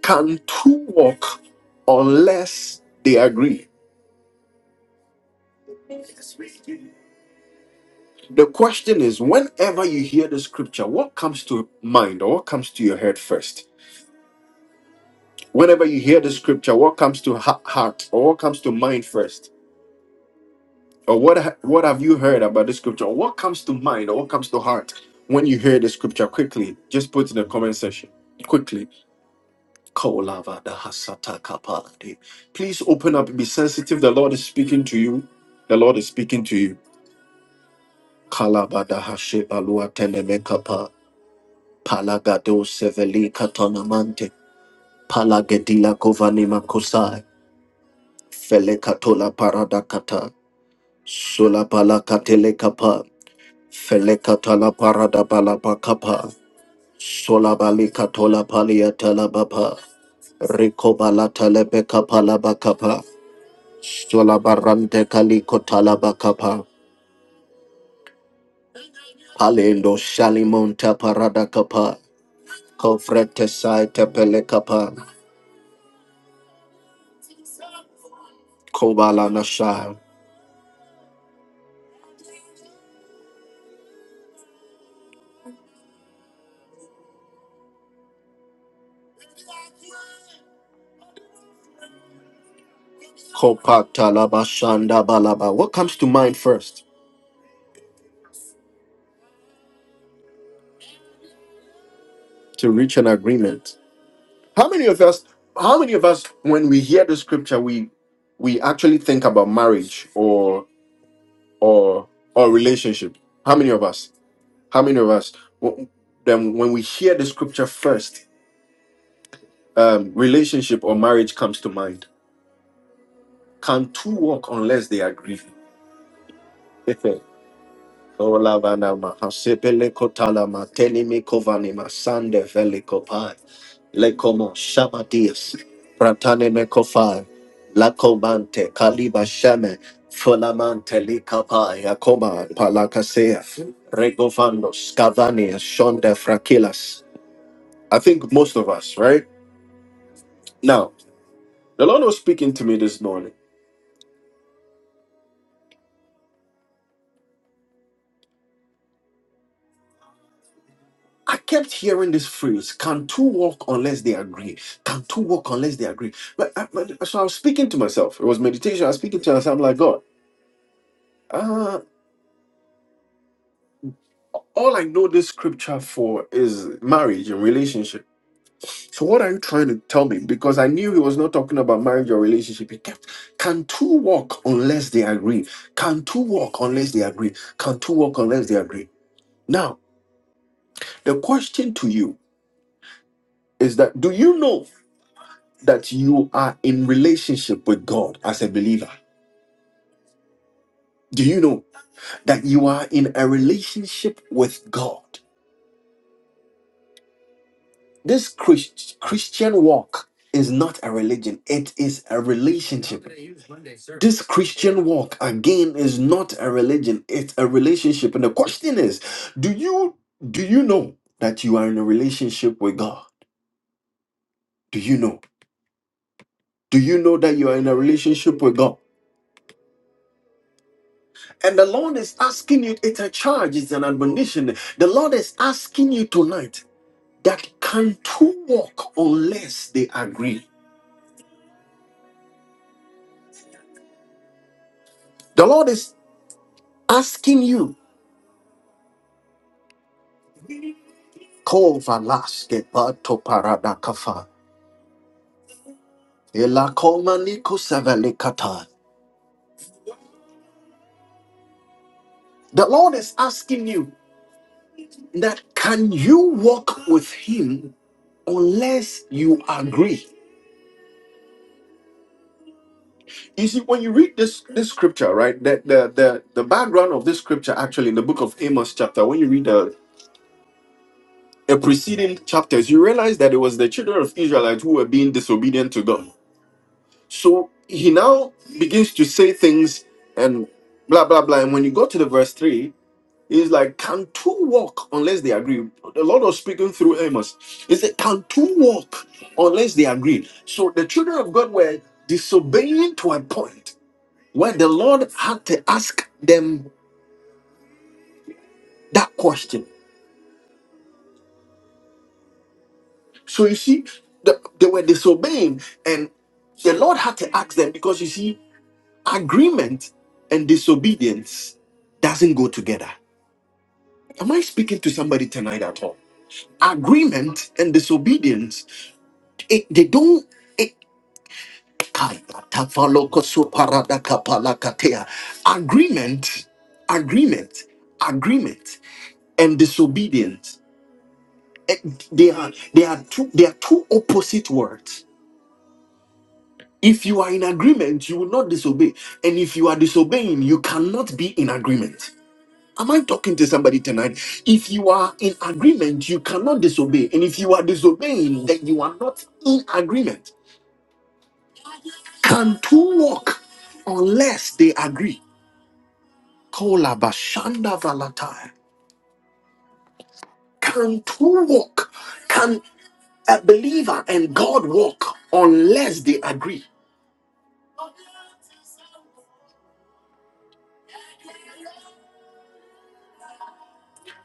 Speaker 1: Can two walk unless they agree? The question is whenever you hear the scripture, what comes to mind or what comes to your head first? Whenever you hear the scripture, what comes to ha- heart or what comes to mind first? Or what ha- what have you heard about the scripture? Or What comes to mind or what comes to heart when you hear the scripture quickly? Just put in the comment section quickly. Kolava da hasata kapalade. Please open up, be sensitive. The Lord is speaking to you. The Lord is speaking to you Kalabada Hashi Alua Telemekapa, Palagado Seveli Katonamante, Palagedila Kovanima Kusai, Felekatola Paradakata, Sola Palakatele Kapa, Felekatala Parada Balabakapa, Sola Balikatola Paliatala Bapa, Rico Balatalebeka Palabakapa, Sola Barante Kaliko Talabakapa, Kobala Nasha, Kopa Talabashanda Balaba. What comes to mind first? to reach an agreement. How many of us, how many of us, when we hear the scripture, we we actually think about marriage or or or relationship? How many of us? How many of us? Wh- Then when we hear the scripture first, um, relationship or marriage comes to mind. Can two walk unless they agree? Olavanama, hasepele kotalama, tenime kovanima, sande vele Lekomo Shabadias, Pratane Mekofa, Lakomante, Kaliba Shame, Fulamante Likapa, Yakoma, Palakasea, Regovanos, Cavania, Shonda Frakilas. I think most of us, right? Now, the Lord was speaking to me this morning. I kept hearing this phrase, can two walk unless they agree? Can two walk unless they agree? But, I- but- so I was speaking to myself. It was meditation. I was speaking to myself. I'm like, God, uh, all I know this scripture for is marriage and relationship. So what are you trying to tell me? Because I knew he was not talking about marriage or relationship. He kept, can two walk unless they agree? Can two walk unless they agree? Can two walk unless they agree? Now, the question to you is that do you know that you are in relationship with God as a believer? Do you know that you are in a relationship with God? This Christ, Christian walk is not a religion, it is a relationship This Christian walk again is not a religion, it's a relationship. And the question is, do you do you know that you are in a relationship with God? Do you know? Do you know that you are in a relationship with God? And the Lord is asking you, it's a charge, it's an admonition. The Lord is asking you tonight that can two walk unless they agree? The Lord is asking you, Kovalaske patoparadakafa, elakomanikosevelekata. The Lord is asking you that can you walk with Him unless you agree? You see, when you read this this scripture, right? That the the the background of this scripture actually in the book of Amos chapter, when you read the, the preceding chapters, you realize that it was the children of Israelites who were being disobedient to God. So he now begins to say things and blah blah blah. And when you go to the verse three, He's like, can two walk unless they agree? The Lord was speaking through Amos. He said, can two walk unless they agree? So the children of God were disobeying to a point where the Lord had to ask them that question. So you see, the, they were disobeying, and the Lord had to ask them because you see, agreement and disobedience doesn't go together. Am I speaking to somebody tonight at all? Agreement and disobedience, it, they don't. Agreement, agreement, agreement, and disobedience. Eh, They are they are two they are two opposite words. If you are in agreement, you will not disobey. And if you are disobeying, you cannot be in agreement. Am I talking to somebody tonight? If you are in agreement, you cannot disobey. And if you are disobeying, then you are not in agreement. Can two walk unless they agree? Kola bashanda valatai. Can two walk? Can a believer and God walk unless they agree?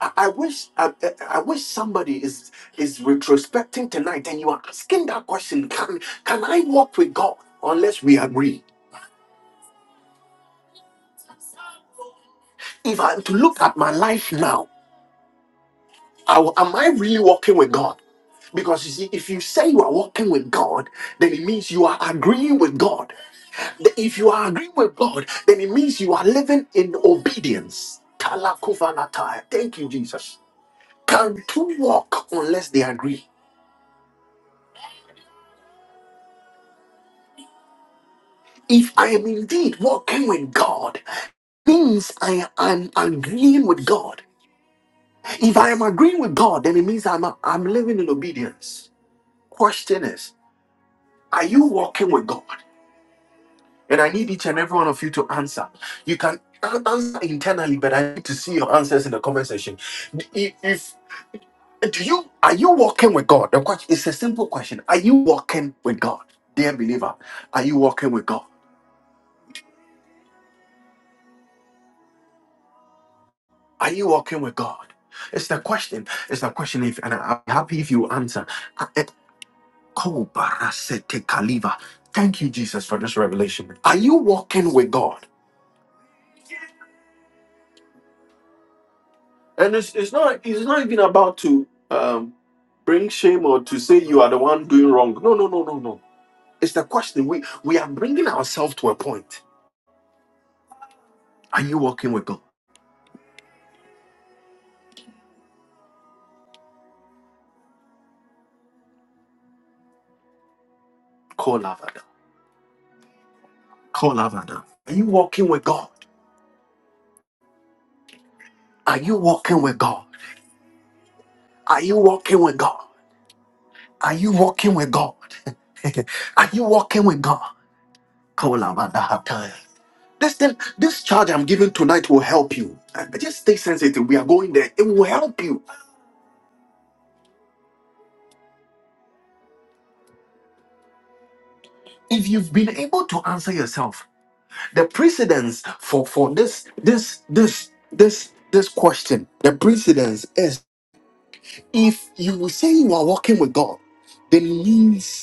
Speaker 1: I, I wish I, I I wish somebody is is retrospecting tonight and you are asking that question. Can can I walk with God unless we agree? If I am to look at my life now, I will- am I really walking with God? Because you see, if you say you are walking with God, then it means you are agreeing with God. If you are agreeing with God, then it means you are living in obedience. Kalakuvalatai. Thank you, Jesus. Can two walk unless they agree? If I am indeed walking with God, means I am agreeing with God. If I am agreeing with God, then it means I'm, I'm living in obedience. Question is, are you walking with God? And I need each and every one of you to answer. You can an- answer internally, but I need to see your answers in the comment section. If if Do you are you walking with God? The question is a simple question. Are you walking with God, dear believer? Are you walking with God? Are you walking with God? It's the question. It's the question. If and I'm happy if you answer. Uh, it- Ko barasete kaliva. Thank you, Jesus, for this revelation. Are you walking with God? And it's it's not it's not even about to um bring shame or to say you are the one doing wrong. No, no, no, no, no. It's the question. We we are bringing ourselves to a point. Are you walking with God? Kolavada. Are you walking with God? Are you walking with God? Are you walking with God? Are you walking with God? Are you walking with God? Kolavada. This thing, this charge I'm giving tonight will help you. Uh, Just stay sensitive. We are going there. It will help you if you've been able to answer yourself. The precedence for for this this this this this question. The precedence is if you will say you are walking with God, then it means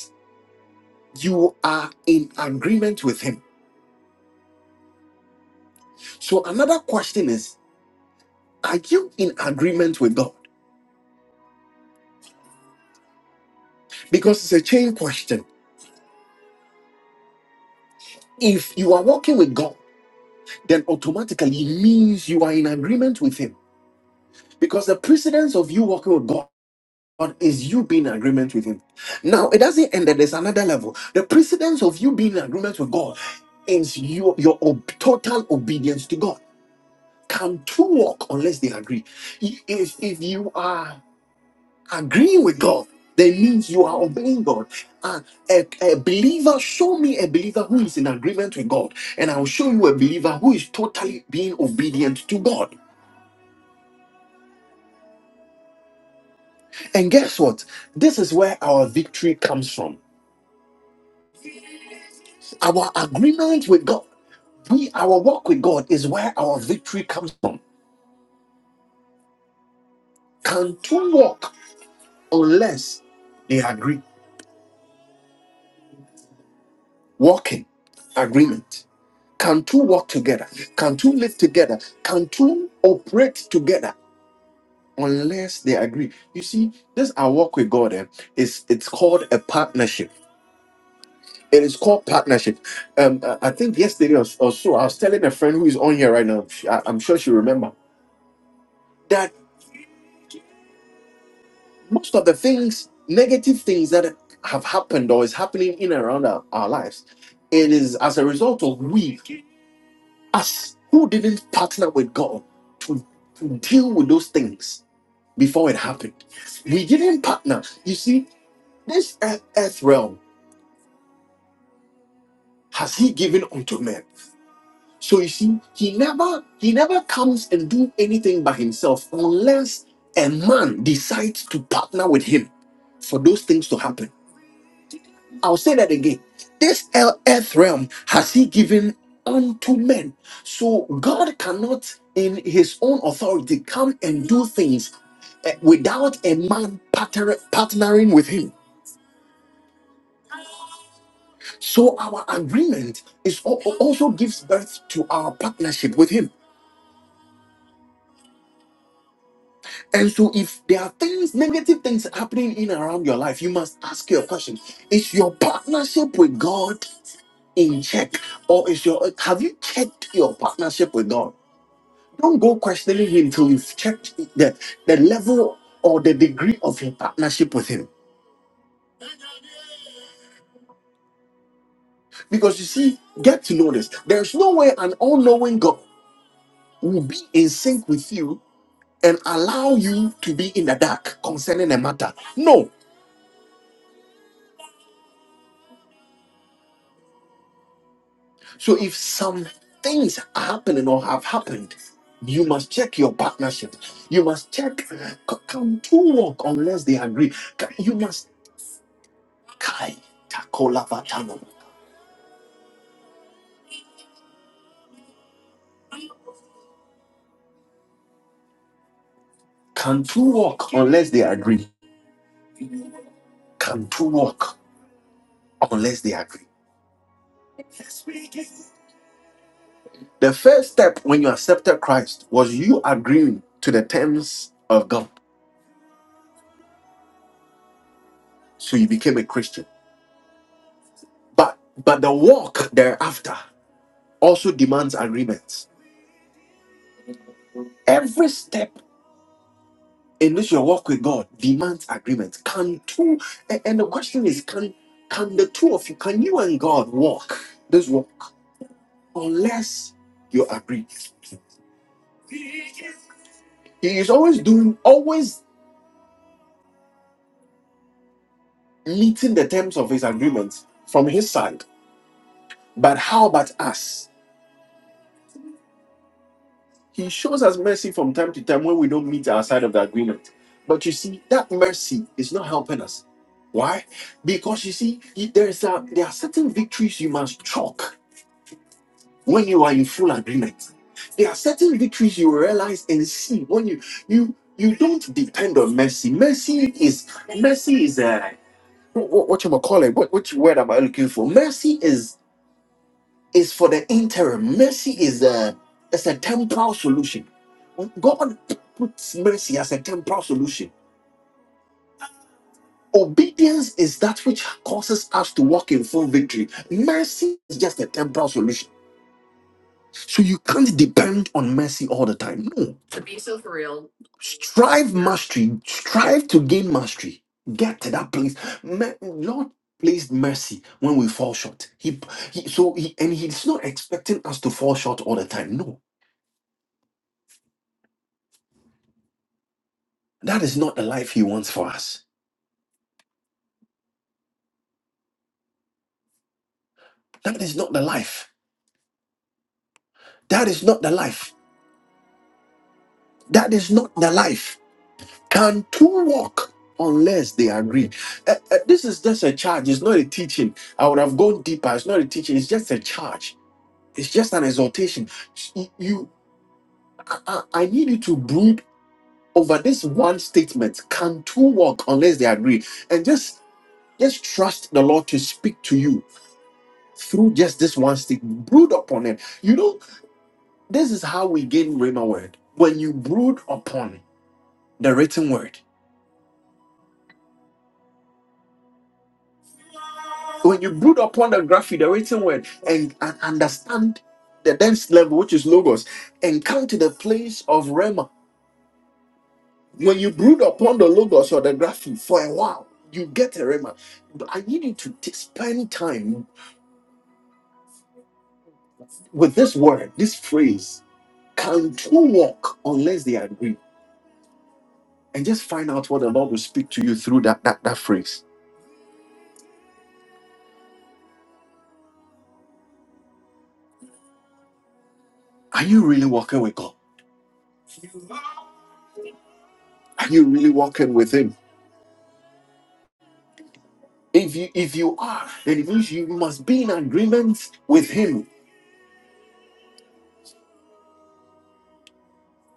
Speaker 1: you are in agreement with him. So another question is, are you in agreement with God? Because it's a chain question. If you are walking with God, then automatically it means you are in agreement with him. Because the precedence of you walking with God is you being in agreement with him. Now it doesn't end there, there's another level. The precedence of you being in agreement with God is your, your ob- total obedience to God. Can two walk unless they agree? If if you are agreeing with God, then means you are obeying God. Uh, a, a believer, show me a believer who is in agreement with God, and I'll show you a believer who is totally being obedient to God. And guess what? This is where our victory comes from. Our agreement with God, we our walk with God is where our victory comes from. Can two walk unless they agree? Walking, agreement. Can two walk together? Can two live together? Can two operate together unless they agree. You see, this our walk with God eh, is it's called a partnership. It is called partnership. Um, I I think yesterday or, or so, I was telling a friend who is on here right now. she- I, I'm sure she remember that most of the things, negative things that have happened or is happening in and around our, our lives, it is as a result of we, us, who didn't partner with God to, to deal with those things before it happened. We didn't partner. You see, this earth, earth realm has he given unto men so you see he never he never comes and do anything by himself unless a man decides to partner with him for those things to happen i'll say that again this el- earth realm has he given unto men so god cannot in his own authority come and do things eh, without a man partner- partnering with him So our agreement is al- al- also gives birth to our partnership with Him. And so, if there are things, negative things happening in and around your life, you must ask your question: Is your partnership with God in check, or is your have you checked your partnership with God? Don't go questioning Him till you've checked the the level or the degree of your partnership with Him. Because you see, get to know this: there's no way an all-knowing God will be in sync with you and allow you to be in the dark concerning a matter. No. So if some things are happening or have happened, you must check your partnership. You must check. c- Can two walk unless they agree? Can- You must. Kai takola Can two walk unless they agree? Can two walk unless they agree? The first step when you accepted Christ was you agreeing to the terms of God. So you became a Christian. But but the walk thereafter. also demands agreement. Every step in which you walk with God demands agreement. Can two a- and the question is can can the two of you, can you and God walk this walk unless you agree? He is always doing, always meeting the terms of his agreement from his side. But how about us? He shows us mercy from time to time when we don't meet our side of the agreement. But you see, that mercy is not helping us. Why? Because you see, there is a, there are certain victories you must chalk when you are in full agreement. There are certain victories you realize and see when you you you don't depend on mercy. Mercy is mercy is a what, what you call it? What which word am I looking for? Mercy is for the interim. Mercy is a it's a temporal solution. God puts mercy as a temporal solution. Obedience is that which causes us to walk in full victory. Mercy is just a temporal solution. So you can't depend on mercy all the time. No. Strive mastery. Strive to gain mastery. Get to that place. Me- Lord placed mercy when we fall short. He, he so he and he's not expecting us to fall short all the time. No. That is not the life He wants for us. That is not the life. That is not the life. That is not the life. Can two walk unless they agree? Uh, uh, this is just a charge. It's not a teaching. I would have gone deeper. It's not a teaching. It's just a charge. It's just an exhortation. You, you- I, I I need you to brood over this one statement. Can two walk unless they agree? And just, just trust the Lord to speak to you through just this one statement. Brood upon it. You know This is how we gain Rhema word. When you brood upon the written word, when you brood upon the graphic, the written word, and, and understand the dense level, which is logos, and come to the place of Rhema. When you brood upon the logos or the graphic for a while, you get a Rhema. But I need you to t- spend time with this word, this phrase. Can two walk unless they agree? And just find out what the Lord will speak to you through that, that, that phrase. Are you really walking with God? Are you really walking with him? If you if you are, then it means you must be in agreement with him.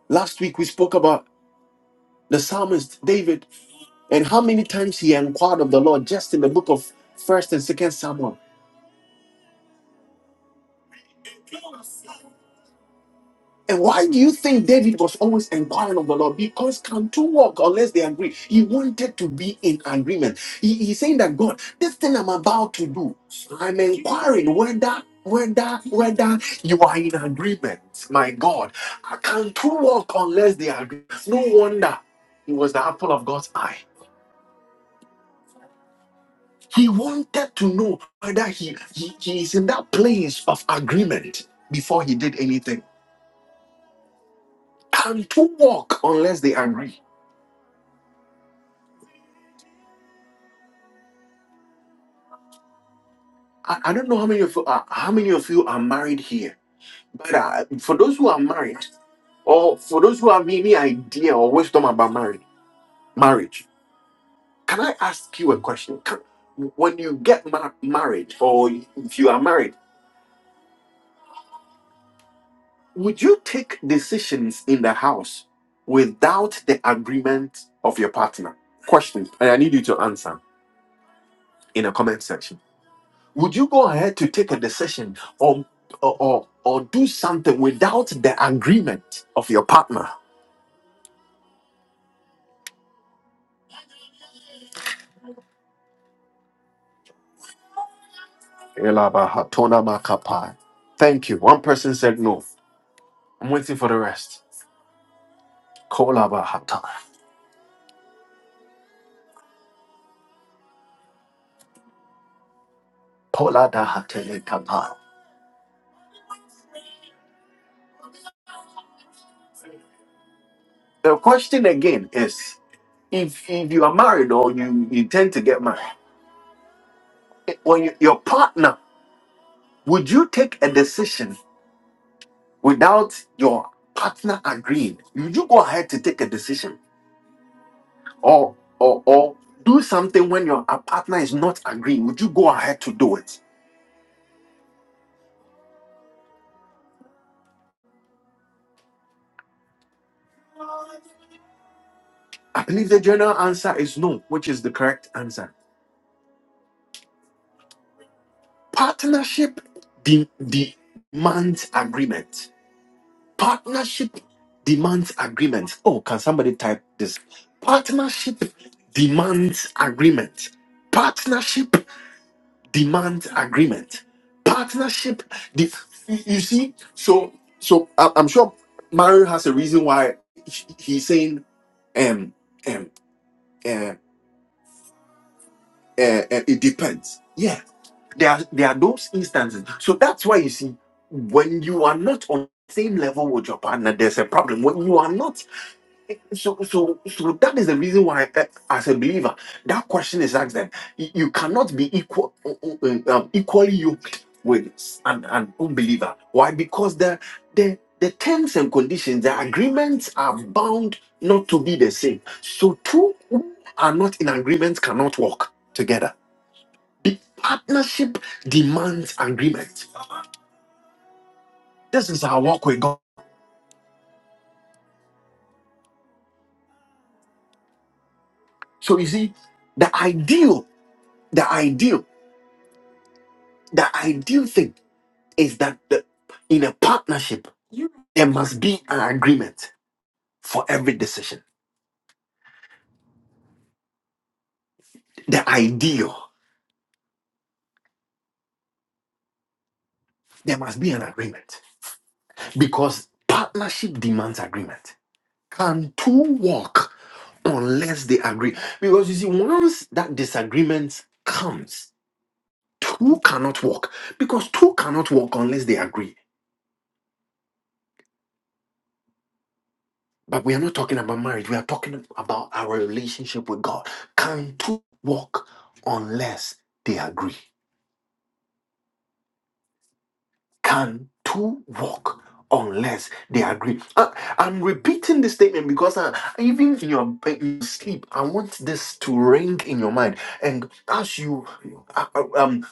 Speaker 1: Last week we spoke about the psalmist David and how many times he inquired of the Lord just in the book of First and Second Samuel. And why do you think David was always inquiring of the Lord? Because can two walk unless they agree? He wanted to be in agreement. He, he's saying that God, this thing I'm about to do, I'm inquiring whether whether whether you are in agreement. My God, can two walk unless they agree? No wonder he was the apple of God's eye. He wanted to know whether he, he, he is in that place of agreement before he did anything. Can two walk unless they agree? I, I don't know how many of uh, how many of you are married here, but uh, for those who are married, or for those who have any idea or wisdom about marriage, marriage, can I ask you a question? Can, when you get ma- married, or if you are married, would you take decisions in the house without the agreement of your partner? Question. and I need you to answer in the comment section. would you go ahead to take a decision or or or, or do something without the agreement of your partner Elabahatonamakapai. thank you one person said no i'm waiting for the rest Kolabahata. Poladahatelekapai. the question again is if if you are married or you intend to get married when you, your partner would you take a decision without your partner agreeing would you go ahead to take a decision or or or do something when your a partner is not agreeing would you go ahead to do it i believe the general answer is no which is the correct answer partnership de- demands agreement partnership demands agreement oh can somebody type this partnership demands agreement partnership demand agreement partnership the, you see so so I- i'm sure mario has a reason why he- he's saying um um uh, uh, uh, it depends yeah there are there are those instances so that's why you see when you are not on the same level with your partner there's a problem when you are not So, so, so that is the reason why, eh, as a believer, that question is asked. Then you you cannot be equal, uh, um, equally yoked with an, an unbeliever. Why? Because the the the terms and conditions, the agreements are bound not to be the same. So two who are not in agreement cannot work together. The partnership demands agreement. This is our walk with God. So you see, the ideal, the ideal, the ideal thing. is that the, in a partnership, there must be an agreement for every decision. The ideal, there must be an agreement because partnership demands agreement. Can two walk unless they agree? Because you see, once that disagreement comes, two cannot walk because two cannot walk unless they agree. But we are not talking about marriage, we are talking about our relationship with God. Can two walk unless they agree? can two walk unless they agree? I, am repeating this statement because I, even in your bed, you sleep, I want this to ring in your mind. And as you uh, uh, um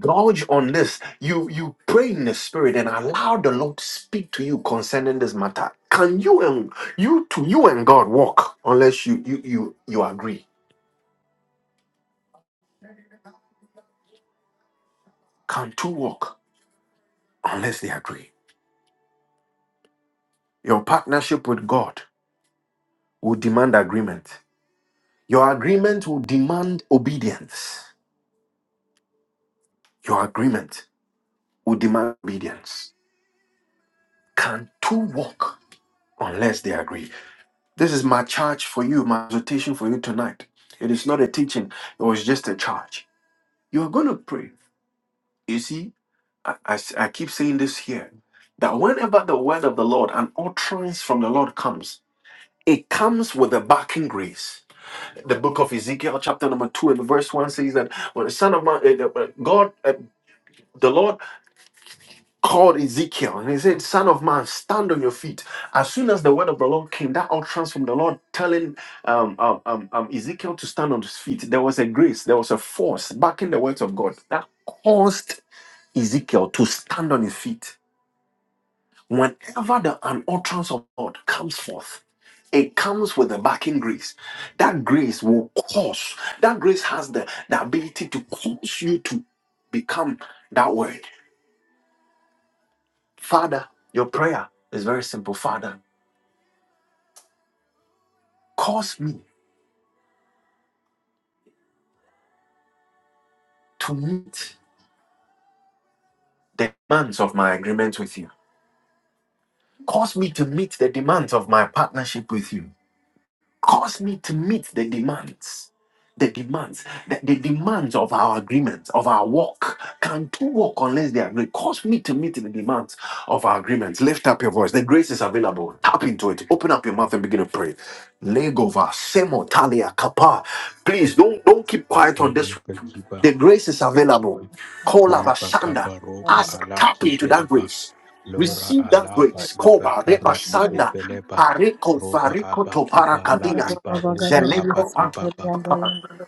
Speaker 1: gouge on this, you you pray in the spirit and allow the Lord to speak to you concerning this matter. Can you and you to you and God walk unless you you you you agree? Can two walk unless they agree? Your partnership with God will demand agreement Your agreement will demand obedience. Your agreement will demand obedience. Can two walk unless they agree? This is my charge for you, my exhortation for you tonight. It is not a teaching, it was just a charge. You are going to pray. You see, I, I s- I keep saying this here that whenever the word of the Lord, an utterance from the Lord comes, it comes with a backing grace. The book of Ezekiel, chapter number two, and verse one says that when the Son of Man, uh, uh, God, uh, the Lord called Ezekiel and he said, Son of man, stand on your feet. As soon as the word of the Lord came, that utterance from the Lord telling um, um, um, um, Ezekiel to stand on his feet, there was a grace, there was a force backing the words of God that caused Ezekiel to stand on his feet. Whenever the, an utterance of God comes forth, it comes with a backing grace. That grace will cause, that grace has the, the ability to cause you to become that word. Father, your prayer is very simple. Father, cause me to meet the demands of my agreement with you. Cause me to meet the demands of my partnership with you. cause me to meet the demands the demands the, the demands of our agreement of our walk can two walk unless they agree cause me to meet the demands of our agreement lift up your voice the grace is available tap into it open up your mouth and begin to pray legova semo talia kapa please don't don't keep quiet on
Speaker 3: Bakoro
Speaker 1: this
Speaker 3: Bekiba,
Speaker 1: the grace is available call
Speaker 3: Liba
Speaker 1: avashanda
Speaker 3: Kabaroba,
Speaker 1: ask tap
Speaker 3: Alaki
Speaker 1: into that
Speaker 3: Beleba,
Speaker 1: grace
Speaker 3: Lora
Speaker 1: Receive that
Speaker 3: Alaba,
Speaker 1: grace. Kova repa
Speaker 3: Ibakara,
Speaker 1: sanda.
Speaker 3: Ibebeleba,
Speaker 1: Pareko
Speaker 3: Roba
Speaker 1: variko to
Speaker 3: Abakiba, La
Speaker 4: Rabba,
Speaker 1: parakadias.
Speaker 3: Iba
Speaker 4: rabba,
Speaker 3: Roba
Speaker 4: gadabri,
Speaker 1: Zeleko
Speaker 4: rabba,
Speaker 3: Abakiba,
Speaker 4: rabba,
Speaker 1: antapa.
Speaker 4: rabba, rabba,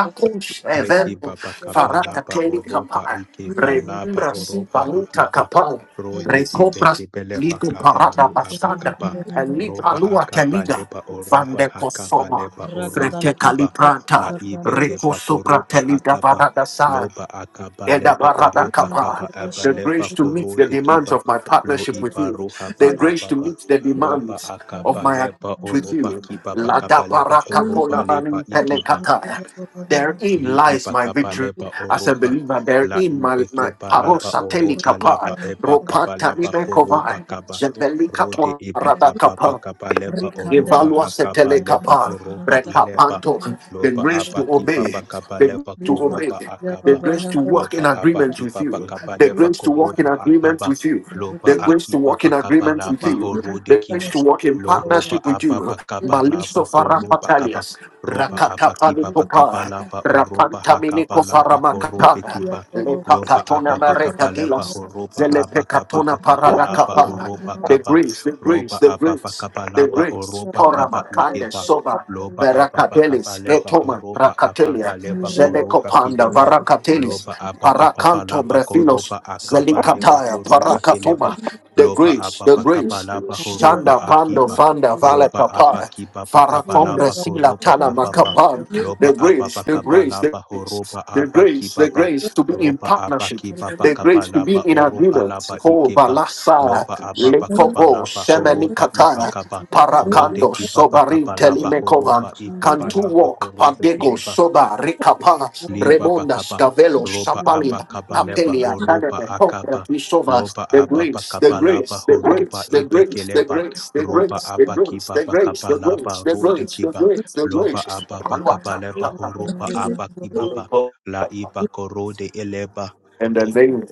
Speaker 4: rabba,
Speaker 3: Yeki
Speaker 4: rabba,
Speaker 1: evento
Speaker 3: baba
Speaker 4: rabba,
Speaker 3: kaba
Speaker 4: rabba,
Speaker 1: farata
Speaker 3: laba
Speaker 1: teli
Speaker 3: oroba
Speaker 1: kapar.
Speaker 4: Rekanda
Speaker 3: ike ba laba
Speaker 1: Rembra si
Speaker 3: oroba ike
Speaker 1: valuta
Speaker 3: ba
Speaker 1: kapal.
Speaker 3: rode
Speaker 1: Recobras
Speaker 3: ibeke beleba
Speaker 1: ligo parada
Speaker 3: kabaru
Speaker 1: basanda.
Speaker 3: abakaba
Speaker 1: Eli
Speaker 3: roba
Speaker 1: palua
Speaker 3: akaba
Speaker 1: teliga.
Speaker 3: leba oroba
Speaker 1: Vande
Speaker 3: hakaba
Speaker 1: kosoma.
Speaker 3: leba orode
Speaker 1: Frete
Speaker 3: kiba la
Speaker 1: calipranta.
Speaker 3: ibeke
Speaker 1: Rico sopra
Speaker 3: bakoroba
Speaker 1: telida
Speaker 3: akaba
Speaker 1: parada sa.
Speaker 3: loba akaba leba oru
Speaker 1: Edabaradakapa.
Speaker 3: hakaba aba
Speaker 1: The
Speaker 3: leba
Speaker 1: grace to meet the
Speaker 3: korode
Speaker 1: demands
Speaker 3: kiba
Speaker 1: of my
Speaker 3: lo
Speaker 1: partnership with you.
Speaker 3: ibaru haba
Speaker 1: The grace to
Speaker 3: ababa
Speaker 1: meet the
Speaker 3: roba
Speaker 1: demands of
Speaker 3: akaba
Speaker 1: my act
Speaker 3: leba
Speaker 1: with you.
Speaker 3: oroba kiba bakaba leba koroba leba ikiba
Speaker 1: Ladabarakapolamanipelekata. Therein
Speaker 3: liba
Speaker 1: lies my
Speaker 3: bakaba
Speaker 1: victory
Speaker 3: leba
Speaker 1: as a
Speaker 3: oroba
Speaker 1: believer.
Speaker 3: la
Speaker 1: Therein my, my
Speaker 3: ibeke balaba oroha
Speaker 1: parosatelikapa,
Speaker 3: laba eba kabalaba koroba
Speaker 1: ropatanimekovai,
Speaker 3: kaba rode eba kaba
Speaker 1: jebelikapolaradakapa.
Speaker 3: bakaba leba oroba
Speaker 1: Evalua
Speaker 3: hakaba
Speaker 1: setele
Speaker 3: leba
Speaker 1: kapa,
Speaker 3: oroba ileba
Speaker 1: rekapanto, the
Speaker 3: loba
Speaker 1: grace to
Speaker 3: abaki
Speaker 1: obey,
Speaker 3: baba kaba
Speaker 1: the grace
Speaker 3: leba
Speaker 1: to obey,
Speaker 3: koroba
Speaker 1: the
Speaker 3: akaba
Speaker 1: grace to walk
Speaker 3: loba
Speaker 1: in agreement
Speaker 3: abaki
Speaker 1: with
Speaker 3: baba
Speaker 1: you,
Speaker 3: kaba
Speaker 1: the
Speaker 3: leba
Speaker 1: grace to walk in
Speaker 3: koroba
Speaker 1: agreement
Speaker 3: akaba
Speaker 1: with you,
Speaker 3: loba
Speaker 1: the grace
Speaker 3: aki
Speaker 1: to walk
Speaker 3: baba
Speaker 1: in
Speaker 3: kaba
Speaker 1: agreement with
Speaker 3: laba
Speaker 1: you,
Speaker 3: horode
Speaker 1: the grace
Speaker 3: kiba
Speaker 1: to walk in
Speaker 3: loroba
Speaker 1: partnership with
Speaker 3: ababa
Speaker 1: you.
Speaker 3: kaba laba
Speaker 1: Maliso
Speaker 3: koroba kaba
Speaker 1: farapatalias.
Speaker 3: ropa
Speaker 1: Rakata
Speaker 3: apa kipa pa kapa
Speaker 1: panikopa.
Speaker 3: lapa o ropa
Speaker 1: Rapanta
Speaker 3: hakapa
Speaker 1: miniko
Speaker 3: lapa korope
Speaker 1: faramakata.
Speaker 3: kipa lopa
Speaker 1: Lepakatona
Speaker 3: apa pa kapa lapa
Speaker 1: marekadilas.
Speaker 3: ho ropa apa kapa
Speaker 1: Zelepekatona
Speaker 3: pa kapa lapa o
Speaker 1: paradakapa. The
Speaker 3: kapa
Speaker 1: grace, the
Speaker 3: ropa
Speaker 1: grace, the
Speaker 3: apa pa
Speaker 1: grace,
Speaker 3: kapa
Speaker 1: the
Speaker 3: lapa o
Speaker 1: grace.
Speaker 3: kapa
Speaker 1: Poramakande
Speaker 3: ikeba
Speaker 1: soba.
Speaker 3: lopa apa pa kapa
Speaker 1: Veracatelis,
Speaker 3: lapa ho
Speaker 1: Getoma,
Speaker 3: akapa
Speaker 1: Racatelia,
Speaker 3: lapa koropa
Speaker 1: Zelekopanda,
Speaker 3: kideba
Speaker 1: Varacatelis,
Speaker 3: lopa apa pa kapa
Speaker 1: Paracanto,
Speaker 3: lapa
Speaker 1: Brefilos,
Speaker 3: koropa akapa lapa
Speaker 1: Zelikataya
Speaker 3: koropa kileba
Speaker 1: Parakatuma. The
Speaker 3: lopa
Speaker 1: grace,
Speaker 3: apa
Speaker 1: the
Speaker 3: pa kapa
Speaker 1: grace.
Speaker 3: lapa ho
Speaker 1: Shanda Bando
Speaker 3: akiba
Speaker 1: Fanda Vale
Speaker 3: Roba
Speaker 1: Kapaya.
Speaker 3: abaki baba
Speaker 1: Farakombre
Speaker 3: kabalaba
Speaker 1: Sila
Speaker 3: koroba
Speaker 1: Tana
Speaker 3: kababa.
Speaker 1: Makapan. The
Speaker 3: Loba
Speaker 1: grace,
Speaker 3: ababa
Speaker 4: I
Speaker 1: the
Speaker 4: beg
Speaker 1: grace, the
Speaker 3: kabalaba
Speaker 1: grace.
Speaker 3: horoba
Speaker 1: The
Speaker 3: abaki
Speaker 1: grace, the
Speaker 3: baba.
Speaker 1: grace to be in
Speaker 3: Roba
Speaker 1: partnership,
Speaker 3: abaki baba
Speaker 4: of
Speaker 1: the
Speaker 4: you,
Speaker 1: grace to be
Speaker 3: kabalaba
Speaker 1: in
Speaker 3: oroha
Speaker 1: agreement.
Speaker 3: laba
Speaker 1: Oh,
Speaker 3: ikeba.
Speaker 1: Balasa,
Speaker 3: Loba ababa
Speaker 1: Lekobo,
Speaker 3: kabalaba horoba
Speaker 1: Semenikataya,
Speaker 3: ibakaba. Rode
Speaker 1: Parakando,
Speaker 3: ki baba
Speaker 1: Sobarin,
Speaker 3: kabalaba
Speaker 1: Telimekovan,
Speaker 3: horoba
Speaker 1: Cantu
Speaker 3: ikibalaba
Speaker 1: Walk,
Speaker 3: korobe
Speaker 1: Pandego,
Speaker 3: kideba
Speaker 1: Soba, Ricapa,
Speaker 3: liba
Speaker 1: Remonda,
Speaker 3: bakaba
Speaker 1: Scavelo,
Speaker 3: roba
Speaker 1: Sapalia.
Speaker 3: abakaba leba
Speaker 1: Apelia,
Speaker 3: horoba
Speaker 1: Padame, Copra,
Speaker 3: akaba
Speaker 1: Bishova,
Speaker 3: loba
Speaker 1: the grace, the
Speaker 3: ababakaba laba
Speaker 1: grace, the
Speaker 3: horoba
Speaker 1: grace, the grace, the
Speaker 3: ibekeleba
Speaker 1: grace, the
Speaker 3: roba
Speaker 1: grace, the grace,
Speaker 3: abakiba
Speaker 1: the grace,
Speaker 3: bakaba
Speaker 1: the grace,
Speaker 3: laba
Speaker 1: the
Speaker 3: rode
Speaker 1: grace, the
Speaker 3: kiba
Speaker 1: grace, the
Speaker 3: loba
Speaker 1: grace.
Speaker 3: ababakaba leba
Speaker 1: Paluata.
Speaker 3: horoba abakibaba la iba korode eleba
Speaker 1: In the name of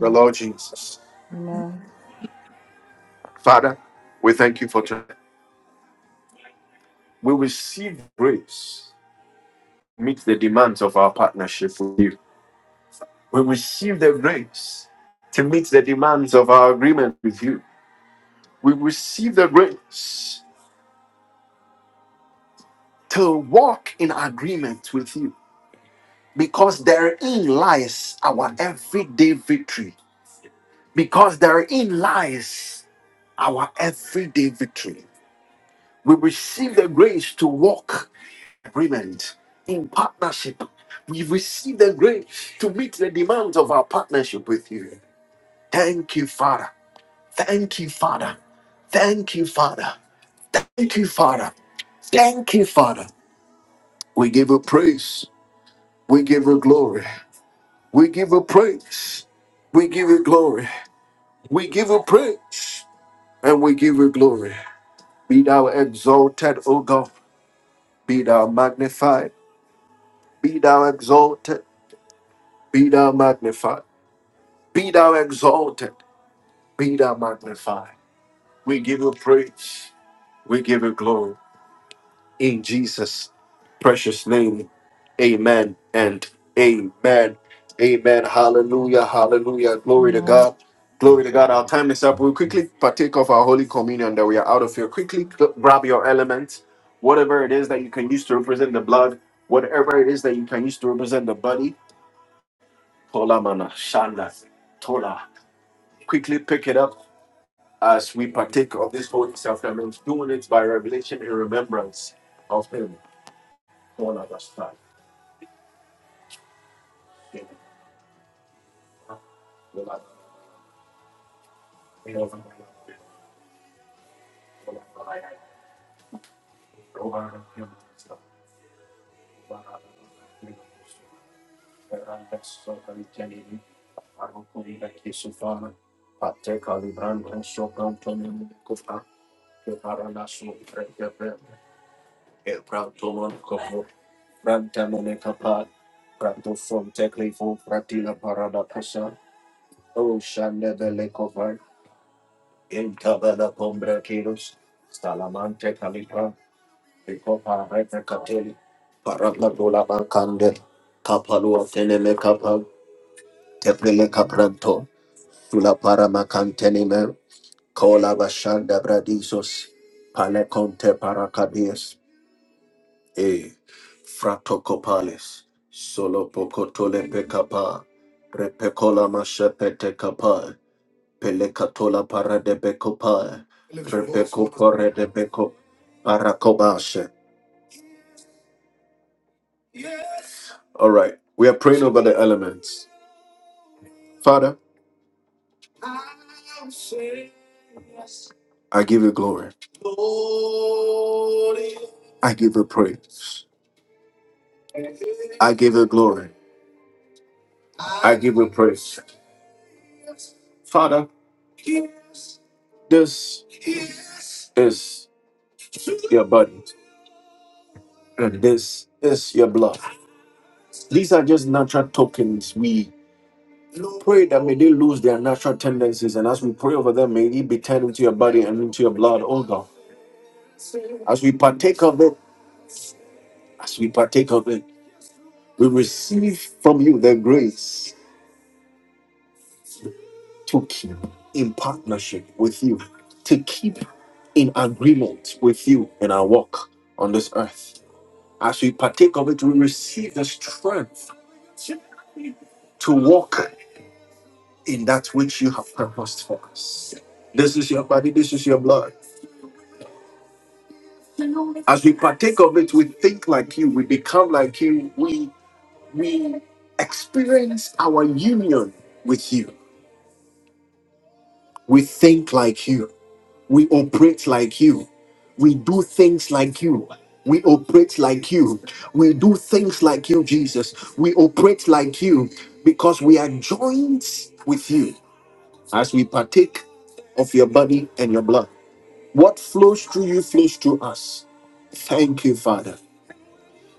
Speaker 1: the Lord Jesus. Father, we thank you for tonight. We receive grace to meet the demands of our partnership with you. We receive the grace to meet the demands of our agreement with you. We receive the grace to walk in agreement with you because therein lies our everyday victory. Because therein lies our everyday victory. We receive the grace to walk in agreement in partnership. We receive the grace to meet the demands of our partnership with you. Thank you, Father. Thank you, Father. Thank you, Father. Thank you, Father. Thank you, Father. We give you praise. We give you glory. We give you praise. We give you glory. We give you praise and we give you glory. Be thou exalted, O God. Be thou magnified. Be thou exalted. Be thou magnified. Be thou exalted. Be thou magnified. We give you praise. We give you glory. In Jesus' precious name. Amen and amen. Amen. Hallelujah. Hallelujah. Glory to God. Glory to God. Our
Speaker 3: amen
Speaker 1: time is up. We'll
Speaker 3: Mhm.
Speaker 1: quickly partake of our Holy Communion that we are out of here. Quickly g- grab your elements, whatever it is that you can use to represent the blood, whatever it is that you can use to represent the body. Tola mana, shanda, tola. Quickly pick it up as we partake of this Holy Sacrament, doing it by revelation in remembrance of Him. Tola basta. Tola. Pate calibrando un sopranto nel cufa che para la sua fredda per il pranto non copo pranta non è capace prato son teclifo fratila para la casa o shande belle covar in tabella con brachiros Ikopa rete kateli. Paranga dola teneme kapa. Tepele kapranto. Tula para makanteni bashanda bradisos. Pale conte E. Frato copales. Solo pocotole pecapa. Repecola machepete capa. Pelecatola para becopa. Repeco corre de beco. Paracobashe. All right. We are praying over the elements. Father, I give you glory. I give you praise. I give you glory. I give you praise. Father, this is your body and this is your blood. These are just natural tokens. We pray that may they lose their natural tendencies. And as we pray over them, may it be turned into your body and into your blood, oh God. As we partake of it, as we partake of it, we receive from you the grace to keep in partnership with you to keep. in agreement with you in our walk on this earth. As we partake of it, we receive the strength to walk in that which you have purposed for us. This is your body, this is your blood. As we partake of it, we think like you, we become like you, we we experience our union with you. We think like you. We operate like you. We do things like you. We operate like you. We do things like you, Jesus. We operate like you because we are joined with you as we partake of your body and your blood. What flows through you flows through us. Thank you, Father.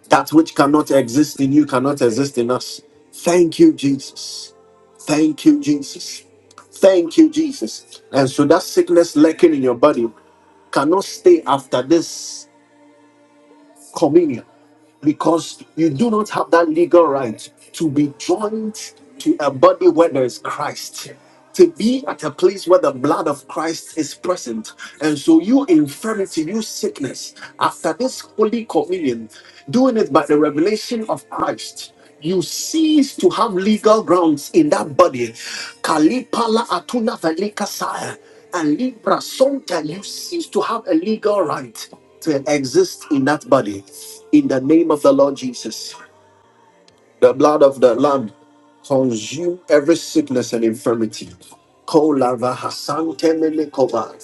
Speaker 1: That which cannot exist in you cannot exist in us. Thank you, Jesus. Thank you, Jesus. Thank you, Jesus. And so that sickness lurking in your body cannot stay after this communion because you do not have that legal right to be joined to a body where there is Christ. To be at a place where the blood of Christ is present. And so, you infirmity, you sickness, after this holy communion, doing it by the revelation of Christ, you cease to have legal grounds in that body. Kalipala atuna velika saya. And Libra, sometimes you cease to have a legal right to exist in that body in the name of the Lord Jesus. The blood of the Lamb consume every sickness and infirmity. Kolava hasante melekova.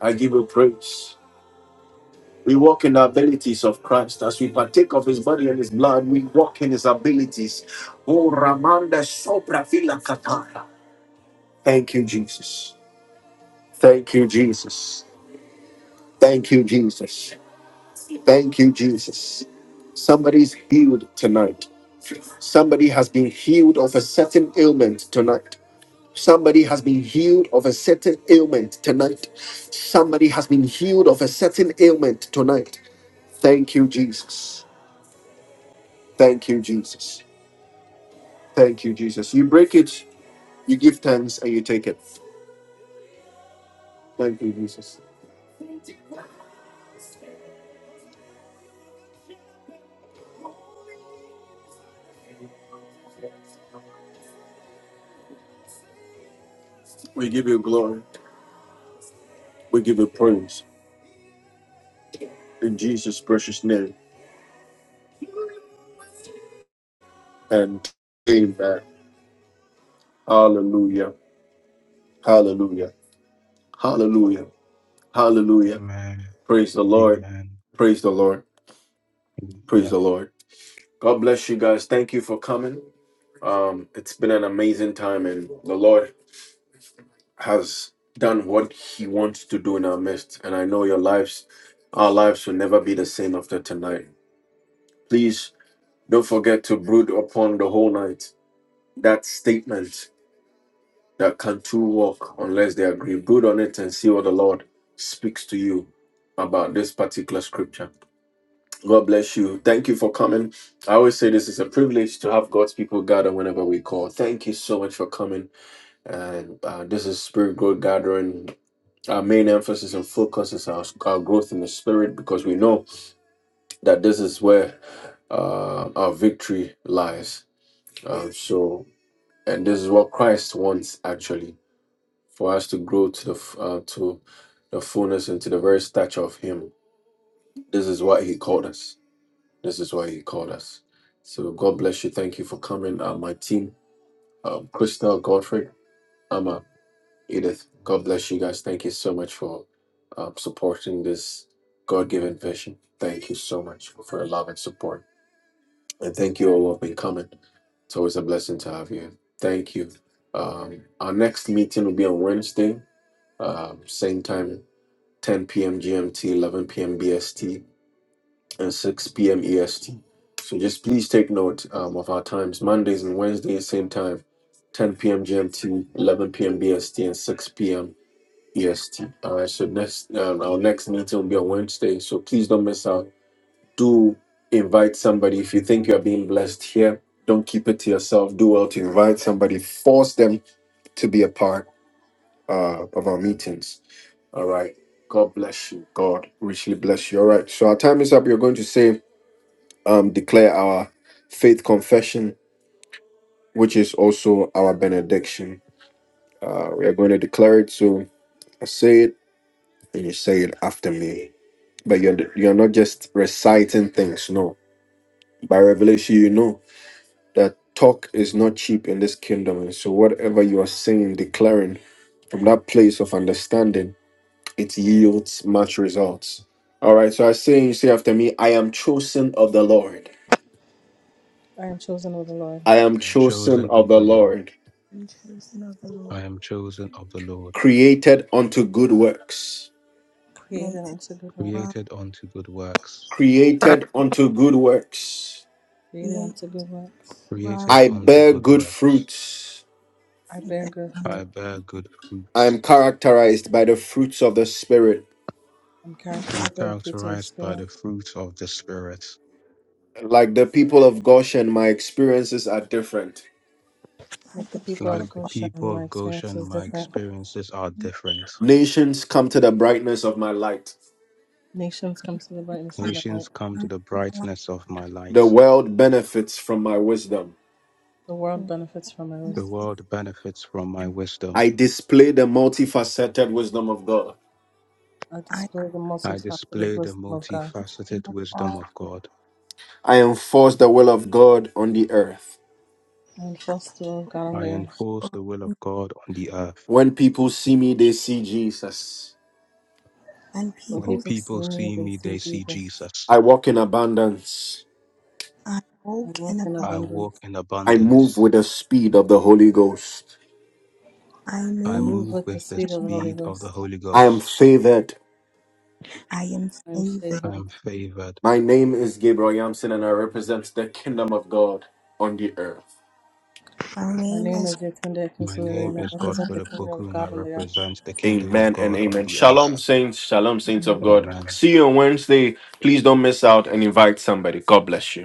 Speaker 1: I give you praise. We walk in the abilities of Christ. As we partake of his body and his blood, we walk in his abilities. Oh, Ramanda sopra fila katara. Thank you, Jesus. Thank you, Jesus. Thank you, Jesus. Thank you, Jesus. Somebody's healed tonight. Somebody has been healed of a certain ailment tonight. Somebody has been healed of a certain ailment tonight. Somebody has been healed of a certain ailment tonight. Thank you, Jesus. Thank you, Jesus. Thank you, Jesus. You break it, you give thanks, and you take it. Thank you, Jesus. We give you glory. We give you praise in Jesus' precious name. And amen. Hallelujah. Hallelujah. Hallelujah. Hallelujah.
Speaker 3: amen
Speaker 1: Praise the Lord.
Speaker 3: amen
Speaker 1: Praise the Lord. Praise
Speaker 3: yeah
Speaker 1: the Lord. God bless you guys. Thank you for coming. Um, it's been an amazing time, and the Lord has done what He wants to do in our midst. And I know your lives, our lives will never be the same after tonight. Please don't forget to brood upon the whole night. That statement that can two walk unless they agree. Brood on it and see what the Lord speaks to you about this particular scripture. God bless you. Thank you for coming. I always say this is a privilege to have God's people gather whenever we call. Thank you so much for coming. And uh, this is Spirit Growth Gathering. Our main emphasis and focus is our, our growth in the Spirit because we know that this is where uh, our victory lies. Um, so, and this is what Christ wants actually for us to grow to the f- uh, to the fullness and to the very stature of Him. This is what He called us. This is why he called us. So God bless you. Thank you for coming. Uh, my team, uh, Star Godfrey, Amma, Edith. God, thank you so much for uh, being this God-given vision. Thank you so much for love and support. And thank uh, uh, um, ten. And s- please take note um, of our times: Mondays and Wednesdays, same time, 10 p.m. GMT, 11 p.m. BST, and 6 p.m. EST. All right. So next, um, our next meeting will be on Wednesday. So please don't miss out. do invite somebody. If you think you're being blessed here, don't keep it to yourself. Do well to invite somebody. Force them to be a part uh, of our meetings. All right. God bless you. God richly bless you. All right. So our time is up. That from that it yields much results. All right. So I say you say after me, I am chosen of the Lord. I am
Speaker 3: i am
Speaker 1: chosen
Speaker 3: chosen
Speaker 1: of
Speaker 3: of
Speaker 1: the
Speaker 3: the lord
Speaker 1: Lord,
Speaker 2: the
Speaker 3: i
Speaker 2: Lord,
Speaker 3: am chosen of the lord
Speaker 1: created unto good works.
Speaker 2: created wide,
Speaker 3: created unto good works
Speaker 1: Created unto good works.
Speaker 2: created wide,
Speaker 3: created
Speaker 1: I
Speaker 3: unto
Speaker 1: bear
Speaker 3: good
Speaker 1: good
Speaker 3: works
Speaker 1: fruits.
Speaker 2: like that,
Speaker 3: I bear good
Speaker 1: I'm
Speaker 3: fruits.
Speaker 1: characterized by the fruits of the Spirit.
Speaker 3: am characterized by
Speaker 4: yeah.
Speaker 3: the fruits of the Spirit.
Speaker 1: Like the people of Goshen, my experiences are different.
Speaker 2: like
Speaker 4: let the
Speaker 2: the
Speaker 4: people
Speaker 2: people
Speaker 3: Like
Speaker 4: of
Speaker 2: of
Speaker 3: the
Speaker 4: Goshen and
Speaker 3: people
Speaker 4: my
Speaker 3: of
Speaker 4: experience
Speaker 3: Goshen,
Speaker 4: is
Speaker 3: my
Speaker 4: different.
Speaker 3: experiences are different.
Speaker 1: Nations come to the brightness of my light.
Speaker 4: Nations come to the brightness of my light.
Speaker 3: Nations come to
Speaker 2: my
Speaker 3: the brightness of my light.
Speaker 1: The world benefits from my wisdom.
Speaker 4: The world
Speaker 2: soul,
Speaker 4: benefits from my
Speaker 2: and I
Speaker 3: The
Speaker 4: wisdom.
Speaker 3: world benefits from my wisdom.
Speaker 1: I display the multifaceted wisdom of God.
Speaker 4: I
Speaker 2: I
Speaker 4: display the
Speaker 3: I
Speaker 4: multifaceted
Speaker 3: display the
Speaker 4: wisdom of God.
Speaker 3: multifaceted wisdom
Speaker 2: fall,
Speaker 3: of God.
Speaker 1: I enforce the will of God on the earth.
Speaker 4: I
Speaker 2: I
Speaker 4: enforce the will of
Speaker 2: was
Speaker 4: God on
Speaker 3: I
Speaker 4: the earth.
Speaker 3: enforce the
Speaker 2: born.
Speaker 3: will of God on the earth.
Speaker 1: When people see me, they see Jesus.
Speaker 2: When
Speaker 4: When
Speaker 3: When
Speaker 2: people
Speaker 4: people see
Speaker 3: people
Speaker 4: me,
Speaker 3: see
Speaker 4: they
Speaker 3: me,
Speaker 4: see
Speaker 3: they see
Speaker 4: Jesus.
Speaker 3: Jesus.
Speaker 1: I walk in abundance.
Speaker 2: I
Speaker 4: I
Speaker 2: walk
Speaker 4: walk
Speaker 2: in
Speaker 4: in
Speaker 2: abundance,
Speaker 3: I walk
Speaker 4: abundance.
Speaker 3: in
Speaker 1: I move
Speaker 3: abundance.
Speaker 1: with the speed of the Holy Ghost.
Speaker 2: I
Speaker 4: I
Speaker 3: I
Speaker 2: move.
Speaker 4: move
Speaker 3: move
Speaker 4: with the
Speaker 3: with the
Speaker 4: speed of the Holy
Speaker 3: speed of the
Speaker 4: Ghost.
Speaker 3: Holy
Speaker 1: I am
Speaker 3: Ghost.
Speaker 1: favored
Speaker 2: I am
Speaker 4: I am
Speaker 2: favored.
Speaker 3: I
Speaker 4: favored.
Speaker 3: am favored.
Speaker 1: My name is Gabriel Yamson, and I represent the kingdom of God on the earth.
Speaker 2: My
Speaker 4: My
Speaker 2: name
Speaker 4: name
Speaker 2: is.
Speaker 4: is Yetunde
Speaker 3: My
Speaker 4: Akinsulere,
Speaker 3: name
Speaker 4: and I
Speaker 3: is
Speaker 4: represent
Speaker 3: Godfred
Speaker 4: the Kingdom
Speaker 3: Opoku
Speaker 4: of
Speaker 3: and I
Speaker 4: God on the earth.
Speaker 3: represent the Kingdom of
Speaker 1: Amen and
Speaker 3: God on
Speaker 1: amen.
Speaker 3: the earth.
Speaker 1: Shalom, saints. Shalom, saints of God.
Speaker 3: Amen.
Speaker 1: See you on Wednesday. Please don't miss out and invite somebody. God bless you.